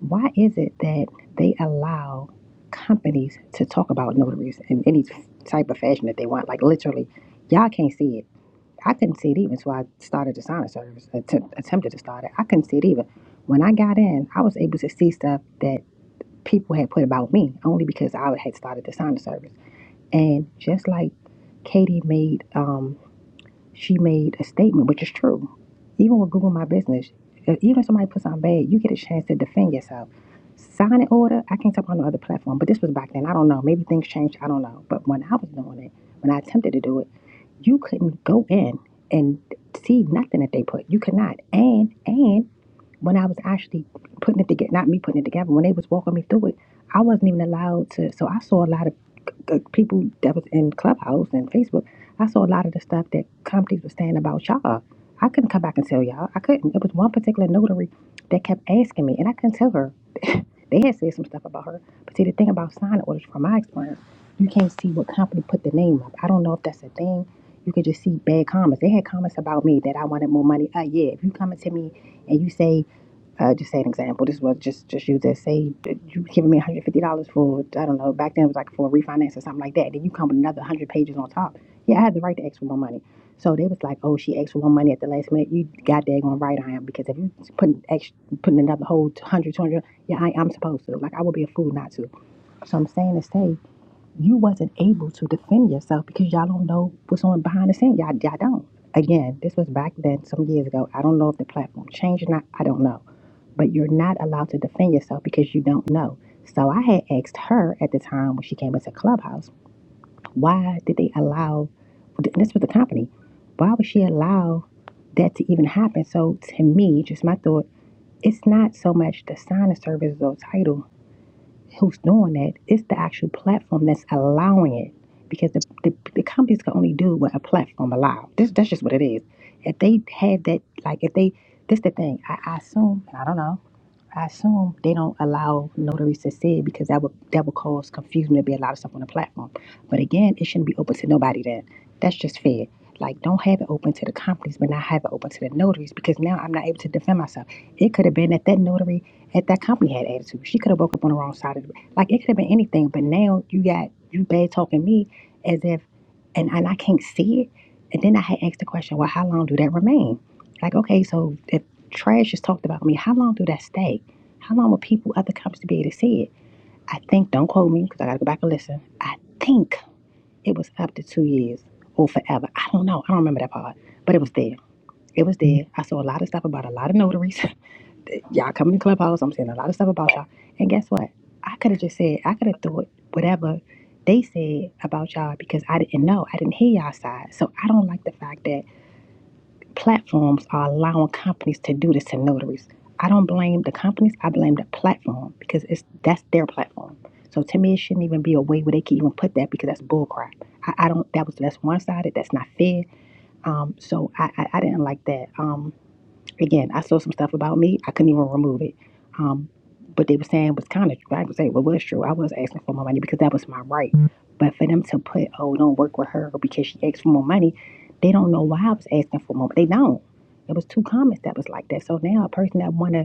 Why is it that they allow companies to talk about notaries in any type of fashion that they want? Like literally, y'all can't see it. I couldn't see it even, so I started the sign service. Attempt, attempted to start it. I couldn't see it even. When I got in, I was able to see stuff that people had put about me only because I had started the signing service. And just like Katie made, um, she made a statement, which is true. Even with Google My Business, uh, even if somebody puts on bad, you get a chance to defend yourself. Signing order, I can't talk on no other platform, but this was back then. I don't know. Maybe things changed. I don't know. But when I was doing it, when I attempted to do it, you couldn't go in and see nothing that they put. You could not. And and when I was actually putting it together, not me putting it together, when they was walking me through it, I wasn't even allowed to. So I saw a lot of uh, people that was in Clubhouse and Facebook. I saw a lot of the stuff that companies were saying about y'all. I couldn't come back and tell y'all. I couldn't. It was one particular notary that kept asking me, and I couldn't tell her. they had said some stuff about her. But see, the thing about signing orders, from my experience, you can't see what company put the name up. I don't know if that's a thing you could just see bad comments. They had comments about me that I wanted more money. Uh, yeah, if you come to me and you say, uh, just say an example. This was just just use that. Say that you giving me one hundred fifty dollars for I don't know. Back then it was like for a refinance or something like that. Then you come with another hundred pages on top. Yeah, I had the right to ask for more money. So they was like, oh, she asked for more money at the last minute. You got daggone right I am because if you putting ex- putting another whole hundred two hundred, yeah, I, I'm supposed to. Like I would be a fool not to. So I'm saying to say you wasn't able to defend yourself because y'all don't know what's on behind the scene. Y'all, y'all don't. Again, this was back then, some years ago. I don't know if the platform changed or not. I don't know. But you're not allowed to defend yourself because you don't know. So I had asked her at the time when she came into Clubhouse, why did they allow, this was the company, why would she allow that to even happen? So to me, just my thought, it's not so much the sign of service or title who's doing that. It's the actual platform that's allowing it because the, the, the companies can only do what a platform allows. This, that's just what it is. If they had that, like, if they, this the thing, I, I assume, and I don't know, I assume they don't allow notaries to see it because that would that would cause confusion. There'd be a lot of stuff on the platform. But again, it shouldn't be open to nobody. Then that's just fair. Like, don't have it open to the companies, but not have it open to the notaries because now I'm not able to defend myself. It could have been that that notary at that company had attitude. She could have woke up on the wrong side of the like. It could have been anything. But now you got you bad talking me as if, and and I can't see it. And then I had asked the question, well, how long do that remain? Like, okay, so if trash is talked about me, how long do that stay? How long were people at the cops to be able to see it? I think, don't quote me because I got to go back and listen. I think it was up to two years or forever. I don't know. I don't remember that part, but it was there. It was there. I saw a lot of stuff about a lot of notaries. y'all coming to Clubhouse. I'm seeing a lot of stuff about y'all. And guess what? I could have just said, I could have thought whatever they said about y'all because I didn't know. I didn't hear y'all side. So I don't like the fact that platforms are allowing companies to do this to notaries. I don't blame the companies. I blame the platform because it's that's their platform. So to me, it shouldn't even be a way where they can even put that because that's bullcrap. I, I don't. That was that's one sided. That's not fair. Um. So I, I I didn't like that. Um. Again, I saw some stuff about me. I couldn't even remove it. Um, but they were saying was kind of I could say well, was true. I was asking for more money because that was my right. But for them to put, oh, don't work with her because she asked for more money, they don't know why I was asking for more. They don't. It was two comments that was like that. So now a person that wanna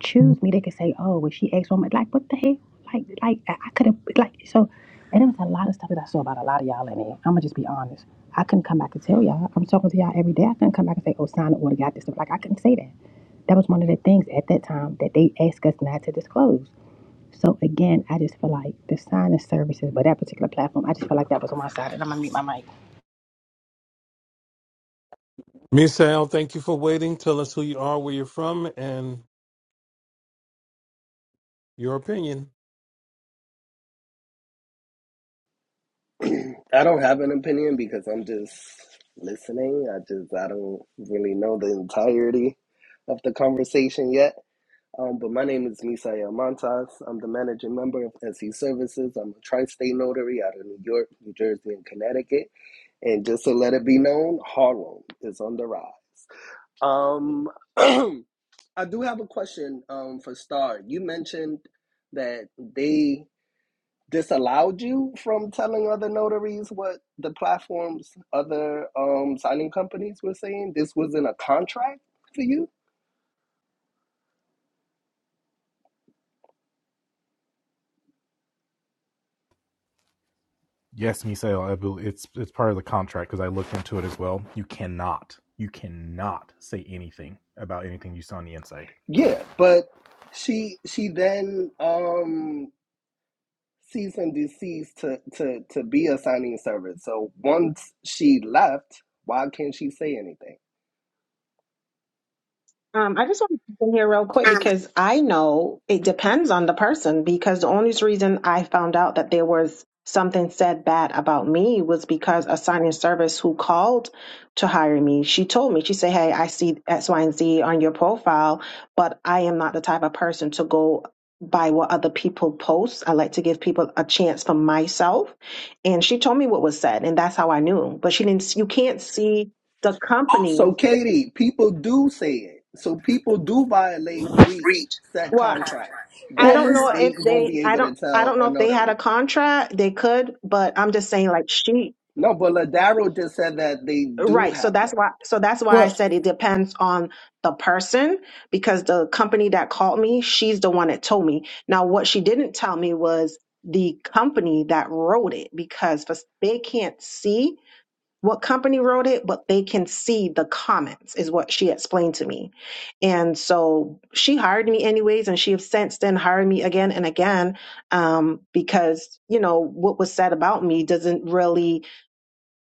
choose me. They could say, "Oh, was she ex woman?" Like, what the hell? Like, like I I could have like so. And there was a lot of stuff that I saw about a lot of y'all in here. I'm gonna just be honest. I couldn't come back and tell y'all. I'm talking to y'all every day. I couldn't come back and say, "Oh, sign the order, got this stuff." Like, I couldn't say that. That was one of the things at that time that they asked us not to disclose. So again, I just feel like the signing services, but that particular platform, I just feel like that was on my side, and I'm gonna meet my mic. Misael, thank you for waiting. Tell us who you are, where you're from, and your opinion. I don't have an opinion because I'm just listening. I just I don't really know the entirety of the conversation yet. Um, but my name is Misaya Montas. I'm the managing member of SE Services. I'm a tri-state notary out of New York, New Jersey, and Connecticut. And just to let it be known, Harlem is on the rise. Um, I do have a question um, for Star. You mentioned that they disallowed you from telling other notaries what the platforms, other um, signing companies were saying? This was in a contract for you? Yes, Misael, I bel- it's it's part of the contract because I looked into it as well. You cannot, you cannot say anything about anything you saw on the inside. Yeah, but she she then um, ceased and deceased to, to, to be a signing service. So once she left, why can't she say anything? Um, I just want to jump in here real quick because I know it depends on the person. Because the only reason I found out that there was something said bad about me was because a signing service who called to hire me, she told me, she said, Hey, I see X, Y, and Z on your profile, but I am not the type of person to go by what other people post. I like to give people a chance for myself. And she told me what was said, and that's how I knew. But she didn't, you can't see the company. So Katie, people do say it. So people do violate, breach, set Well, contract I Well, that don't Miss know they if won't they be I able don't to I tell don't a know if they had notary. a contract. They could, but I'm just saying like she No, but Ladaro just said that they do right. So have that's one. why so that's why I Well, said it depends on the person because the company that called me, she's the one that told me. Now what she didn't tell me was the company that wrote it because for- they can't see what company wrote it, but they can see the comments, is what she explained to me. And so she hired me anyways, and she has since then hired me again and again um, because, you know, what was said about me doesn't really,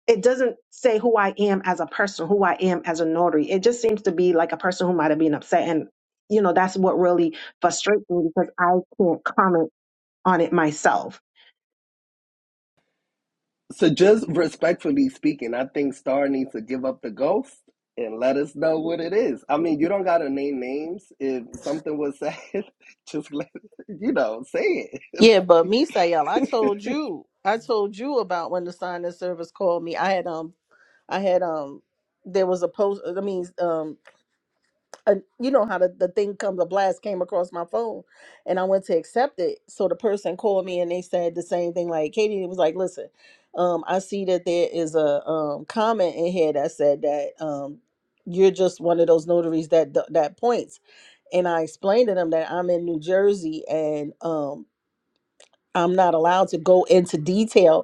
it doesn't say who I am as a person, who I am as a notary. It just seems to be like a person who might have been upset. And, you know, that's what really frustrates me because I can't comment on it myself. So just respectfully speaking, I think Star needs to give up the ghost and let us know what it is. I mean, you don't gotta name names. If something was said, just let you know, say it. yeah, but Misael, I told you, I told you about when the sign of service called me. I had um, I had um, there was a post. I mean, um. uh, you know how the, the thing comes a blast came across my phone and i went to accept it so the person called me and they said the same thing like katie it was like listen um, i see that there is a um, comment in here that said that um, you're just one of those notaries that that points and i explained to them that i'm in new jersey and um, i'm not allowed to go into detail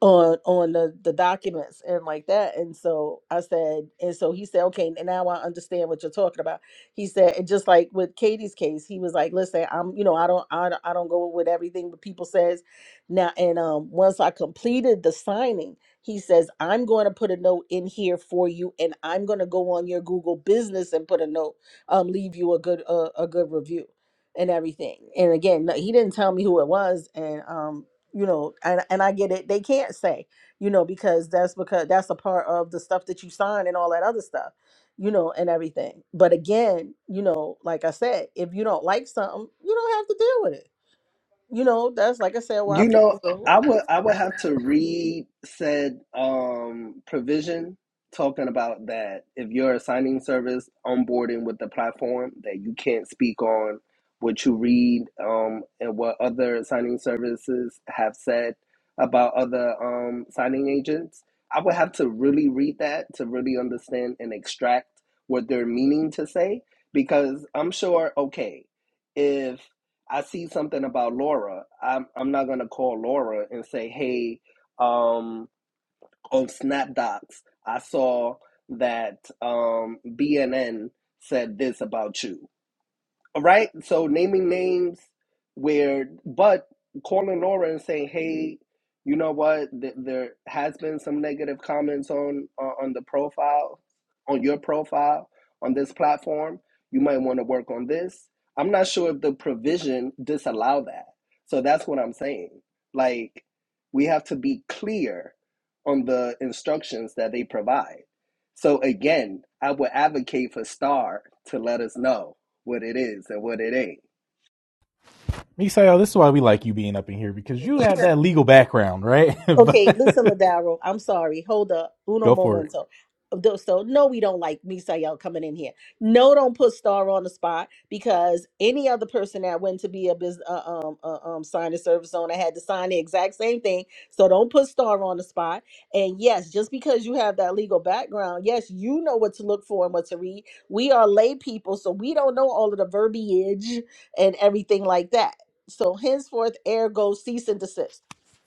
on on the, the documents and like that and so i said and so he said okay and now i understand what you're talking about he said and just like with katie's case he was like listen i'm you know i don't i don't, I don't go with everything that people says now and um once i completed the signing he says i'm going to put a note in here for you and i'm going to go on your google business and put a note um leave you a good uh, a good review and everything and again no- he didn't tell me who it was and um you know and and i get it they can't say you know because that's because that's a part of the stuff that you sign and all that other stuff you know and everything but again you know like i said if you don't like something you don't have to deal with it you know that's like i said why You know, people go I would I would have to read said um, provision talking about that if you're a signing service onboarding with the platform that you can't speak on what you read um, and what other signing services have said about other um, signing agents. I would have to really read that to really understand and extract what they're meaning to say because I'm sure okay if I see something about Laura, I'm I'm not gonna call Laura and say, hey, um, on SnapDocs, I saw that um, BNN said this about you. All right? So naming names where, but calling Nora and saying, "Hey, you know what? Th- there has been some negative comments on uh, on the profile, on your profile, on this platform. You might want to work on this." I'm not sure if the provision disallow that. So that's what I'm saying. Like, we have to be clear on the instructions that they provide. So again, I would advocate for Star to let us know what it is and what it ain't. Misael, this is why we like you being up in here because you have that legal background, right? Okay, listen, but Ladaro. I'm sorry. Hold up. Uno go for it. momento. Th- So no, we don't like Misael coming in here. No, don't put Star on the spot because any other person that went to be a business uh, um uh, um sign a service owner had to sign the exact same thing. So don't put Star on the spot. And yes, just because you have that legal background, yes, you know what to look for and what to read. We are lay people, so we don't know all of the verbiage and everything like that. So henceforth, ergo, cease and desist.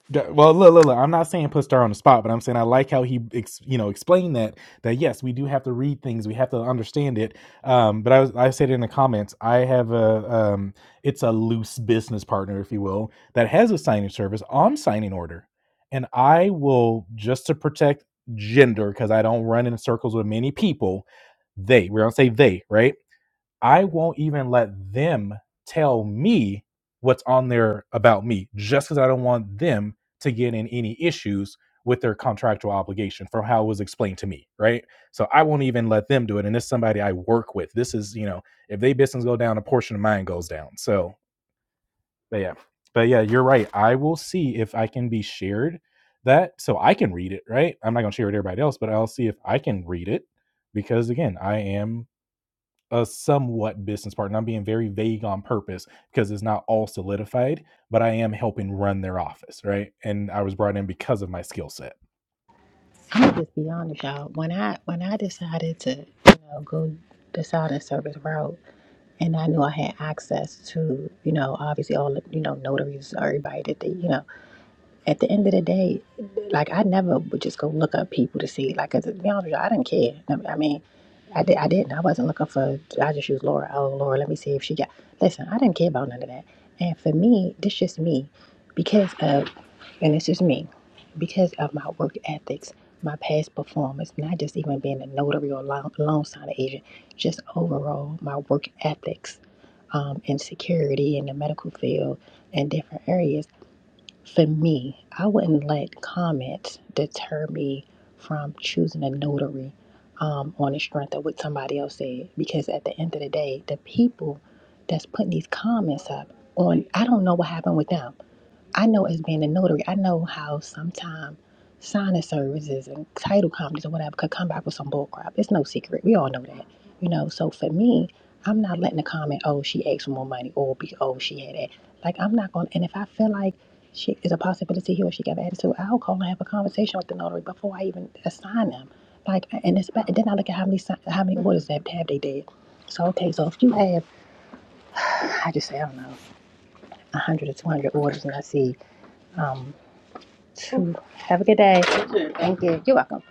D- Well, look, look, look, I'm not saying put Star on the spot, but I'm saying I like how he, ex, you know, explained that that yes, we do have to read things, we have to understand it. Um, but I was, I said in the comments, I have a, um, it's a loose business partner, if you will, that has a signing service on signing order, and I will just to protect gender because I don't run in circles with many people. They, we're gonna say they, right? I won't even let them tell me what's on there about me just because I don't want them to get in any issues with their contractual obligation from how it was explained to me, right? So I won't even let them do it. And this is somebody I work with. This is, you know, if they business go down, a portion of mine goes down. So, but yeah, but yeah, you're right. I will see if I can be shared that so I can read it, right? I'm not going to share it to everybody else, but I'll see if I can read it because again, I am a somewhat business partner. I'm being very vague on purpose because it's not all solidified, but I am helping run their office, right? And I was brought in because of my skill set. I'm gonna just be honest, y'all. When I when I decided to, you know, go the silent service route, and I knew I had access to, you know, obviously all the, you know, notaries, everybody that they, you know at the end of the day, like I never would just go look up people to see. Like, 'cause to be honest, with you, I didn't care. I mean, I did. I didn't. I wasn't looking for. I just used Laura. Oh, Laura, let me see if she got. Listen, I didn't care about none of that. And for me, this just me, because of, and this is me, because of my work ethics, my past performance, not just even being a notary or loan, loan signing agent, just overall my work ethics, um, and security in the medical field and different areas for me, I wouldn't let comments deter me from choosing a notary um, on the strength of what somebody else said. Because at the end of the day, the people that's putting these comments up on, I don't know what happened with them. I know as being a notary, I know how sometimes signing services and title companies or whatever could come back with some bull crap. It's no secret. We all know that. You know, so for me, I'm not letting the comment, oh, she asked for more money or be oh she had that. Like I'm not gonna and if I feel like she is a possibility here or she got an attitude, I'll call and have a conversation with the notary before I even assign them. Like and it's and then I look at how many si- how many orders they have, have they did. So okay, so if you have I just say I don't know, one hundred or two hundred orders and I see um, have a good day. You Thank you. you. are welcome.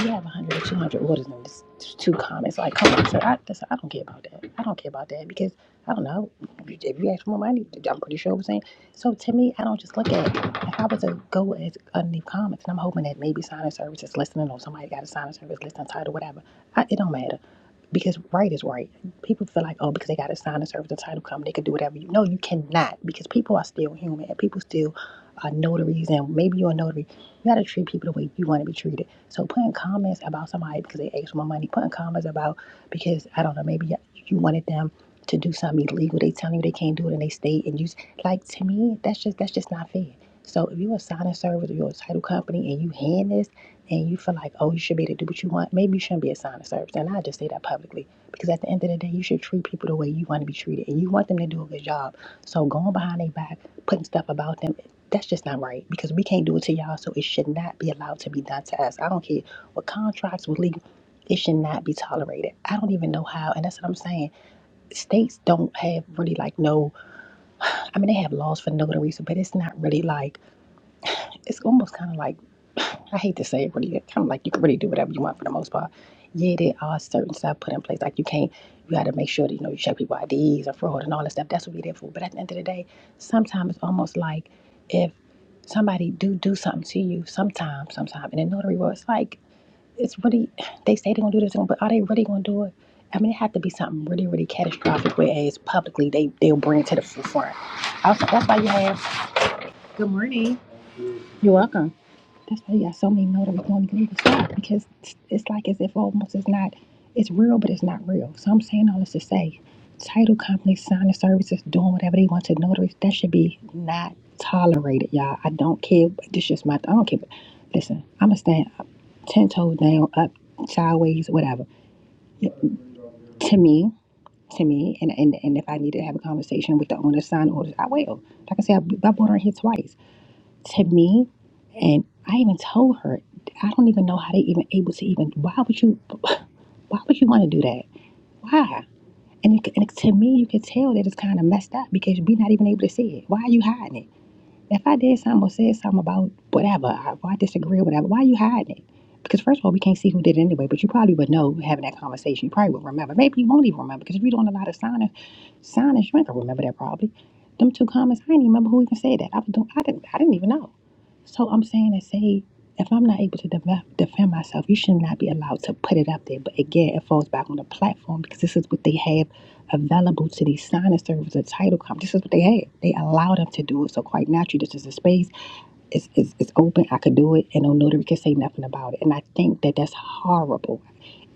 You have 100 or 200 orders and just two comments. Like, come on, sir. I, that's, I don't care about that. I don't care about that because I don't know. If you, if you ask for more money, I'm pretty sure it was saying. So to me, I don't just look at it. If I was to go at underneath comments, and I'm hoping that maybe sign signing service is listening or somebody got a sign signing service listening title, whatever, I, it don't matter. Because right is right. People feel like, oh, because they got a sign signing service and title company, they could do whatever you. No, you cannot because people are still human and people still are notaries. And maybe you're a notary you gotta treat people the way you want to be treated. So putting comments about somebody because they asked for my money, putting comments about because I don't know, maybe you wanted them to do something illegal. They telling you they can't do it and they stay and you like to me, that's just that's just not fair. So if you're a signing service or you're a title company and you hand this and you feel like, oh, you should be able to do what you want, maybe you shouldn't be a signing service. And I just say that publicly. Because at the end of the day, you should treat people the way you want to be treated and you want them to do a good job. So going behind their back, putting stuff about them that's just not right because we can't do it to y'all, so it should not be allowed to be done to us. I don't care what contracts with legal, it should not be tolerated. I don't even know how, and that's what I'm saying. States don't have really like no, I mean, they have laws for notaries, but it's not really like it's almost kind of like I hate to say it, really, kind of like you can really do whatever you want for the most part. Yeah, there are certain stuff put in place, like you can't, you got to make sure that you know you check people IDs and fraud and all that stuff. That's what we there for. But at the end of the day, sometimes it's almost like if somebody do do something to you, sometimes, sometimes, in a notary world, it's like it's really they say they're gonna do this, but are they really gonna do it? I mean, it had to be something really, really catastrophic. Whereas publicly, they they'll bring it to the forefront. Also, that's why you have. Good morning. You're welcome. That's why you got so many notaries going to legal stuff because it's it's like as if almost it's not, it's real, but it's not real. So I'm saying all this to say title companies, signing services, doing whatever they want to notaries, that should be not tolerated, y'all. I don't care. This just my, I don't care. Listen, I'm going to stand up, 10 toes down, up, sideways, whatever. To me, to me, and, and, and if I need to have a conversation with the owner, sign orders, I will. Like I said, I, I bought her here twice to me. And I even told her, I don't even know how they even able to even, why would you, why would you want to do that? Why? And, it, and to me, you can tell that it's kind of messed up because we are not even able to see it. Why are you hiding it? If I did something or said something about whatever, I- or I disagree or whatever, why are you hiding it? Because first of all, we can't see who did it anyway, but you probably would know having that conversation. You probably would remember. Maybe you won't even remember because if you're doing a lot of signing, signing, you ain't gonna remember that probably. Them two comments, I didn't even remember who even said that. I, was doing, I, didn't, I didn't even know. So I'm saying to say, if I'm not able to def- defend myself, you should not be allowed to put it up there. But again, it falls back on the platform because this is what they have available to these signing services, the title company. This is what they have. They allow them to do it. So quite naturally, this is a space. It's, it's, it's open. I could do it, and no notary can say nothing about it. And I think that that's horrible.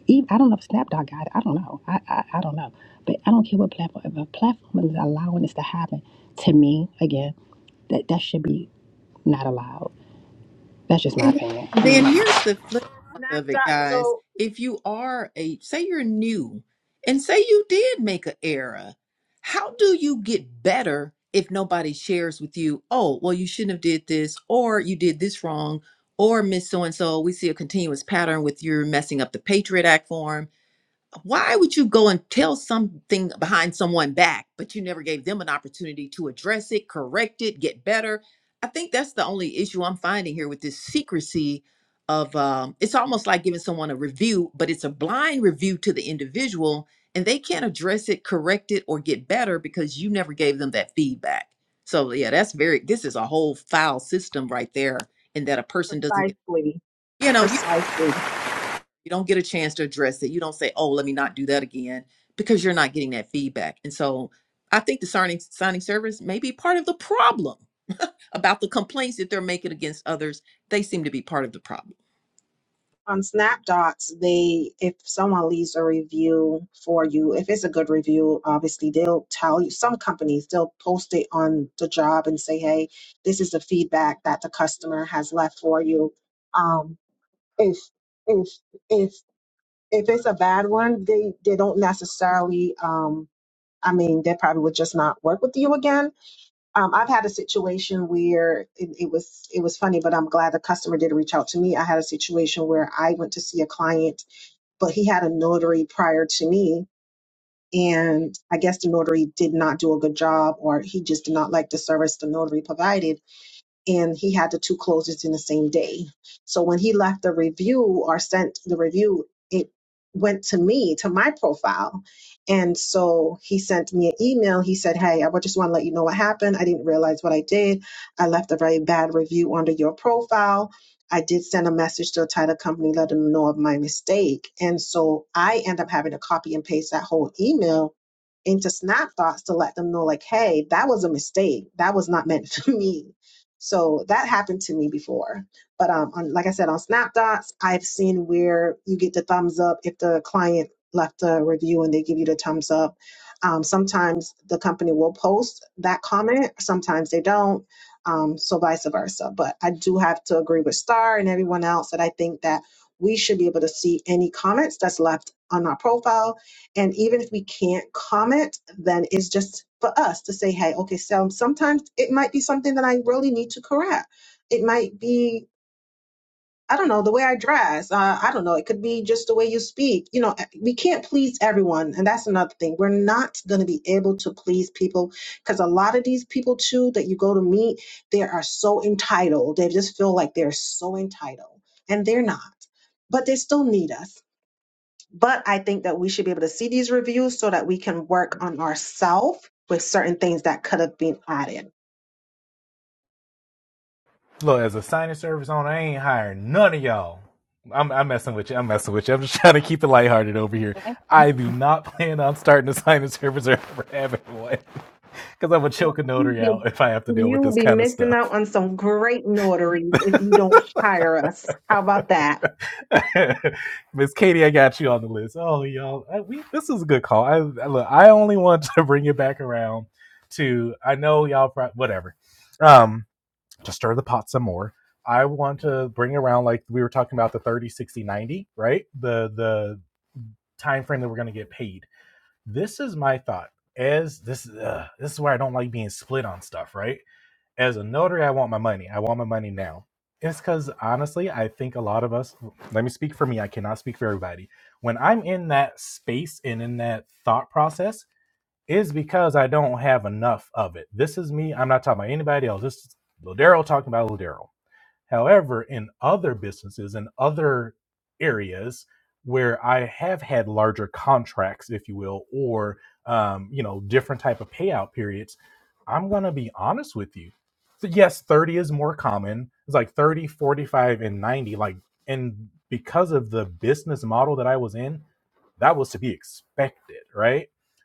Even, I don't know if Snapdog got it. I don't know. I, I, I don't know. But I don't care what platform. If a platform is allowing this to happen, to me, again, that, that should be not allowed. That's just my And opinion. I mean, then my here's the flip part Not of it, that guys. so If you are a, say you're new and say you did make an error, how do you get better if nobody shares with you, oh, well, you shouldn't have did this, or you did this wrong, or Miss So-and-so, we see a continuous pattern with your messing up the Patriot Act form why would you go and tell something behind someone back, but you never gave them an opportunity to address it, correct it, get better? I think that's the only issue I'm finding here with this secrecy of um, it's almost like giving someone a review, but it's a blind review to the individual and they can't address it, correct it, or get better because you never gave them that feedback. So yeah, that's very this is a whole foul system right there, in that a person doesn't get precisely, you know, you precisely. you don't get a chance to address it. You don't say, "Oh, let me not do that again," because you're not getting that feedback. And so, I think the signing signing service may be part of the problem about the complaints that they're making against others. They seem to be part of the problem. on Snapdots, they if someone leaves a review for you, if it's a good review, obviously they'll tell you. Some companies they'll post it on the job and say, "Hey, this is the feedback that the customer has left for you." Um, if if if if it's a bad one, they they don't necessarily. Um, I mean, they probably would just not work with you again. Um, I've had a situation where it, it was it was funny, but I'm glad the customer did reach out to me. I had a situation where I went to see a client but he had a notary prior to me. And I guess the notary did not do a good job, or he just did not like the service the notary provided and he had the two closings in the same day. So when he left the review or sent the review, it went to me, to my profile. And so he sent me an email. He said, Hey, I just want to let you know what happened. I didn't realize what I did. I left a very bad review under your profile. I did send a message to a title company, let them know of my mistake. And so I end up having to copy and paste that whole email into snap thoughts to let them know like hey that was a mistake that was not meant for me so that happened to me before but um on, like i said on snap thoughts i've seen where you get the thumbs up if the client left a review and they give you the thumbs up um, sometimes the company will post that comment sometimes they don't um, so vice versa but i do have to agree with star and everyone else that i think that we should be able to see any comments that's left on our profile and even if we can't comment, then it's just for us to say, hey, okay, so sometimes it might be something that I really need to correct. It might be, I don't know, the way I dress. Uh, I don't know. It could be just the way you speak. You know, eh, we can't please everyone. And that's another thing. We're not going to be able to please people because a lot of these people, too, that you go to meet, they are so entitled. They just feel like they're so entitled, and they're not. But they still need us but I think that we should be able to see these reviews so that we can work on ourselves with certain things that could have been added. Look, as a signing service owner, I ain't hiring none of y'all. I'm, I'm messing with you. I'm messing with you. I'm just trying to keep it lighthearted over here. I do Okay. not plan on starting a signing service or ever having one because I'm going to Well, choke a you notary be, out if I have to deal with you this be kind of missing out stuff. on some great notaries if you don't hire us. How about that? Miss Katie, I got you on the list. Oh, y'all, I, we, this is a good call. I, I- look, I only want to bring it back around to, I know y'all, pro- whatever. Um, to stir the pot some more. I want to bring around like we were talking about the 30, 60, 90, right? The the time frame that we're going to get paid. This is my thought. As this uh, this is where I don't like being split on stuff, right? As a notary, I want my money. I want my money now. It's because honestly, I think a lot of us. Let me speak for me. I cannot speak for everybody. When I'm in that space and in that thought process, is because I don't have enough of it. This is me. I'm not talking about anybody else. This is Ladero talking about Ladero However, in other businesses and other areas where I have had larger contracts, if you will, or um, you know, different type of payout periods, I'm gonna be honest with you. So yes, 30 is more common. It's like 30, 45, and 90. Like, and because of the business model that I was in, that was to be expected, right?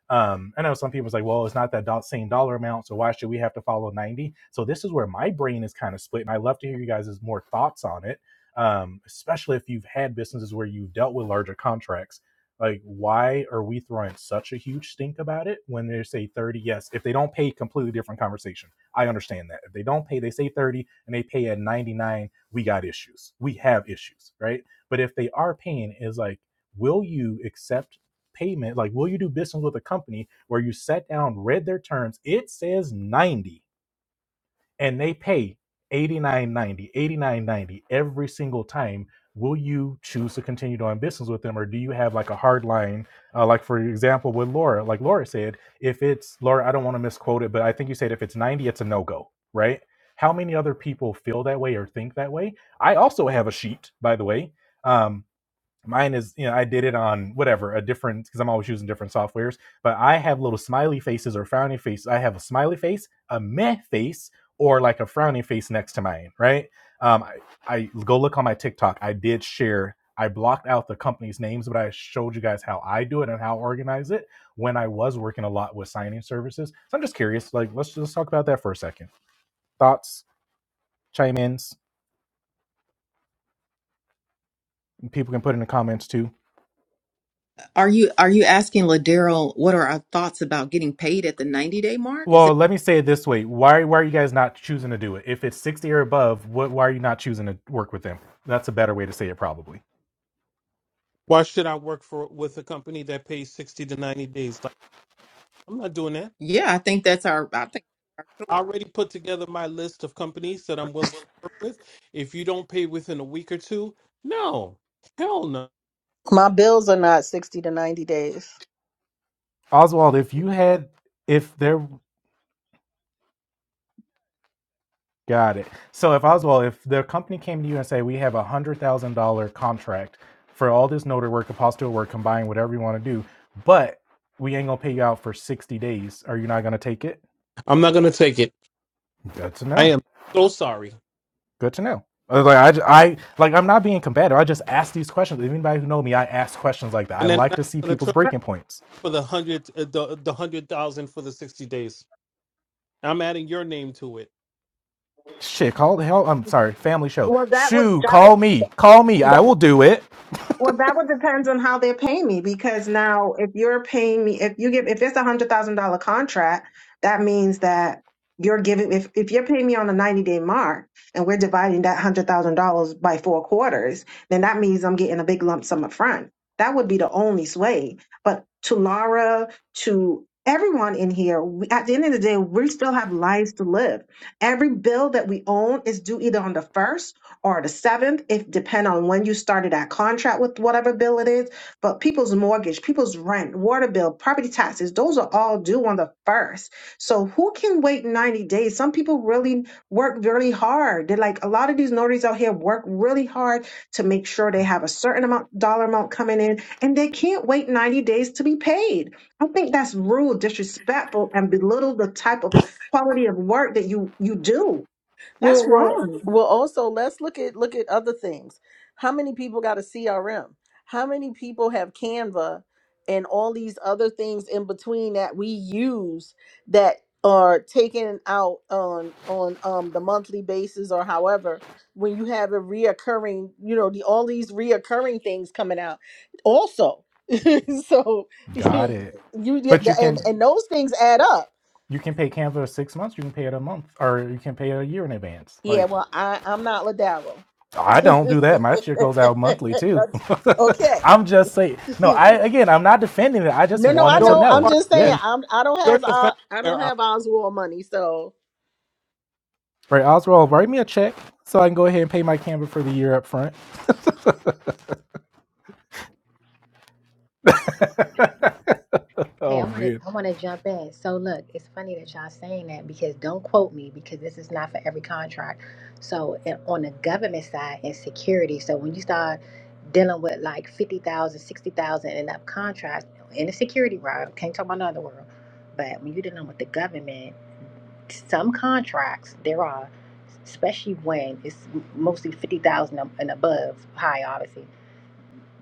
Um, I know some people's like, well, it's not that do- same dollar amount, so why should we have to follow 90? So this is where my brain is kind of split, and I love to hear you guys' more thoughts on it, um, especially if you've had businesses where you've dealt with larger contracts. Like, why are we throwing such a huge stink about it when they say 30? Yes, if they don't pay, completely different conversation. I understand that. If they don't pay, they say 30 and they pay at 99, we got issues. We have issues, right? But if they are paying, is like, will you accept payment, like will you do business with a company where you sat down, read their terms, it says 90 and they pay eighty nine ninety eighty nine ninety every single time. Will you choose to continue doing business with them, or do you have like a hard line? Uh, like for example, with Laura, like Laura said, if it's Laura, I don't want to misquote it, but I think you said if it's 90, it's a no go, right? How many other people feel that way or think that way? I also have a sheet, by the way, um, mine is you know i did it on whatever a different because i'm always using different softwares but i have little smiley faces or frowny faces i have a smiley face a meh face or like a frowny face next to mine right um i, I go look on my tiktok i did share i blocked out the company's names but i showed you guys how i do it and how I organize it when i was working a lot with signing services so i'm just curious like let's just talk about that for a second thoughts chime ins people can put in the comments too Are you are you asking Ladero what are our thoughts about getting paid at the 90 day mark? Is Well, that let me say it this way: why why are you guys not choosing to do it? If it's sixty or above, what why are you not choosing to work with them? That's a better way to say it, probably. Why should I work for with a company that pays 60 to 90 days? Like, I'm not doing that. Yeah, I think that's our. I already put together my list of companies that I'm willing to work with. If you don't pay within a week or two, no, hell no. My bills are not 60 to 90 days. Oswald, if you had, if there, got it. So if Oswald, if the company came to you and say, we have a hundred thousand dollar contract for all this notary work, apostille work, combine whatever you want to do, but we ain't gonna pay you out for sixty days. Are you not gonna take it? I'm not going to take it. That's a I no. am so sorry. Good to know. Uh, Like I I Like like I'm not being combative. I just ask these questions. If anybody who know me, I ask questions like that. I And then like I'm to see going to people's turn But, breaking points. for the hundred, uh, the, the hundred thousand for the 60 days. I'm adding your name to it. Shit, call the hell. I'm sorry, family show. well, that would Shoo, that call me, call me. would I will do it. Well, that would depends on how they're paying me because now if you're paying me, if you give, if it's a hundred thousand dollar contract, that means that you're giving, if, if you're paying me on the 90 day mark and we're dividing that hundred thousand dollars by four quarters, then that means I'm getting a big lump sum up front. That would be the only sway. But to Laura, to everyone in here, we, at the end of the day, we still have lives to live. Every bill that we own is due either on the first or the seventh, if depend on when you started that contract with whatever bill it is. But people's mortgage, people's rent, water bill, property taxes, those are all due on the first. So who can wait 90 days? Some people really work really hard. They're like a lot of these notaries out here work really hard to make sure they have a certain amount dollar amount coming in and they can't wait 90 days to be paid. I think that's rude, disrespectful, and belittle the type of quality of work that you you do. That's Well, well, wrong. well also let's look at look at other things. How many people got a CRM? How many people have Canva and all these other things in between that we use that are taken out on on um the monthly basis or however when you have a reoccurring, you know, the all these reoccurring things coming out. Also, so Got you, it. you get- But you and can and those things add up you can pay Canva six months. You can pay it a month, or you can pay it a year in advance. Like Yeah, well, I, I'm not Ladaro. I don't do that. My shit goes out monthly too. okay. I'm just saying. No, I again, I'm not defending it. I just No, no, I wanted No, to you know. I'm know. are just Yeah, saying. defending. I'm. I don't You're have. Uh, defending I don't their honor, have Oswald money. So, right. Oswald, write me a check so I can go ahead and pay my camera for the year up front. Hey, I Oh want to man. I want to jump in. So look, it's funny that y'all saying that because don't quote me because this is not for every contract. So and on the government side and security, so when you start dealing with like 50,000, 60,000 and up contracts in the security realm, can't talk about another world. But when you're dealing with the government, some contracts there are especially when it's mostly 50,000 and above high obviously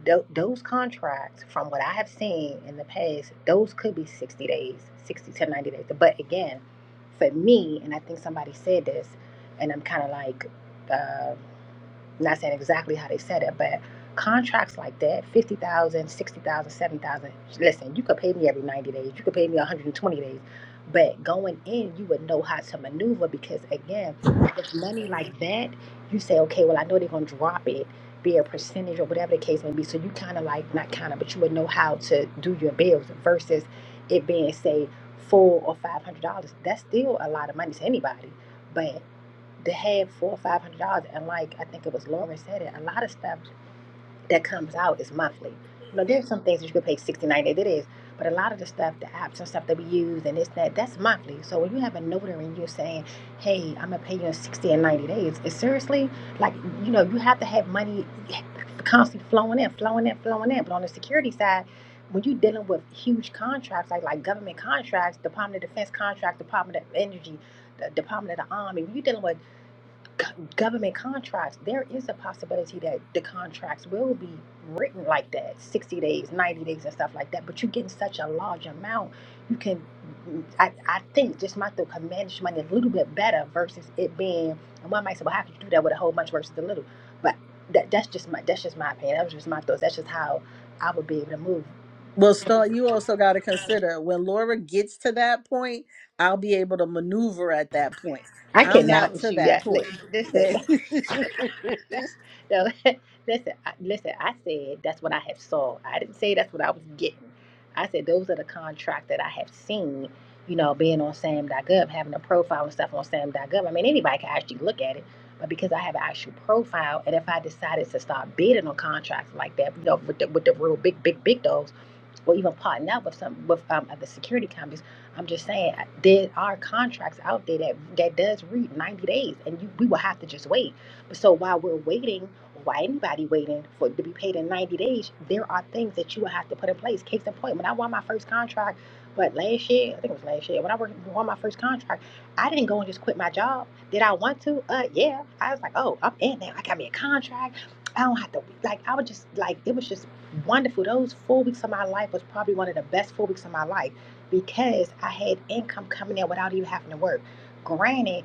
Tho- those contracts, from what I have seen in the past, those could be 60 days, 60 to 90 days. But again, for me, and I think somebody said this, and I'm kind of like, uh, I'm not saying exactly how they said it, but contracts like that, 50,000, Listen, you could pay me every 90 days. You could pay me 120 days. But going in, you would know how to maneuver because again, with money like that, you say, okay, well, I know they're going to drop it, be a percentage or whatever the case may be. So you kind of like, not kind of, but you would know how to do your bills versus it being, say, full or $500. That's still a lot of money to anybody. but. To have four or five hundred dollars and like I think it was Lauren said it, a lot of stuff that comes out is monthly. You know, there's some things that you could pay sixty, ninety 90, it is, but a lot of the stuff, the apps and stuff that we use and this, that, that's monthly. So when you have a notary and you're saying, hey, I'm gonna pay you in 60 and 90 days, it's seriously like, you know, you have to have money constantly flowing in, flowing in, flowing in. But on the security side, when you're dealing with huge contracts, like like government contracts, Department of Defense contracts, Department of Energy, the Department of the Army, when you're dealing with government contracts, there is a possibility that the contracts will be written like that 60 days, 90 days, and stuff like that. But you're getting such a large amount, you can, I, I think, just my thought, can manage money a little bit better versus it being, and one might say, well, how could you do that with a whole bunch versus a little? But that, that's just my that's just my opinion. That was just my thoughts. That's just how I would be able to move. well, start. You also got to consider when Laura gets to that point. I'll be able to maneuver at that point. I I'm cannot not with to you. that Yeah, li- point. listen. That. no, listen, I, listen. I said that's what I have saw. I didn't say that's what I was getting. I said those are the contracts that I have seen. You know, being on SAM.gov, having a profile and stuff on SAM.gov. I mean, anybody can actually look at it. But because I have an actual profile, and if I decided to start bidding on contracts like that, you know, with the, with the real big, big, big dogs or even partner up with some with um, other security companies. I'm just saying uh, there are contracts out there that that does read 90 days, and you, we will have to just wait. But so while we're waiting, why anybody waiting for to be paid in 90 days, there are things that you will have to put in place. Case in point, when I won my first contract, but last year? I think it was last year. When I worked, won my first contract, I didn't go and just quit my job. Did I want to? Uh, yeah. I was like, oh, I'm in there. I got me a contract. I don't have to like. I was just like, it was just wonderful. Those four weeks of my life was probably one of the best four weeks of my life because I had income coming in without even having to work. Granted,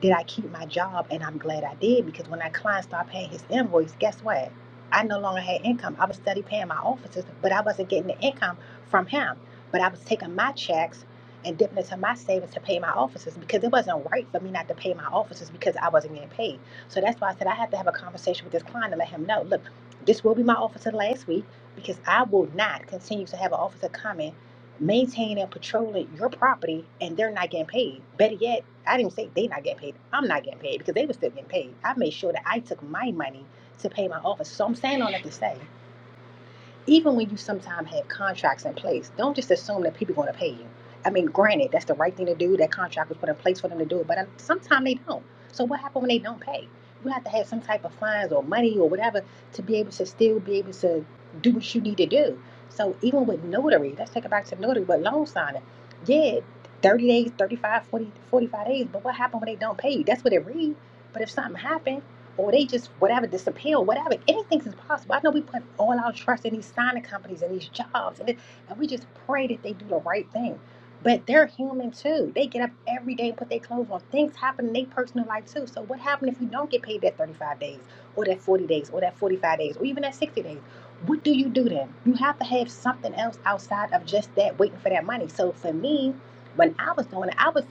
did I keep my job? And I'm glad I did because when that client started paying his invoice, guess what? I no longer had income. I was steady paying my offices, but I wasn't getting the income from him. But I was taking my checks and dipping into my savings to pay my offices because it wasn't right for me not to pay my offices because I wasn't getting paid. So that's why I said I had to have a conversation with this client to let him know. Look. This will be my officer last week because I will not continue to have an officer coming, maintaining and patrolling your property and they're not getting paid. Better yet, I didn't say they not getting paid. I'm not getting paid because they were still getting paid. I made sure that I took my money to pay my officer. So I'm saying all that to say even when you sometimes have contracts in place, don't just assume that people are going to pay you. I mean, granted, that's the right thing to do. That contract was put in place for them to do it, but sometimes they don't. So what happens when they don't pay? You have to have some type of fines or money or whatever to be able to still be able to do what you need to do. So even with notary, let's take it back to notary, but loan signing, yeah, 30 days, 35, 40, 45 days, but what happens when they don't pay you? That's what it reads. But if something happens or they just whatever disappear, or whatever. Anything's is possible. I know we put all our trust in these signing companies and these jobs, and, it, and we just pray that they do the right thing. But they're human too. They get up every day and put their clothes on. Things happen in their personal life too. So what happened if you don't get paid that 35 days, or that 40 days, or that 45 days, or even that 60 days? What do you do then? You have to have something else outside of just that waiting for that money. So for me, when I was doing it, I was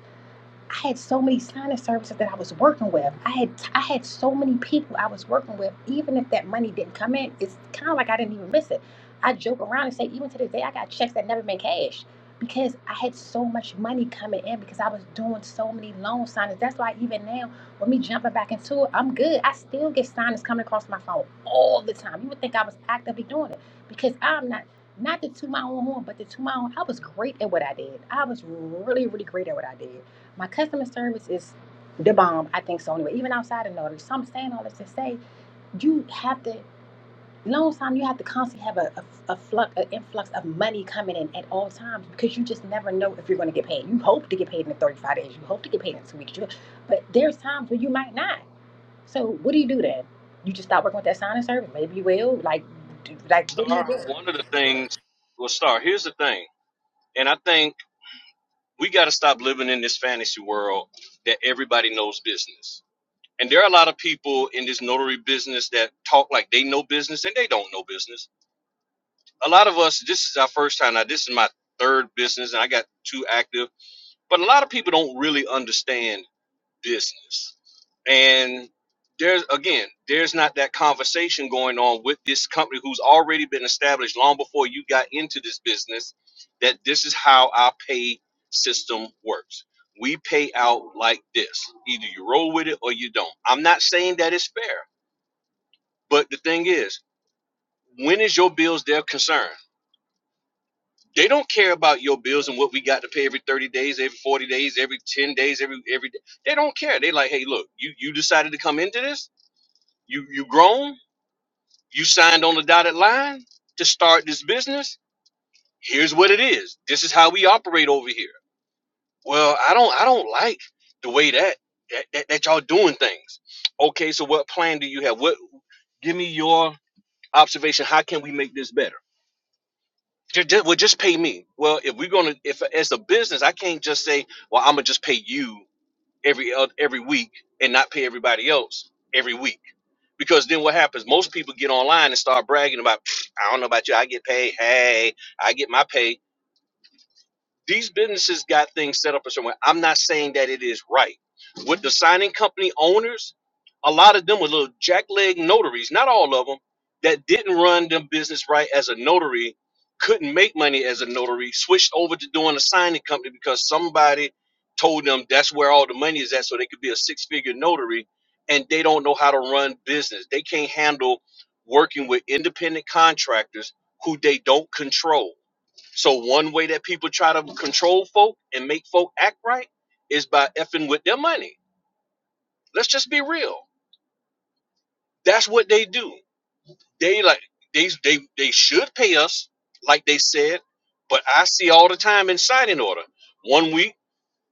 I had so many signing services that I was working with. I had I had so many people I was working with. Even if that money didn't come in, it's kind of like I didn't even miss it. I joke around and say, even to this day, I got checks that never been cashed because I had so much money coming in because I was doing so many loan signings. That's why even now, with me jumping back into it, I'm good. I still get signings coming across my phone all the time. You would think I was actively doing it because I'm not. Not to toot my own horn, but to toot my own. I was great at what I did. I was really, really great at what I did my customer service is the bomb. I think so anyway. Even outside of notary, so I'm saying all this to say you have to long time you have to constantly have a, a, a flux an influx of money coming in at all times because you just never know if you're going to get paid you hope to get paid in the 35 days you hope to get paid in two weeks you, but there's times where you might not so what do you do then you just stop working with that sign and service maybe you will like do, like what do you Star, do one of the things, well, Star, here's the thing. And I think we got to stop living in this fantasy world that everybody knows business. And there are a lot of people in this notary business that talk like they know business and they don't know business. A lot of us, this is our first time. Now, this is my third business and I got two active, but a lot of people don't really understand business. And there's again, there's not that conversation going on with this company who's already been established long before you got into this business that this is how our pay system works. We pay out like this. Either you roll with it or you don't. I'm not saying that it's fair, but the thing is, when is your bills their concern? They don't care about your bills and what we got to pay every 30 days, every 40 days, every 10 days, every every day. They don't care. They like, hey, look, you you decided to come into this You you grown? You signed on the dotted line to start this business. Here's what it is. This is how we operate over here. Well, I don't I don't like the way that that, that, that y'all doing things. Okay, so what plan do you have? What give me your observation. How can we make this better? Just, just, well, just pay me. Well, if we're gonna, if as a business, I can't just say, well, I'm gonna just pay you every oth- every week and not pay everybody else every week Because then what happens? Most people get online and start bragging about, I don't know about you, I get paid. Hey, I get my pay these businesses got things set up a certain way. I'm not saying that it is right. With the signing company owners, a lot of them were little jackleg notaries, not all of them, that didn't run them business right as a notary, couldn't make money as a notary, switched over to doing a signing company because somebody told them that's where all the money is at, so they could be a six figure notary, and they don't know how to run business. They can't handle working with independent contractors who they don't control so one way that people try to control folk and make folk act right is by effing with their money. Let's just be real. That's what they do. They like they they they should pay us, like they said, but I see all the time in signing order. One week,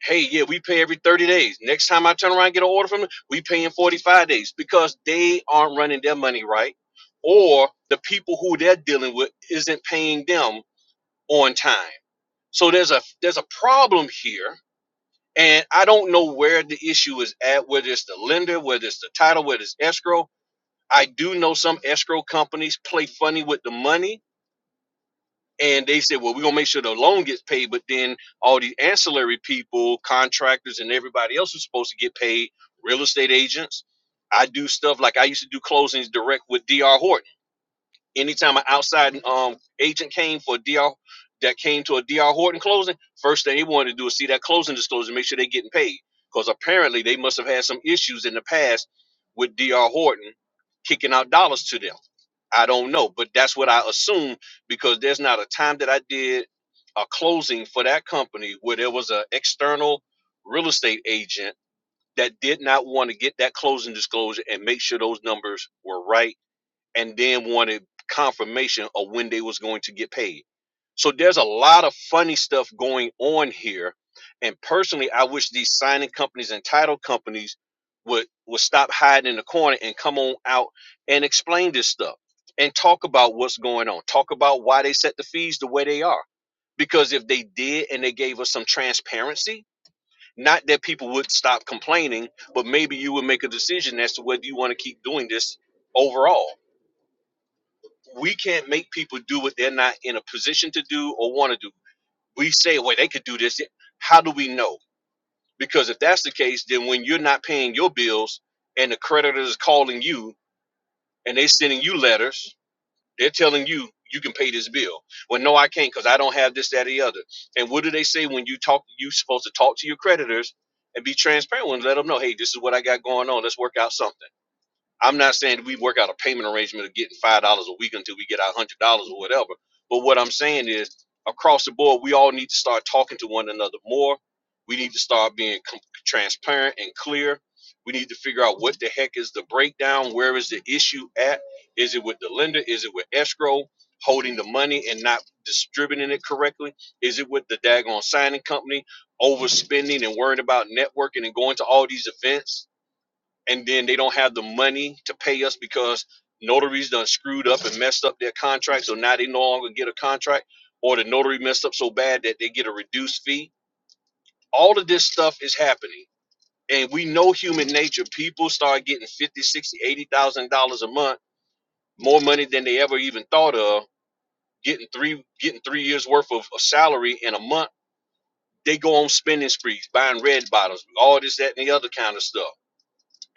hey, yeah, we pay every 30 days. Next time I turn around and get an order from them, we pay in 45 days because they aren't running their money right. Or the people who they're dealing with isn't paying them on time. So there's a there's a problem here And I don't know where the issue is at, whether it's the lender, whether it's the title, whether it's escrow. I do know some escrow companies play funny with the money and they say, well, we're going to make sure the loan gets paid. But then all the ancillary people, contractors, and everybody else is supposed to get paid, real estate agents. I do stuff like I used to do closings direct with DR Horton. Anytime an outside um agent came for a DR that came to a DR Horton closing, first thing they wanted to do is see that closing disclosure, make sure they're getting paid. Because apparently they must have had some issues in the past with DR Horton kicking out dollars to them. I don't know, but that's what I assume because there's not a time that I did a closing for that company where there was an external real estate agent that did not want to get that closing disclosure and make sure those numbers were right and then wanted confirmation of when they was going to get paid. So there's a lot of funny stuff going on here. And personally, I wish these signing companies and title companies would would stop hiding in the corner and come on out and explain this stuff and talk about what's going on. Talk about why they set the fees the way they are. Because if they did and they gave us some transparency, not that people would stop complaining, but maybe you would make a decision as to whether you want to keep doing this overall we can't make people do what they're not in a position to do or want to do. We say, well, they could do this. How do we know? Because if that's the case, then when you're not paying your bills and the creditor is calling you and they're sending you letters, they're telling you you can pay this bill. Well, no, I can't because I don't have this, that, or the other. And what do they say when you talk? You're supposed to talk to your creditors and be transparent and let them know, hey, this is what I got going on. Let's work out something. I'm not saying that we work out a payment arrangement of getting five dollars a week until we get our one hundred dollars or whatever. But what I'm saying is, across the board, we all need to start talking to one another more. We need to start being com- transparent and clear. We need to figure out what the heck is the breakdown. Where is the issue at? Is it with the lender? Is it with escrow holding the money and not distributing it correctly? Is it with the daggone signing company overspending and worrying about networking and going to all these events? and then they don't have the money to pay us because notaries done screwed up and messed up their contract, so now they no longer get a contract, or the notary messed up so bad that they get a reduced fee. All of this stuff is happening. And we know human nature. People start getting fifty, sixty, eighty thousand dollars a month, more money than they ever even thought of, getting three getting three years worth of, of salary in a month. They go on spending sprees, buying red bottles, all this, that, and the other kind of stuff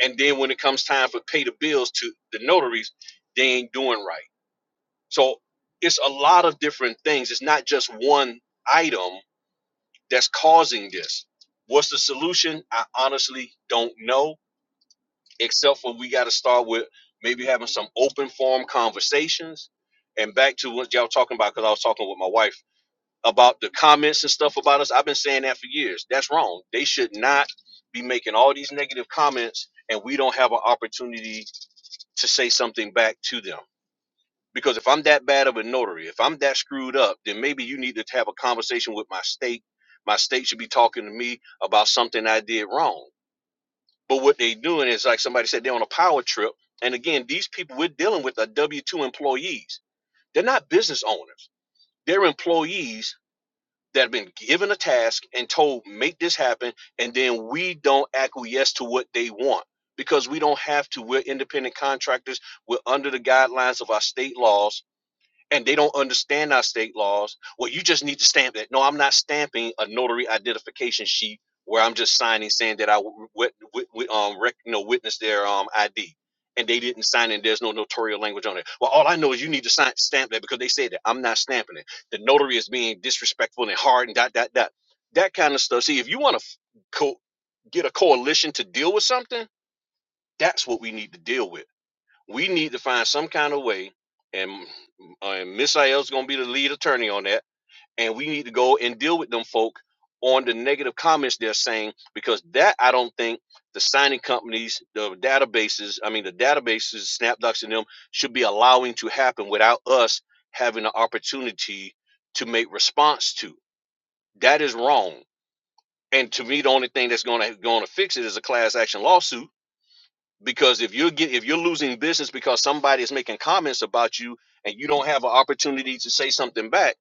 and then when it comes time for pay the bills to the notaries, they ain't doing right. So it's a lot of different things. It's not just one item that's causing this. What's the solution? I honestly don't know, except for we got to start with maybe having some open form conversations. And back to what y'all talking about, because I was talking with my wife about the comments and stuff about us. I've been saying that for years. That's wrong. They should not be making all these negative comments, and we don't have an opportunity to say something back to them. Because if I'm that bad of a notary, if I'm that screwed up, then maybe you need to have a conversation with my state. My state should be talking to me about something I did wrong. But what they are doing is like somebody said they're on a power trip. And again, these people we're dealing with are W 2 employees. They're not business owners, they're employees that have been given a task and told make this happen and then we don't acquiesce to what they want because we don't have to we're independent contractors we're under the guidelines of our state laws and they don't understand our state laws, well, you just need to stamp that. No, I'm not stamping a notary identification sheet where I'm just signing saying that I w- w- w- um rec- you know witness their um ID, and they didn't sign it. There's no notarial language on it. Well, all I know is you need to sign stamp that because they said that. I'm not stamping it. The notary is being disrespectful and hard and dot dot dot that kind of stuff. See, if you want to co- get a coalition to deal with something, that's what we need to deal with we need to find some kind of way, and, uh, and Miss Ayel's going to be the lead attorney on that. And we need to go and deal with them folk on the negative comments they're saying because that I don't think the signing companies, the databases, I mean the databases, SnapDocs and them should be allowing to happen without us having the opportunity to make response to. That is wrong. And to me, the only thing that's going to going to fix it is a class action lawsuit because if you're get, if you're losing business because somebody is making comments about you and you don't have an opportunity to say something back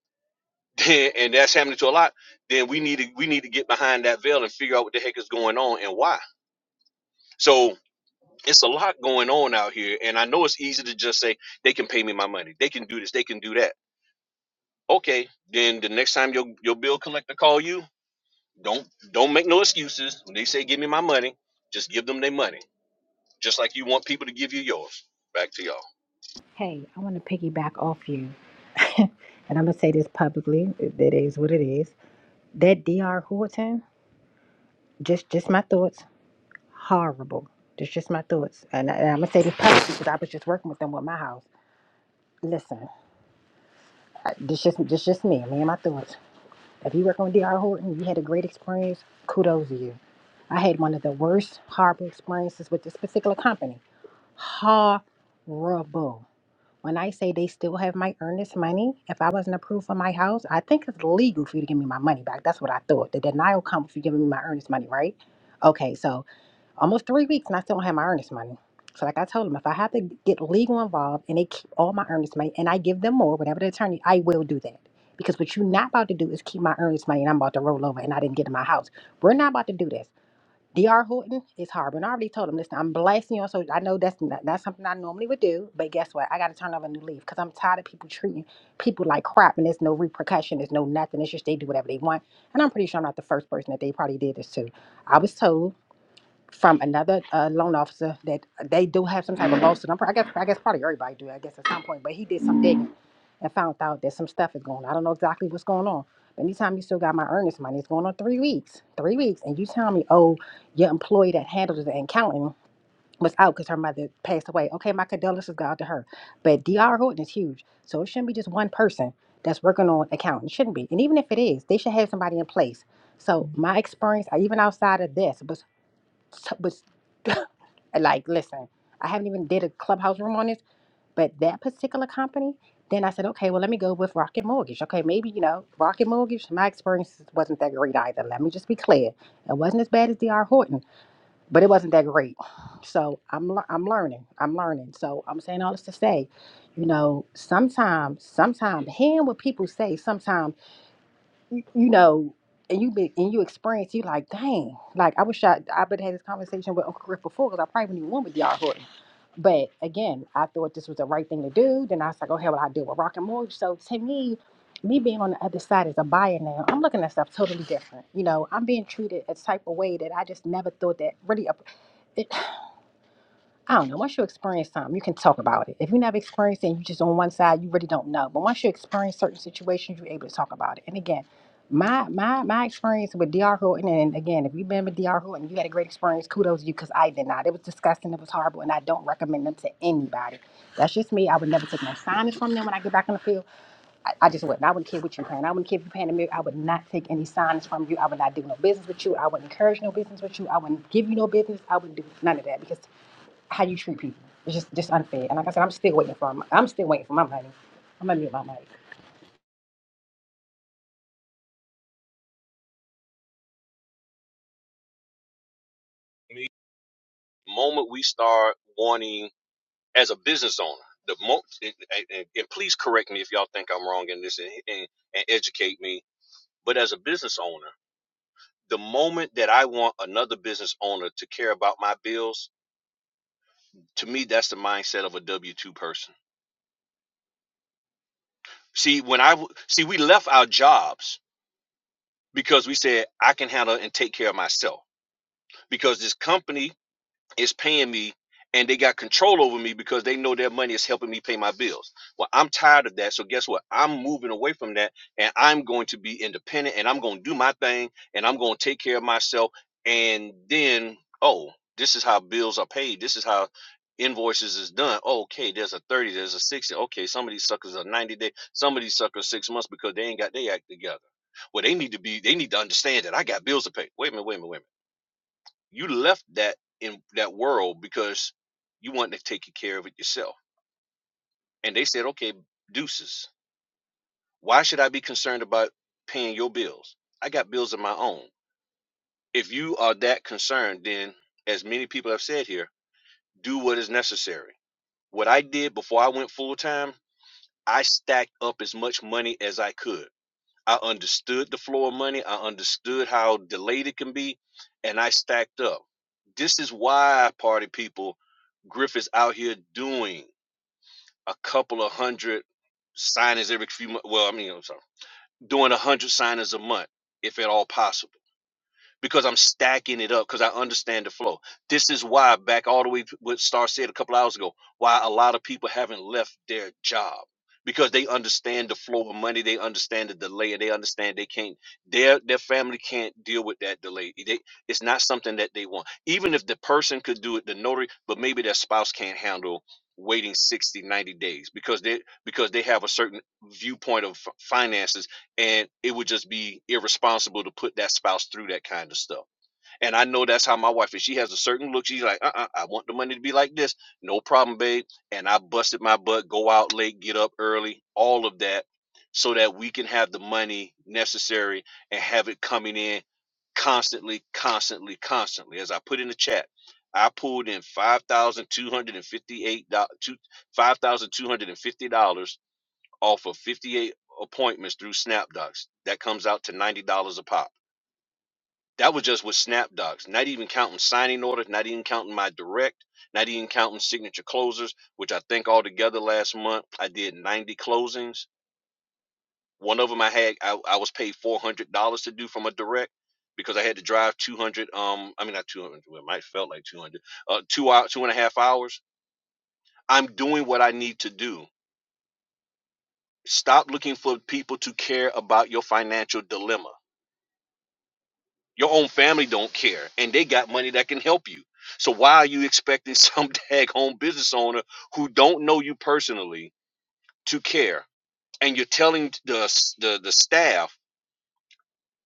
then, and that's happening to a lot then we need to we need to get behind that veil and figure out what the heck is going on and why so it's a lot going on out here and i know it's easy to just say they can pay me my money they can do this they can do that okay then the next time your your bill collector call you don't don't make no excuses when they say give me my money just give them their money just like you want people to give you yours back to y'all Hey, I want to piggyback off you, and I'm gonna say this publicly. That is what it is. That Dr. Horton. just just my thoughts. Horrible. That's just my thoughts. And, I, and I'm gonna say this publicly because I was just working with them with my house. Listen, I- this just this just me. Me and my thoughts. If you work on D.R. Horton, you had a great experience. Kudos to you. I had one of the worst horrible experiences with this particular company. Horrible. When I say they still have my earnest money, if I wasn't approved for my house, I think it's legal for you to give me my money back. That's what I thought. The denial comes for you giving me my earnest money, right? Okay, so almost three weeks and I still don't have my earnest money. So like I told them, if I have to get legal involved and they keep all my earnest money and I give them more, whatever the attorney, I will do that. Because what you're not about to do is keep my earnest money and I'm about to roll over and I didn't get in my house. We're not about to do this. DR Horton is hard. And I already told him, listen, I'm blasting you on social. I know that's not, that's something I normally would do, but guess what? I got to turn over a new leaf because I'm tired of people treating people like crap and there's no repercussion, there's no nothing. It's just they do whatever they want. And I'm pretty sure I'm not the first person that they probably did this to. I was told from another uh, loan officer that they do have some type of lawsuit. I'm, pr- I guess I guess probably everybody do. I guess at some point, but he did some digging and found out that some stuff is going. on. I don't know exactly what's going on. But anytime you still got my earnest money, it's going on three weeks, three weeks, and you tell me, oh, your employee that handles the accounting was out because her mother passed away. Okay, my condolences go out to her. But Dr. Horton is huge, so it shouldn't be just one person that's working on accounting. It shouldn't be, and even if it is, they should have somebody in place. So my experience, uh, even outside of this, was was like, listen, I haven't even did a clubhouse room on this, but that particular company. Then I said, okay, well, let me go with Rocket Mortgage. Okay, maybe you know Rocket Mortgage. My experience wasn't that great either. Let me just be clear, it wasn't as bad as D.R. Horton, but it wasn't that great. So I'm lear- I'm learning. I'm learning. So I'm saying all this to say, you know, sometimes, sometimes hearing what people say, sometimes you know, and you be and you experience, you like, dang, like I wish I I would have had this conversation with Uncle Griff before because I probably wouldn't even went with y'all Horton. But again, I thought this was the right thing to do. Then I was like, oh hell, I deal with rock and mortgage. So to me, me being on the other side as a buyer now, I'm looking at stuff totally different. You know, I'm being treated a type of way that I just never thought that really. I don't know. Once you experience something, you can talk about it. If you never experienced it, and you just on one side, you really don't know. But once you experience certain situations, you're able to talk about it. And again, my my my experience with DR Horton, and again, if you've been with DR Horton, and you had a great experience. Kudos to you, because I did not. It was disgusting. It was horrible, and I don't recommend them to anybody. That's just me. I would never take no signage from them when I get back in the field. I, I just wouldn't. I wouldn't care what you're paying. I wouldn't care if you're paying a million. I would not take any signage from you. I would not do no business with you. I wouldn't encourage no business with you. I wouldn't give you no business. I wouldn't do none of that because how you treat people. It's just just unfair. And like I said, I'm still waiting for my, I'm still waiting for my money. I'm gonna mute my mic. moment we start wanting as a business owner the mo and, and, and please correct me if y'all think i'm wrong in this and, and, and educate me but as a business owner the moment that i want another business owner to care about my bills to me that's the mindset of a w2 person see when i w- see we left our jobs because we said i can handle and take care of myself because this company is paying me and they got control over me because they know their money is helping me pay my bills. Well, I'm tired of that. So guess what? I'm moving away from that and I'm going to be independent and I'm going to do my thing and I'm going to take care of myself and then oh, this is how bills are paid. This is how invoices is done. Oh, okay, there's a 30, there's a 60. Okay, some of these suckers are 90 day, some of these suckers 6 months because they ain't got their act together. Well, they need to be they need to understand that I got bills to pay. Wait a minute, wait a minute, wait a minute. You left that in that world because you wanted to take care of it yourself. And they said, okay, deuces. Why should I be concerned about paying your bills? I got bills of my own. If you are that concerned, then as many people have said here, do what is necessary. What I did before I went full time, I stacked up as much money as I could I understood the flow of money. I understood how delayed it can be, and I stacked up. This is why, party people, Griff is out here doing a couple of hundred signings every few months. Well, I mean, I'm sorry, doing a hundred signings a month, if at all possible because I'm stacking it up because I understand the flow. This is why, back all the way to what Star said a couple hours ago, why a lot of people haven't left their job because they understand the flow of money, they understand the delay, and they understand they can't their their family can't deal with that delay. They, it's not something that they want. Even if the person could do it, the notary, but maybe their spouse can't handle waiting 60, 90 days because they because they have a certain viewpoint of f- finances and it would just be irresponsible to put that spouse through that kind of stuff. And I know that's how my wife is. She has a certain look. She's like, uh, uh I want the money to be like this. No problem, babe. And I busted my butt, go out late, get up early, all of that, so that we can have the money necessary and have it coming in constantly, constantly, constantly. As I put in the chat, I pulled in five thousand two hundred and fifty-eight dollars, five thousand two hundred and fifty dollars off of 58 appointments through SnapDocs. That comes out to $90 a pop. That was just with SnapDocs, not even counting signing orders, not even counting my direct, not even counting signature closers, which I think altogether last month I did 90 closings. One of them I had, I, I was paid $400 to do from a direct because I had to drive 200, um, I mean, not 200, well, it might have felt like 200, uh, two hour, two and a half hours. I'm doing what I need to do. Stop looking for people to care about your financial dilemma Your own family don't care, and they got money that can help you. So why are you expecting some dag home business owner who don't know you personally to care? And you're telling the s- the the staff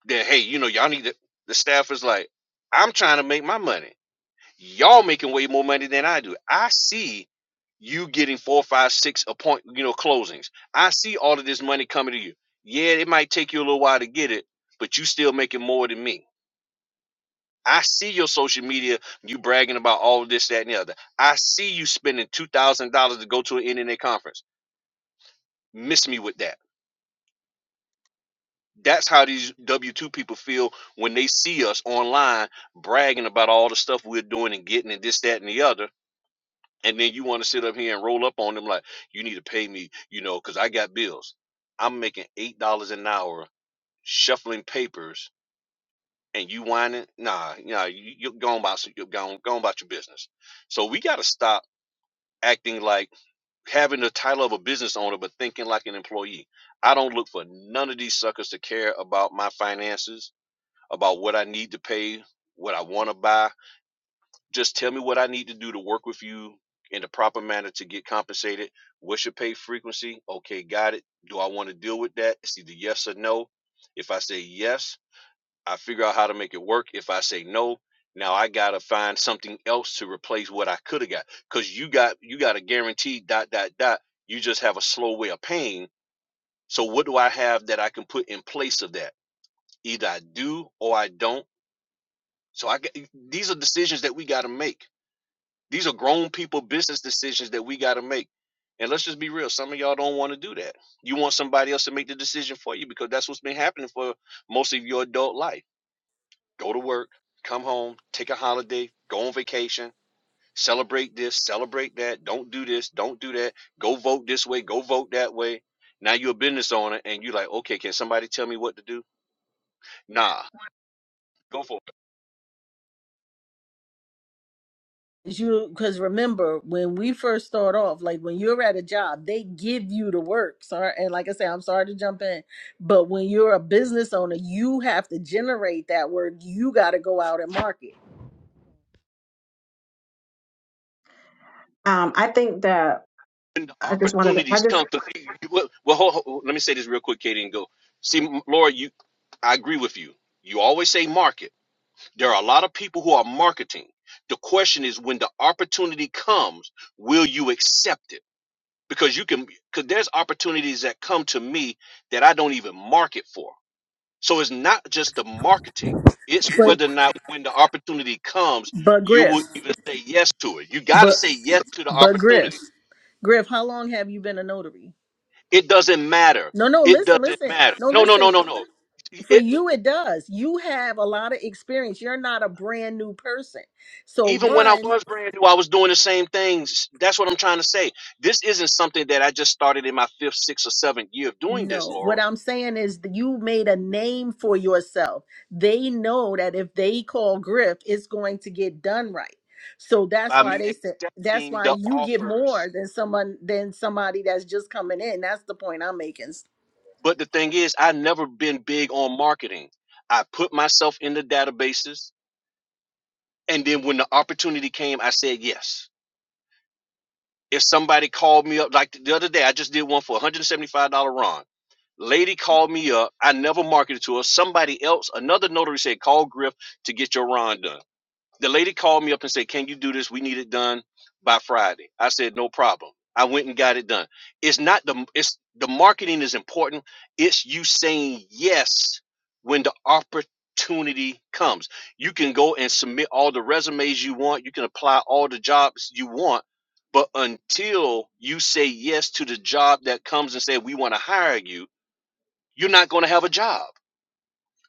that hey, you know y'all need to. The staff is like, I'm trying to make my money. Y'all making way more money than I do. I see you getting four, five, six appoint, you know, closings. I see all of this money coming to you. Yeah, it might take you a little while to get it, but you still making more than me I see your social media, you bragging about all this, that, and the other. I see you spending two thousand dollars to go to an NNA conference. Miss me with that. That's how these W two people feel when they see us online bragging about all the stuff we're doing and getting and this, that, and the other. And then you want to sit up here and roll up on them like you need to pay me, you know, because I got bills. I'm making eight dollars an hour shuffling papers, and you whining? Nah, nah, you, you're going about you're going, going about your business. So we got to stop acting like having the title of a business owner but thinking like an employee. I don't look for none of these suckers to care about my finances, about what I need to pay, what I want to buy. Just tell me what I need to do to work with you in the proper manner to get compensated. What's your pay frequency? Okay, got it. Do I want to deal with that? It's either yes or no. If I say yes, I figure out how to make it work. If I say no, now I gotta find something else to replace what I could have got. Cause you got you got a guaranteed dot dot dot. You just have a slow way of paying. So what do I have that I can put in place of that? Either I do or I don't. So I g- these are decisions that we gotta make. These are grown people business decisions that we gotta make. And let's just be real. Some of y'all don't want to do that. You want somebody else to make the decision for you because that's what's been happening for most of your adult life go to work, come home, take a holiday, go on vacation, celebrate this, celebrate that, don't do this, don't do that, go vote this way, go vote that way. Now you're a business owner and you're like, okay, can somebody tell me what to do? Nah, go for it. you because remember when we first start off like when you're at a job they give you the work sorry and like i say i'm sorry to jump in but when you're a business owner you have to generate that work you got to go out and market Um, I think that When the I just wanted to, I opportunities just, come to me, well, well hold, hold- let me say this real quick, Katie, and go. See, Laura, you, I agree with you. You always say market. There are a lot of people who are marketing. The question is, when the opportunity comes, will you accept it? because you can because there's opportunities that come to me that I don't even market for. So it's not just the marketing. It's but whether or not when the opportunity comes, but you griff will even say yes to it. You got to but say yes to the but griff opportunity. griff how long have you been a notary It doesn't matter. no no It listen doesn't listen matter. no No, no, listen no, no, no. for It, you it does you have a lot of experience you're not a brand new person so even when I one was brand new, I was doing the same things. That's what I'm trying to say. This isn't something that I just started in my fifth, sixth, or seventh year of doing this, No, Laura. what I'm saying is that you made a name for yourself. They know that if they call Griff, it's going to get done right. So that's By why me they said that's accepting why the you get offers more than someone than somebody that's just coming in. That's the point I'm making. But the thing is, I've never been big on marketing. I put myself in the databases, and then when the opportunity came, I said yes. If somebody called me up, like the other day, I just did one for $175 Ron. Lady called me up. I never marketed to her. Somebody else, another notary said, call Griff to get your Ron done. The lady called me up and said, Can you do this? We need it done by Friday. I said, No problem. I went and got it done. It's not the it's the marketing is important. It's you saying yes when the opportunity comes. You can go and submit all the resumes you want, you can apply all the jobs you want, but until you say yes to the job that comes and say we want to hire you, you're not going to have a job.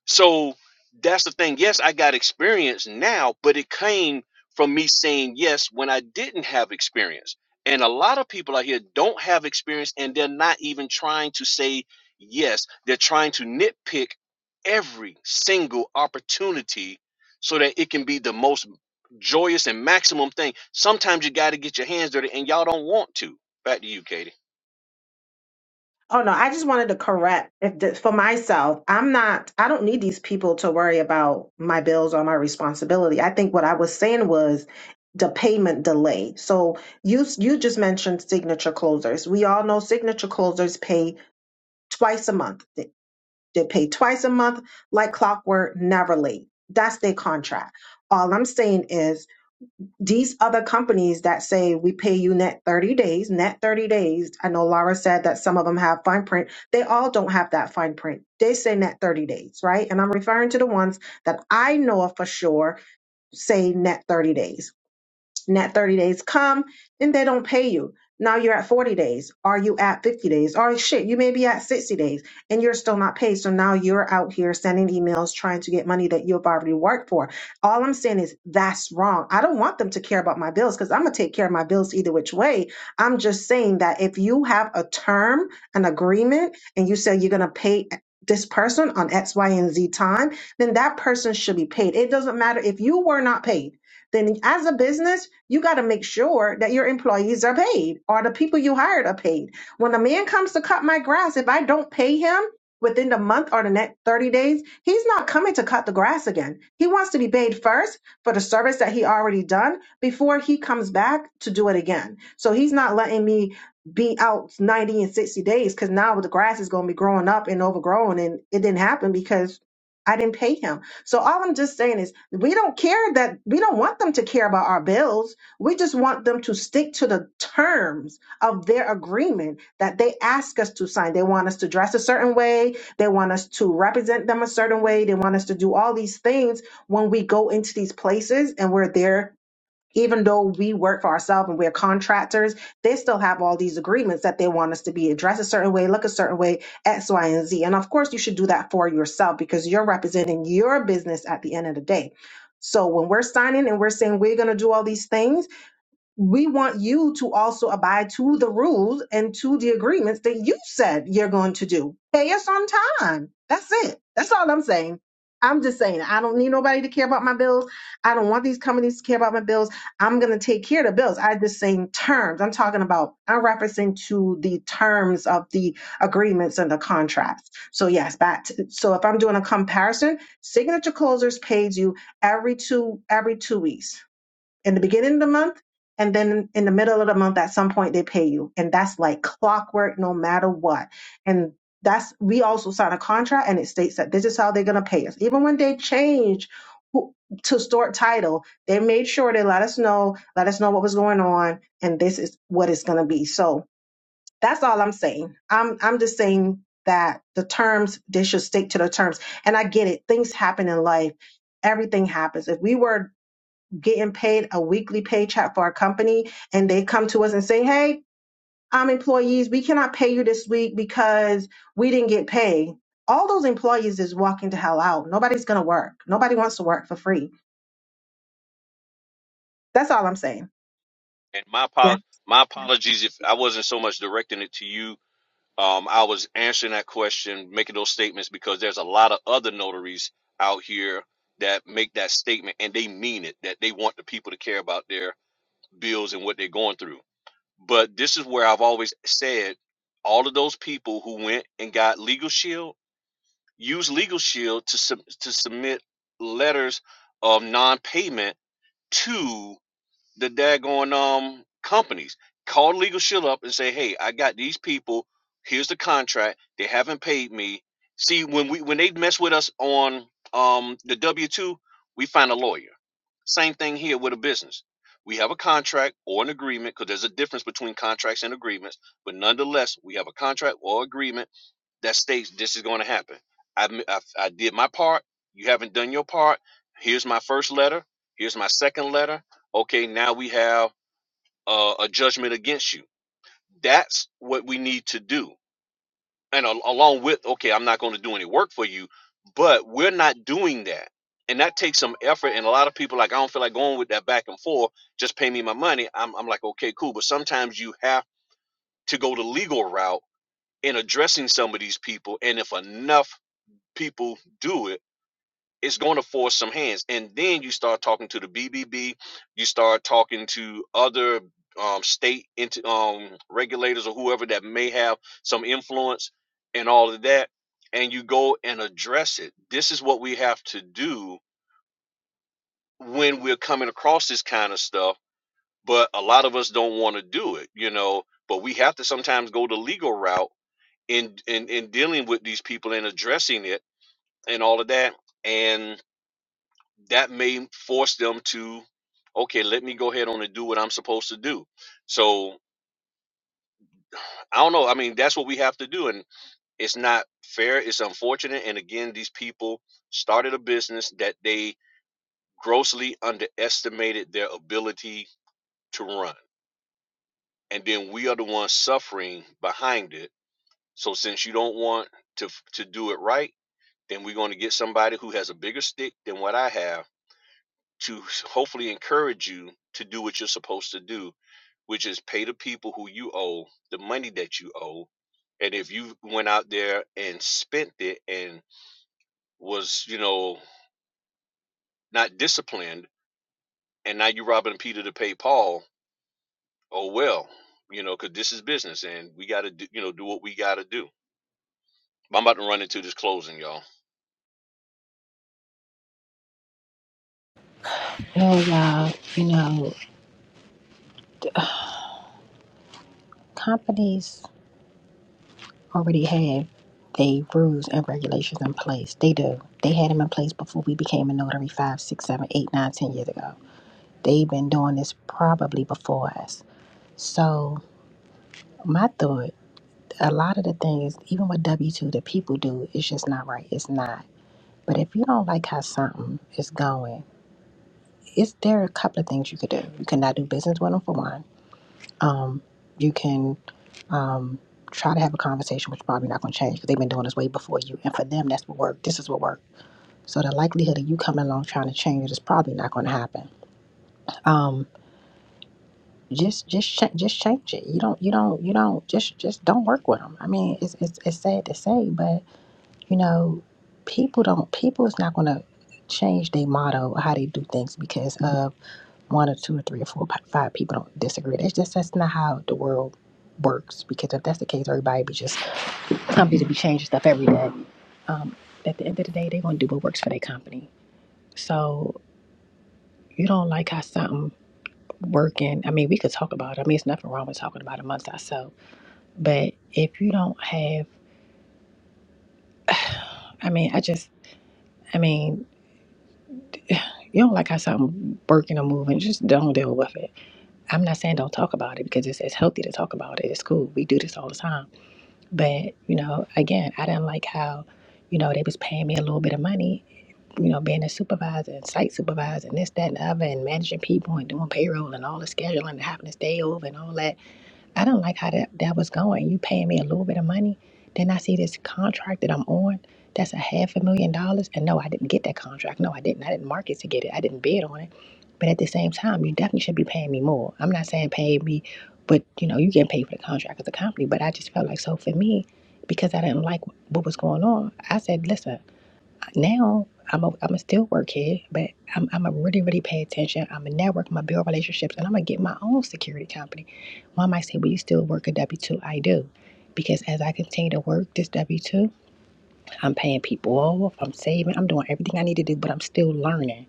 So that's the thing. Yes, I got experience now, but it came from me saying yes when I didn't have experience. And a lot of people out here don't have experience and they're not even trying to say yes. They're trying to nitpick every single opportunity so that it can be the most joyous and maximum thing. Sometimes you got to get your hands dirty and y'all don't want to. Back to you, Katie. oh no, I just wanted to correct if this, for myself, I'm not, I don't need these people to worry about my bills or my responsibility. I think what I was saying was the payment delay. So you, you just mentioned signature closers. We all know signature closers pay twice a month. They, they pay twice a month like clockwork, never late. That's their contract. All I'm saying is these other companies that say we pay you net 30 days, net 30 days. I know Laura said that some of them have fine print. They all don't have that fine print. They say net 30 days, right? And I'm referring to the ones that I know of for sure say net 30 days and that 30 days come and they don't pay you. Now you're at 40 days. Are you at 50 days? Or shit, you may be at 60 days and you're still not paid. So now you're out here sending emails trying to get money that you've already worked for. All I'm saying is that's wrong. I don't want them to care about my bills because I'm going to take care of my bills either which way. I'm just saying that if you have a term, an agreement, and you say you're going to pay this person on X, Y, and Z time, then that person should be paid. It doesn't matter if you were not paid then as a business, you got to make sure that your employees are paid or the people you hired are paid. When a man comes to cut my grass, if I don't pay him within the month or the next 30 days, he's not coming to cut the grass again. He wants to be paid first for the service that he already done before he comes back to do it again. So he's not letting me be out 90 and 60 days because now the grass is going to be growing up and overgrown and it didn't happen because I didn't pay him. So all I'm just saying is we don't care that we don't want them to care about our bills. We just want them to stick to the terms of their agreement that they ask us to sign. They want us to dress a certain way. They want us to represent them a certain way. They want us to do all these things when we go into these places and we're there even though we work for ourselves and we're contractors, they still have all these agreements that they want us to be dressed a certain way, look a certain way, X, Y, and Z. And of course, you should do that for yourself because you're representing your business at the end of the day. So when we're signing and we're saying we're going to do all these things, we want you to also abide to the rules and to the agreements that you said you're going to do. Pay us on time. That's it. That's all I'm saying. I'm just saying, I don't need nobody to care about my bills. I don't want these companies to care about my bills. I'm going to take care of the bills. I just saying terms. I'm talking about, I'm referencing to the terms of the agreements and the contracts. So yes, back to, so if I'm doing a comparison, signature closers pays you every two, every two weeks in the beginning of the month and then in the middle of the month at some point they pay you and that's like clockwork no matter what and that's we also sign a contract and it states that this is how they're going to pay us even when they change who- to store title they made sure they let us know let us know what was going on and this is what it's going to be so that's all i'm saying i'm i'm just saying that the terms they should stick to the terms and i get it things happen in life everything happens if we were getting paid a weekly paycheck for our company and they come to us and say, Hey, um, employees, we cannot pay you this week because we didn't get paid. All those employees is walking to hell out. Nobody's gonna work. Nobody wants to work for free. That's all I'm saying. And my Yeah. apo- my apologies if I wasn't so much directing it to you Um, I was answering that question, making those statements because there's a lot of other notaries out here that make that statement and they mean it, that they want the people to care about their bills and what they're going through. But this is where I've always said all of those people who went and got Legal Shield use Legal Shield to, sub- to submit letters of non payment to the daggone um companies. Call the Legal Shield up and say, "Hey, I got these people. Here's the contract. They haven't paid me." See, when we when they mess with us on um the W two, we find a lawyer. Same thing here with a business. We have a contract or an agreement because there's a difference between contracts and agreements. But nonetheless, we have a contract or agreement that states this is going to happen. I I I did my part. You haven't done your part. Here's my first letter. Here's my second letter. Okay, now we have uh, a judgment against you. That's what we need to do. And al- along with, okay, I'm not going to do any work for you, but we're not doing that. And that takes some effort. And a lot of people, like, I don't feel like going with that back and forth. Just pay me my money. I'm, I'm like, okay, cool. But sometimes you have to go the legal route in addressing some of these people. And if enough people do it, it's going to force some hands. And then you start talking to the BBB, you start talking to other um, state into um, regulators or whoever that may have some influence and all of that, and you go and address it. This is what we have to do when we're coming across this kind of stuff, but a lot of us don't want to do it, you know. But we have to sometimes go the legal route in, in in dealing with these people and addressing it and all of that. And that may force them to okay let me go ahead on and do what i'm supposed to do so i don't know i mean that's what we have to do and it's not fair it's unfortunate and again these people started a business that they grossly underestimated their ability to run and then we are the ones suffering behind it so since you don't want to to do it right then we're going to get somebody who has a bigger stick than what i have to hopefully encourage you to do what you're supposed to do, which is pay the people who you owe the money that you owe. And if you went out there and spent it and was, you know, not disciplined, and now you're robbing Peter to pay Paul, oh well, you know, because this is business and we got to, you know, do what we got to do. I'm about to run into this closing, y'all. No, y'all, you know, companies already have they rules and regulations in place. They do. They had them in place before we became a notary five, six, seven, eight, nine, ten years ago. They've been doing this probably before us. So my thought, a lot of the things, even with W two that people do, it's just not right. It's not. But if you don't like how something is going, it's there are a couple of things you could do. You cannot do business with them for one. Um, you can um try to have a conversation, which probably not going to change because they've been doing this way before you. And for them, that's what worked. This is what worked. So the likelihood of you coming along trying to change it is probably not going to happen. Um, just just cha- just change it. You don't you don't you don't just just don't work with them. I mean, it's it's, it's sad to say, but you know, people don't people is not going to change their motto or how they do things because of one or two or three or four, p- five people don't disagree. That's just that's not how the world works. Because if that's the case, everybody be just company to be changing stuff every day. Um, at the end of the day, they're gonna do what works for their company. So you don't like how something working. I mean, we could talk about. it. I mean, it's nothing wrong with talking about it amongst ourselves. But if you don't have, I mean, I just, I mean, you don't like how something working or moving, just don't deal with it. I'm not saying don't talk about it because it's, it's healthy to talk about it. It's cool. We do this all the time But, you know, again, I didn't like how, you know, they was paying me a little bit of money, you know, being a supervisor and site supervisor and this, that, and the other, and managing people and doing payroll and all the scheduling and having to stay over and all that. I don't like how that, that was going. You paying me a little bit of money. Then I see this contract that I'm on that's a half a million dollars. And no, I didn't get that contract. No, I didn't. I didn't market to get it. I didn't bid on it. But at the same time, you definitely should be paying me more. I'm not saying pay me, but you know, you get paid for the contract of the company. But I just felt like so for me, because I didn't like what was going on. I said, listen, now I'm a I'm a still work here, but I'm I'm a really really pay attention. I'm a network. I'm a build relationships, and I'm gonna get my own security company. One might say, well, you still work a W two. I do. Because as I continue to work this W 2, I'm paying people off, I'm saving, I'm doing everything I need to do, but I'm still learning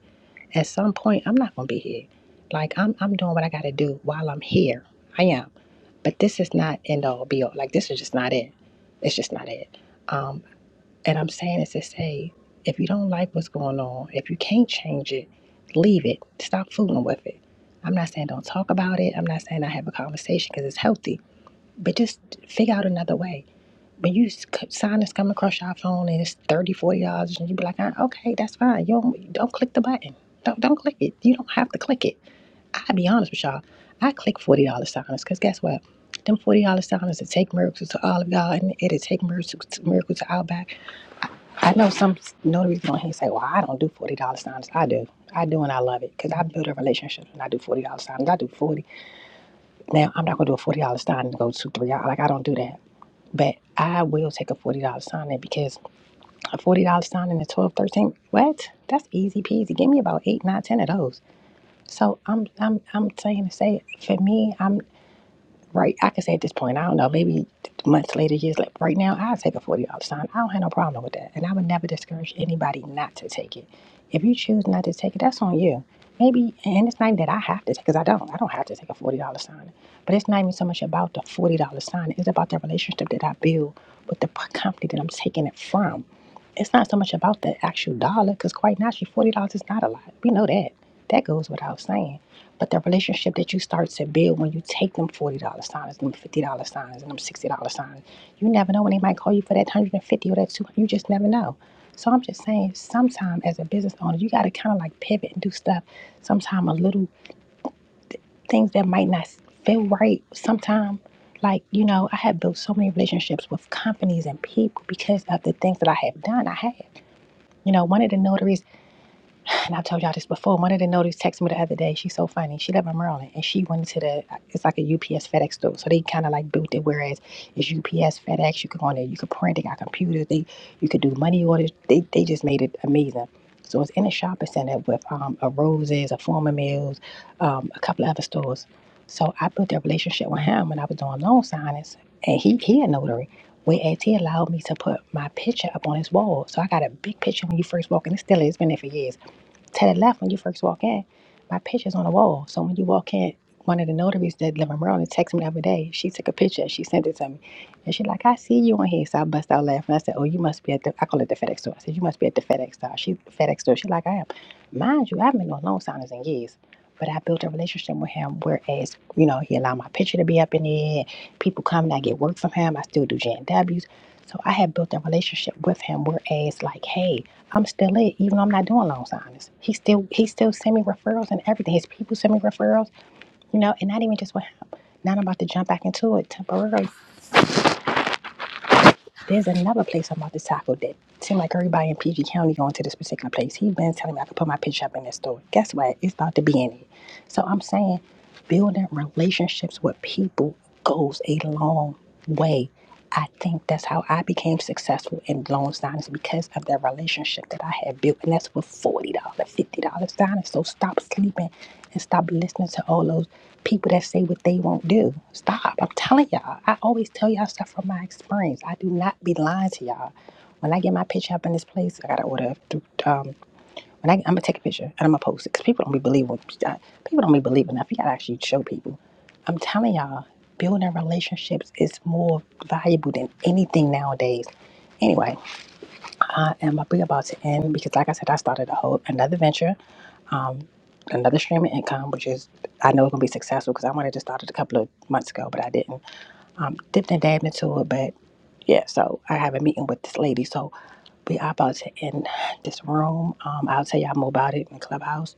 at some point I'm not gonna be here. Like I'm I'm doing what I gotta do while I'm here. I am. But this is not end all be all. Like this is just not it. It's just not it. Um and I'm saying this to say if you don't like what's going on, if you can't change it, leave it. Stop fooling with it. I'm not saying don't talk about it. I'm not saying I have a conversation because it's healthy. But just figure out another way when you s- c- sign is coming across your phone and it's thirty forty dollars, and you be like, "Ah, okay, that's fine. You don't don't click the button. Don't don't click it. You don't have to click it. I'll be honest with y'all. I click forty dollar signers because guess what? Them forty dollar signers that take miracles to all of y'all, and it'll take miracles to, miracles to Outback. I know some notaries going here and say, "Well, I don't do forty dollar signers. I do, I do, and I love it because I build a relationship and I do forty dollar signers. I do forty. Now I'm not gonna do a forty dollar sign and go to three. hours. Like I don't do that. But I will take a forty dollar sign in because a forty dollar sign and a twelve, thirteen. What? That's easy peasy. Give me about eight, nine, ten of those. So I'm I'm I'm saying to say for me, I'm. Right. I can say at this point, I don't know, maybe months later, years later, right now, I take a $40 sign. I don't have no problem with that. And I would never discourage anybody not to take it. If you choose not to take it, that's on you. Maybe, and it's not even that I have to take, because I don't. I don't have to take a $40 sign. But it's not even so much about the $40 sign. It's about the relationship that I build with the p- company that I'm taking it from. It's not so much about the actual dollar, because quite naturally, $40 is not a lot. We know that. That goes without saying. But the relationship that you start to build when you take them forty dollar signs, them fifty dollar signs, and them sixty dollar signs, you never know when they might call you for that one hundred and fifty or that two hundred. You just never know. So I'm just saying, sometimes as a business owner, you got to kind of like pivot and do stuff. Sometimes a little things that might not feel right. Sometimes, like you know, I have built so many relationships with companies and people because of the things that I have done. I have, you know, one of the notaries and I've told y'all this before. One of the notice texted me the other day. She's so funny. She live in Maryland, and she went to the it's like a UPS FedEx store. So they kind of like built it. Whereas it's UPS FedEx, you could go on there, you could print. They got computers. They you could do money orders. They they just made it amazing. So it's in a shopping center with um, a Roses, a Former Mills, um, a couple of other stores. So I built that relationship with him when I was doing loan signings, and he he a notary. Whereas he allowed me to put my picture up on his wall. So I got a big picture when you first walk in. It still is, it's been there for years to the left when you first walk in. My picture's on the wall. So when you walk in, one of the notaries that live in Maryland texted me the other day. She took a picture. and She sent it to me. And she like, I see you on here. So I bust out laughing. I said, Oh, you must be at the I call it the FedEx store. I said, You must be at the FedEx store. She FedEx store. She like, I am. Mind you, I haven't been on loan signers in years. But I built a relationship with him, whereas, you know, he allowed my picture to be up in the air. People come and I get work from him. I still do J&Ws. So I had built a relationship with him, whereas, like, hey, I'm still it, even though I'm not doing loan signings. He still he still send me referrals and everything. His people send me referrals, you know, and not even just with him. Now I'm about to jump back into it temporarily. There's another place I'm about to tackle that seem like everybody in PG County going to this particular place. He been telling me I could put my picture up in this store. Guess what? It's about to be in it. So I'm saying building relationships with people goes a long way. I think that's how I became successful in loan signings because of that relationship that I had built. And that's with $40, dollars, $50 signings. So stop sleeping and stop listening to all those people that say what they won't do. Stop. I'm telling y'all. I always tell y'all stuff from my experience. I do not be lying to y'all. When I get my picture up in this place, I got to order through um, and I, I'm gonna take a picture and I'm gonna post it because people don't be believing. People don't be believing enough. You gotta actually show people. I'm telling y'all, building relationships is more valuable than anything nowadays. Anyway, I am be about to end because, like I said, I started a whole another venture, um, another stream of income, which is I know it's gonna be successful because I wanted to start it a couple of months ago, but I didn't um, dipped and dabbed into it, but yeah, so I have a meeting with this lady. So we are about to end this room. Um, I'll tell y'all more about it in Clubhouse.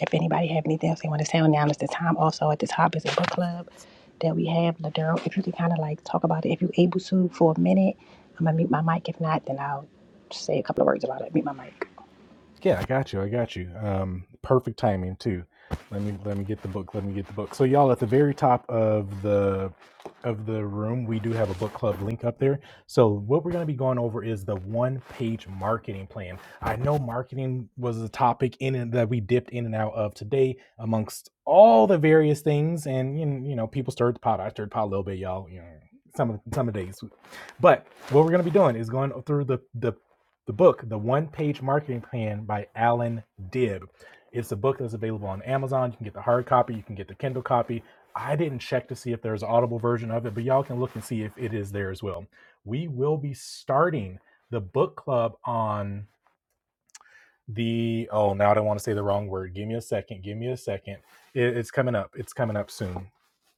If anybody have anything else they want to say on now, it's the time. Also at the top is a book club that we have. Ladero, if you can kind of like talk about it, if you're able to for a minute, I'm gonna mute my mic. If not, then I'll say a couple of words about it. Mute my mic. Yeah, I got you. I got you. Um, perfect timing too. Let me let me get the book. Let me get the book. So y'all at the very top of the of the room, we do have a book club link up there. So what we're going to be going over is the one page marketing plan. I know marketing was a topic in and that we dipped in and out of today amongst all the various things, and you know, you know, people stirred the pot. I stirred the pot a little bit, y'all. You know, some of some of the days, but what we're going to be doing is going through the the the book, The One Page Marketing Plan by Alan Dibb. It's a book that's available on Amazon. You can get the hard copy, you can get the Kindle copy. I didn't check to see if there's an audible version of it, but y'all can look and see if it is there as well. We will be starting the book club on the oh now I don't want to say the wrong word. Give me a second. Give me a second. It- it's coming up. It's coming up soon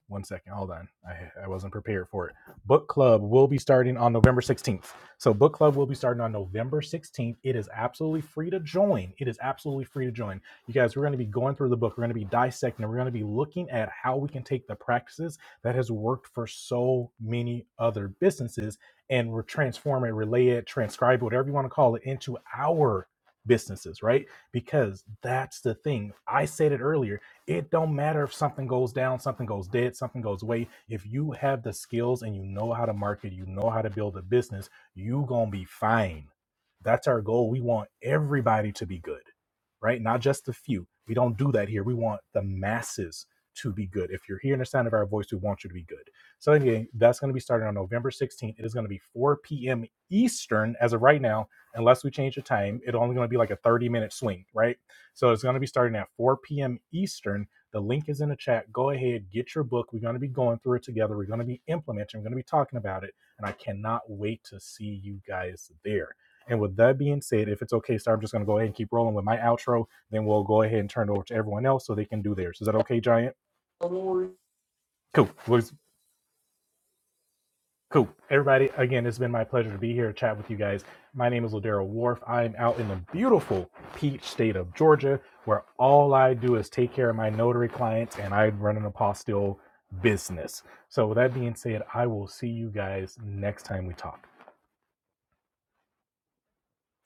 one second. Hold on. I, I wasn't prepared for it. Book club will be starting on November 16th. So, book club will be starting on November 16th. It is absolutely free to join. It is absolutely free to join. You guys, we're going to be going through the book. We're going to be dissecting. We're going to be looking at how we can take the practices that has worked for so many other businesses and we're transform it, relay it, transcribe it, whatever you want to call it, into our businesses, right? Because that's the thing. I said it earlier it don't matter if something goes down, something goes dead, something goes away. If you have the skills and you know how to market, you know how to build a business, you gonna be fine. That's our goal. We want everybody to be good, right? Not just the few. We don't do that here. We want the masses to be good. If you're hearing the sound of our voice, we want you to be good. So anyway, that's going to be starting on November 16th. It is going to be 4 p.m. Eastern as of right now, unless we change the time. It's only going to be like a 30 minute swing, right? So it's going to be starting at 4 p.m. Eastern. The link is in the chat. Go ahead, get your book. We're going to be going through it together. We're going to be implementing. We're going to be talking about it. And I cannot wait to see you guys there. And with that being said, if it's okay, sir, I'm just going to go ahead and keep rolling with my outro. Then we'll go ahead and turn it over to everyone else so they can do theirs. Is that okay, Giant? Cool. We'll Cool. Everybody, again, it's been my pleasure to be here to chat with you guys. My name is Ladero Wharf. I am out in the beautiful peach state of Georgia, where all I do is take care of my notary clients and I run an apostille business. So, with that being said, I will see you guys next time we talk.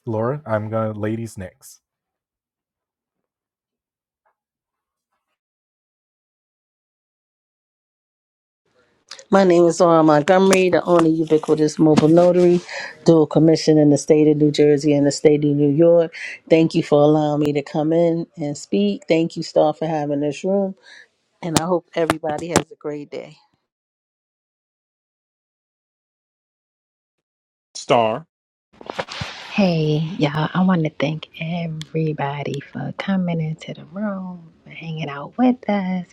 Laura, I'm going to ladies next. My name is Laura Montgomery, the only ubiquitous mobile notary, dual commission in the state of New Jersey and the state of New York. Thank you for allowing me to come in and speak. Thank you, Star, for having this room. And I hope everybody has a great day. star. Hey, y'all, I want to thank everybody for coming into the room, for hanging out with us.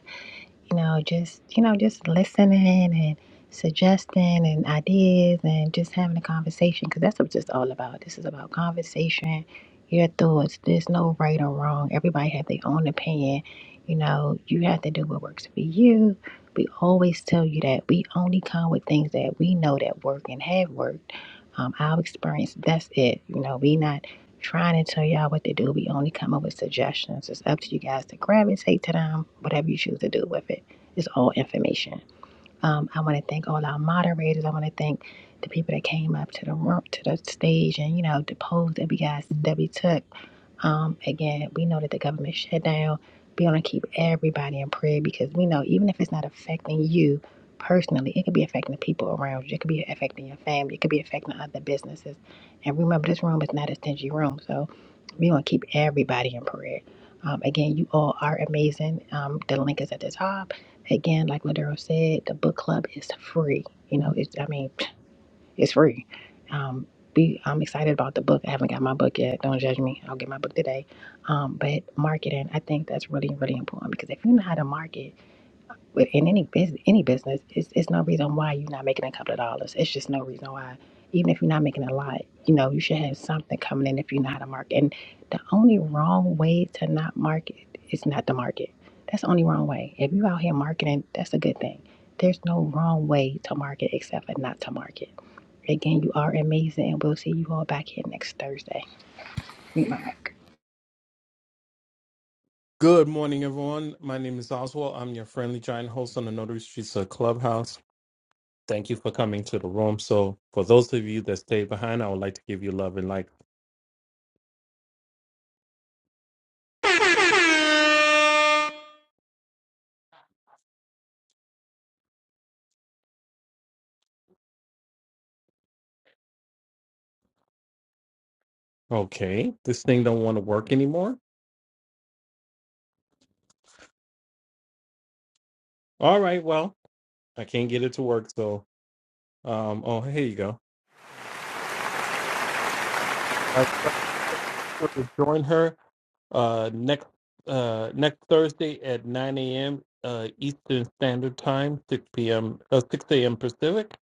you know, just you know, just listening and suggesting and ideas and just having a conversation because that's what it's just all about. This is about conversation, your thoughts. There's no right or wrong. Everybody have their own opinion. You know, you have to do what works for you. We always tell you that we only come with things that we know that work and have worked. Um, our experience, that's it. You know, we not trying to tell y'all what to do. We only come up with suggestions. It's up to you guys to gravitate to them, whatever you choose to do with it. It's all information. Um, I want to thank all our moderators. I want to thank the people that came up to the room, to the stage, and you know the polls that we guys that we took. Um, again, we know that the government shut down. We want to keep everybody in prayer because we know even if it's not affecting you personally, it could be affecting the people around you. It could be affecting your family. It could be affecting other businesses. And remember, this room is not a stingy room. So we want to keep everybody in prayer. Um, again, you all are amazing. Um, the link is at the top. Again, like Ladero said, the book club is free. You know, it's I mean, it's free. Um, we, I'm excited about the book. I haven't got my book yet. Don't judge me. I'll get my book today. Um, but marketing, I think that's really, really important because if you know how to market, with in any business any business it's, it's no reason why you're not making a couple of dollars it's just no reason why even if you're not making a lot you know you should have something coming in if you know how to market and the only wrong way to not market is not to market that's the only wrong way if you're out here marketing that's a good thing there's no wrong way to market except for not to market again you are amazing and we'll see you all back here next thursday Meet my Good morning, everyone. My name is Oswald. I'm your friendly giant host on the Notary Streets of Clubhouse. Thank you for coming to the room. So, for those of you that stayed behind, I would like to give you love and like. Okay, this thing don't want to work anymore. All right, well, I can't get it to work. So, um, oh, here you go. I want to join her uh next uh next Thursday at 9 a.m. uh Eastern Standard Time, 6 p.m. Uh, 6 a.m. Pacific.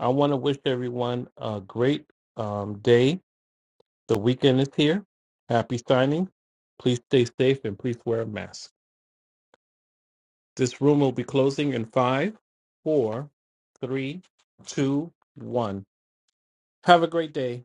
I want to wish everyone a great um day The weekend is here. Happy signing. Please stay safe and please wear a mask. This room will be closing in five, four, three, two, one. Have a great day.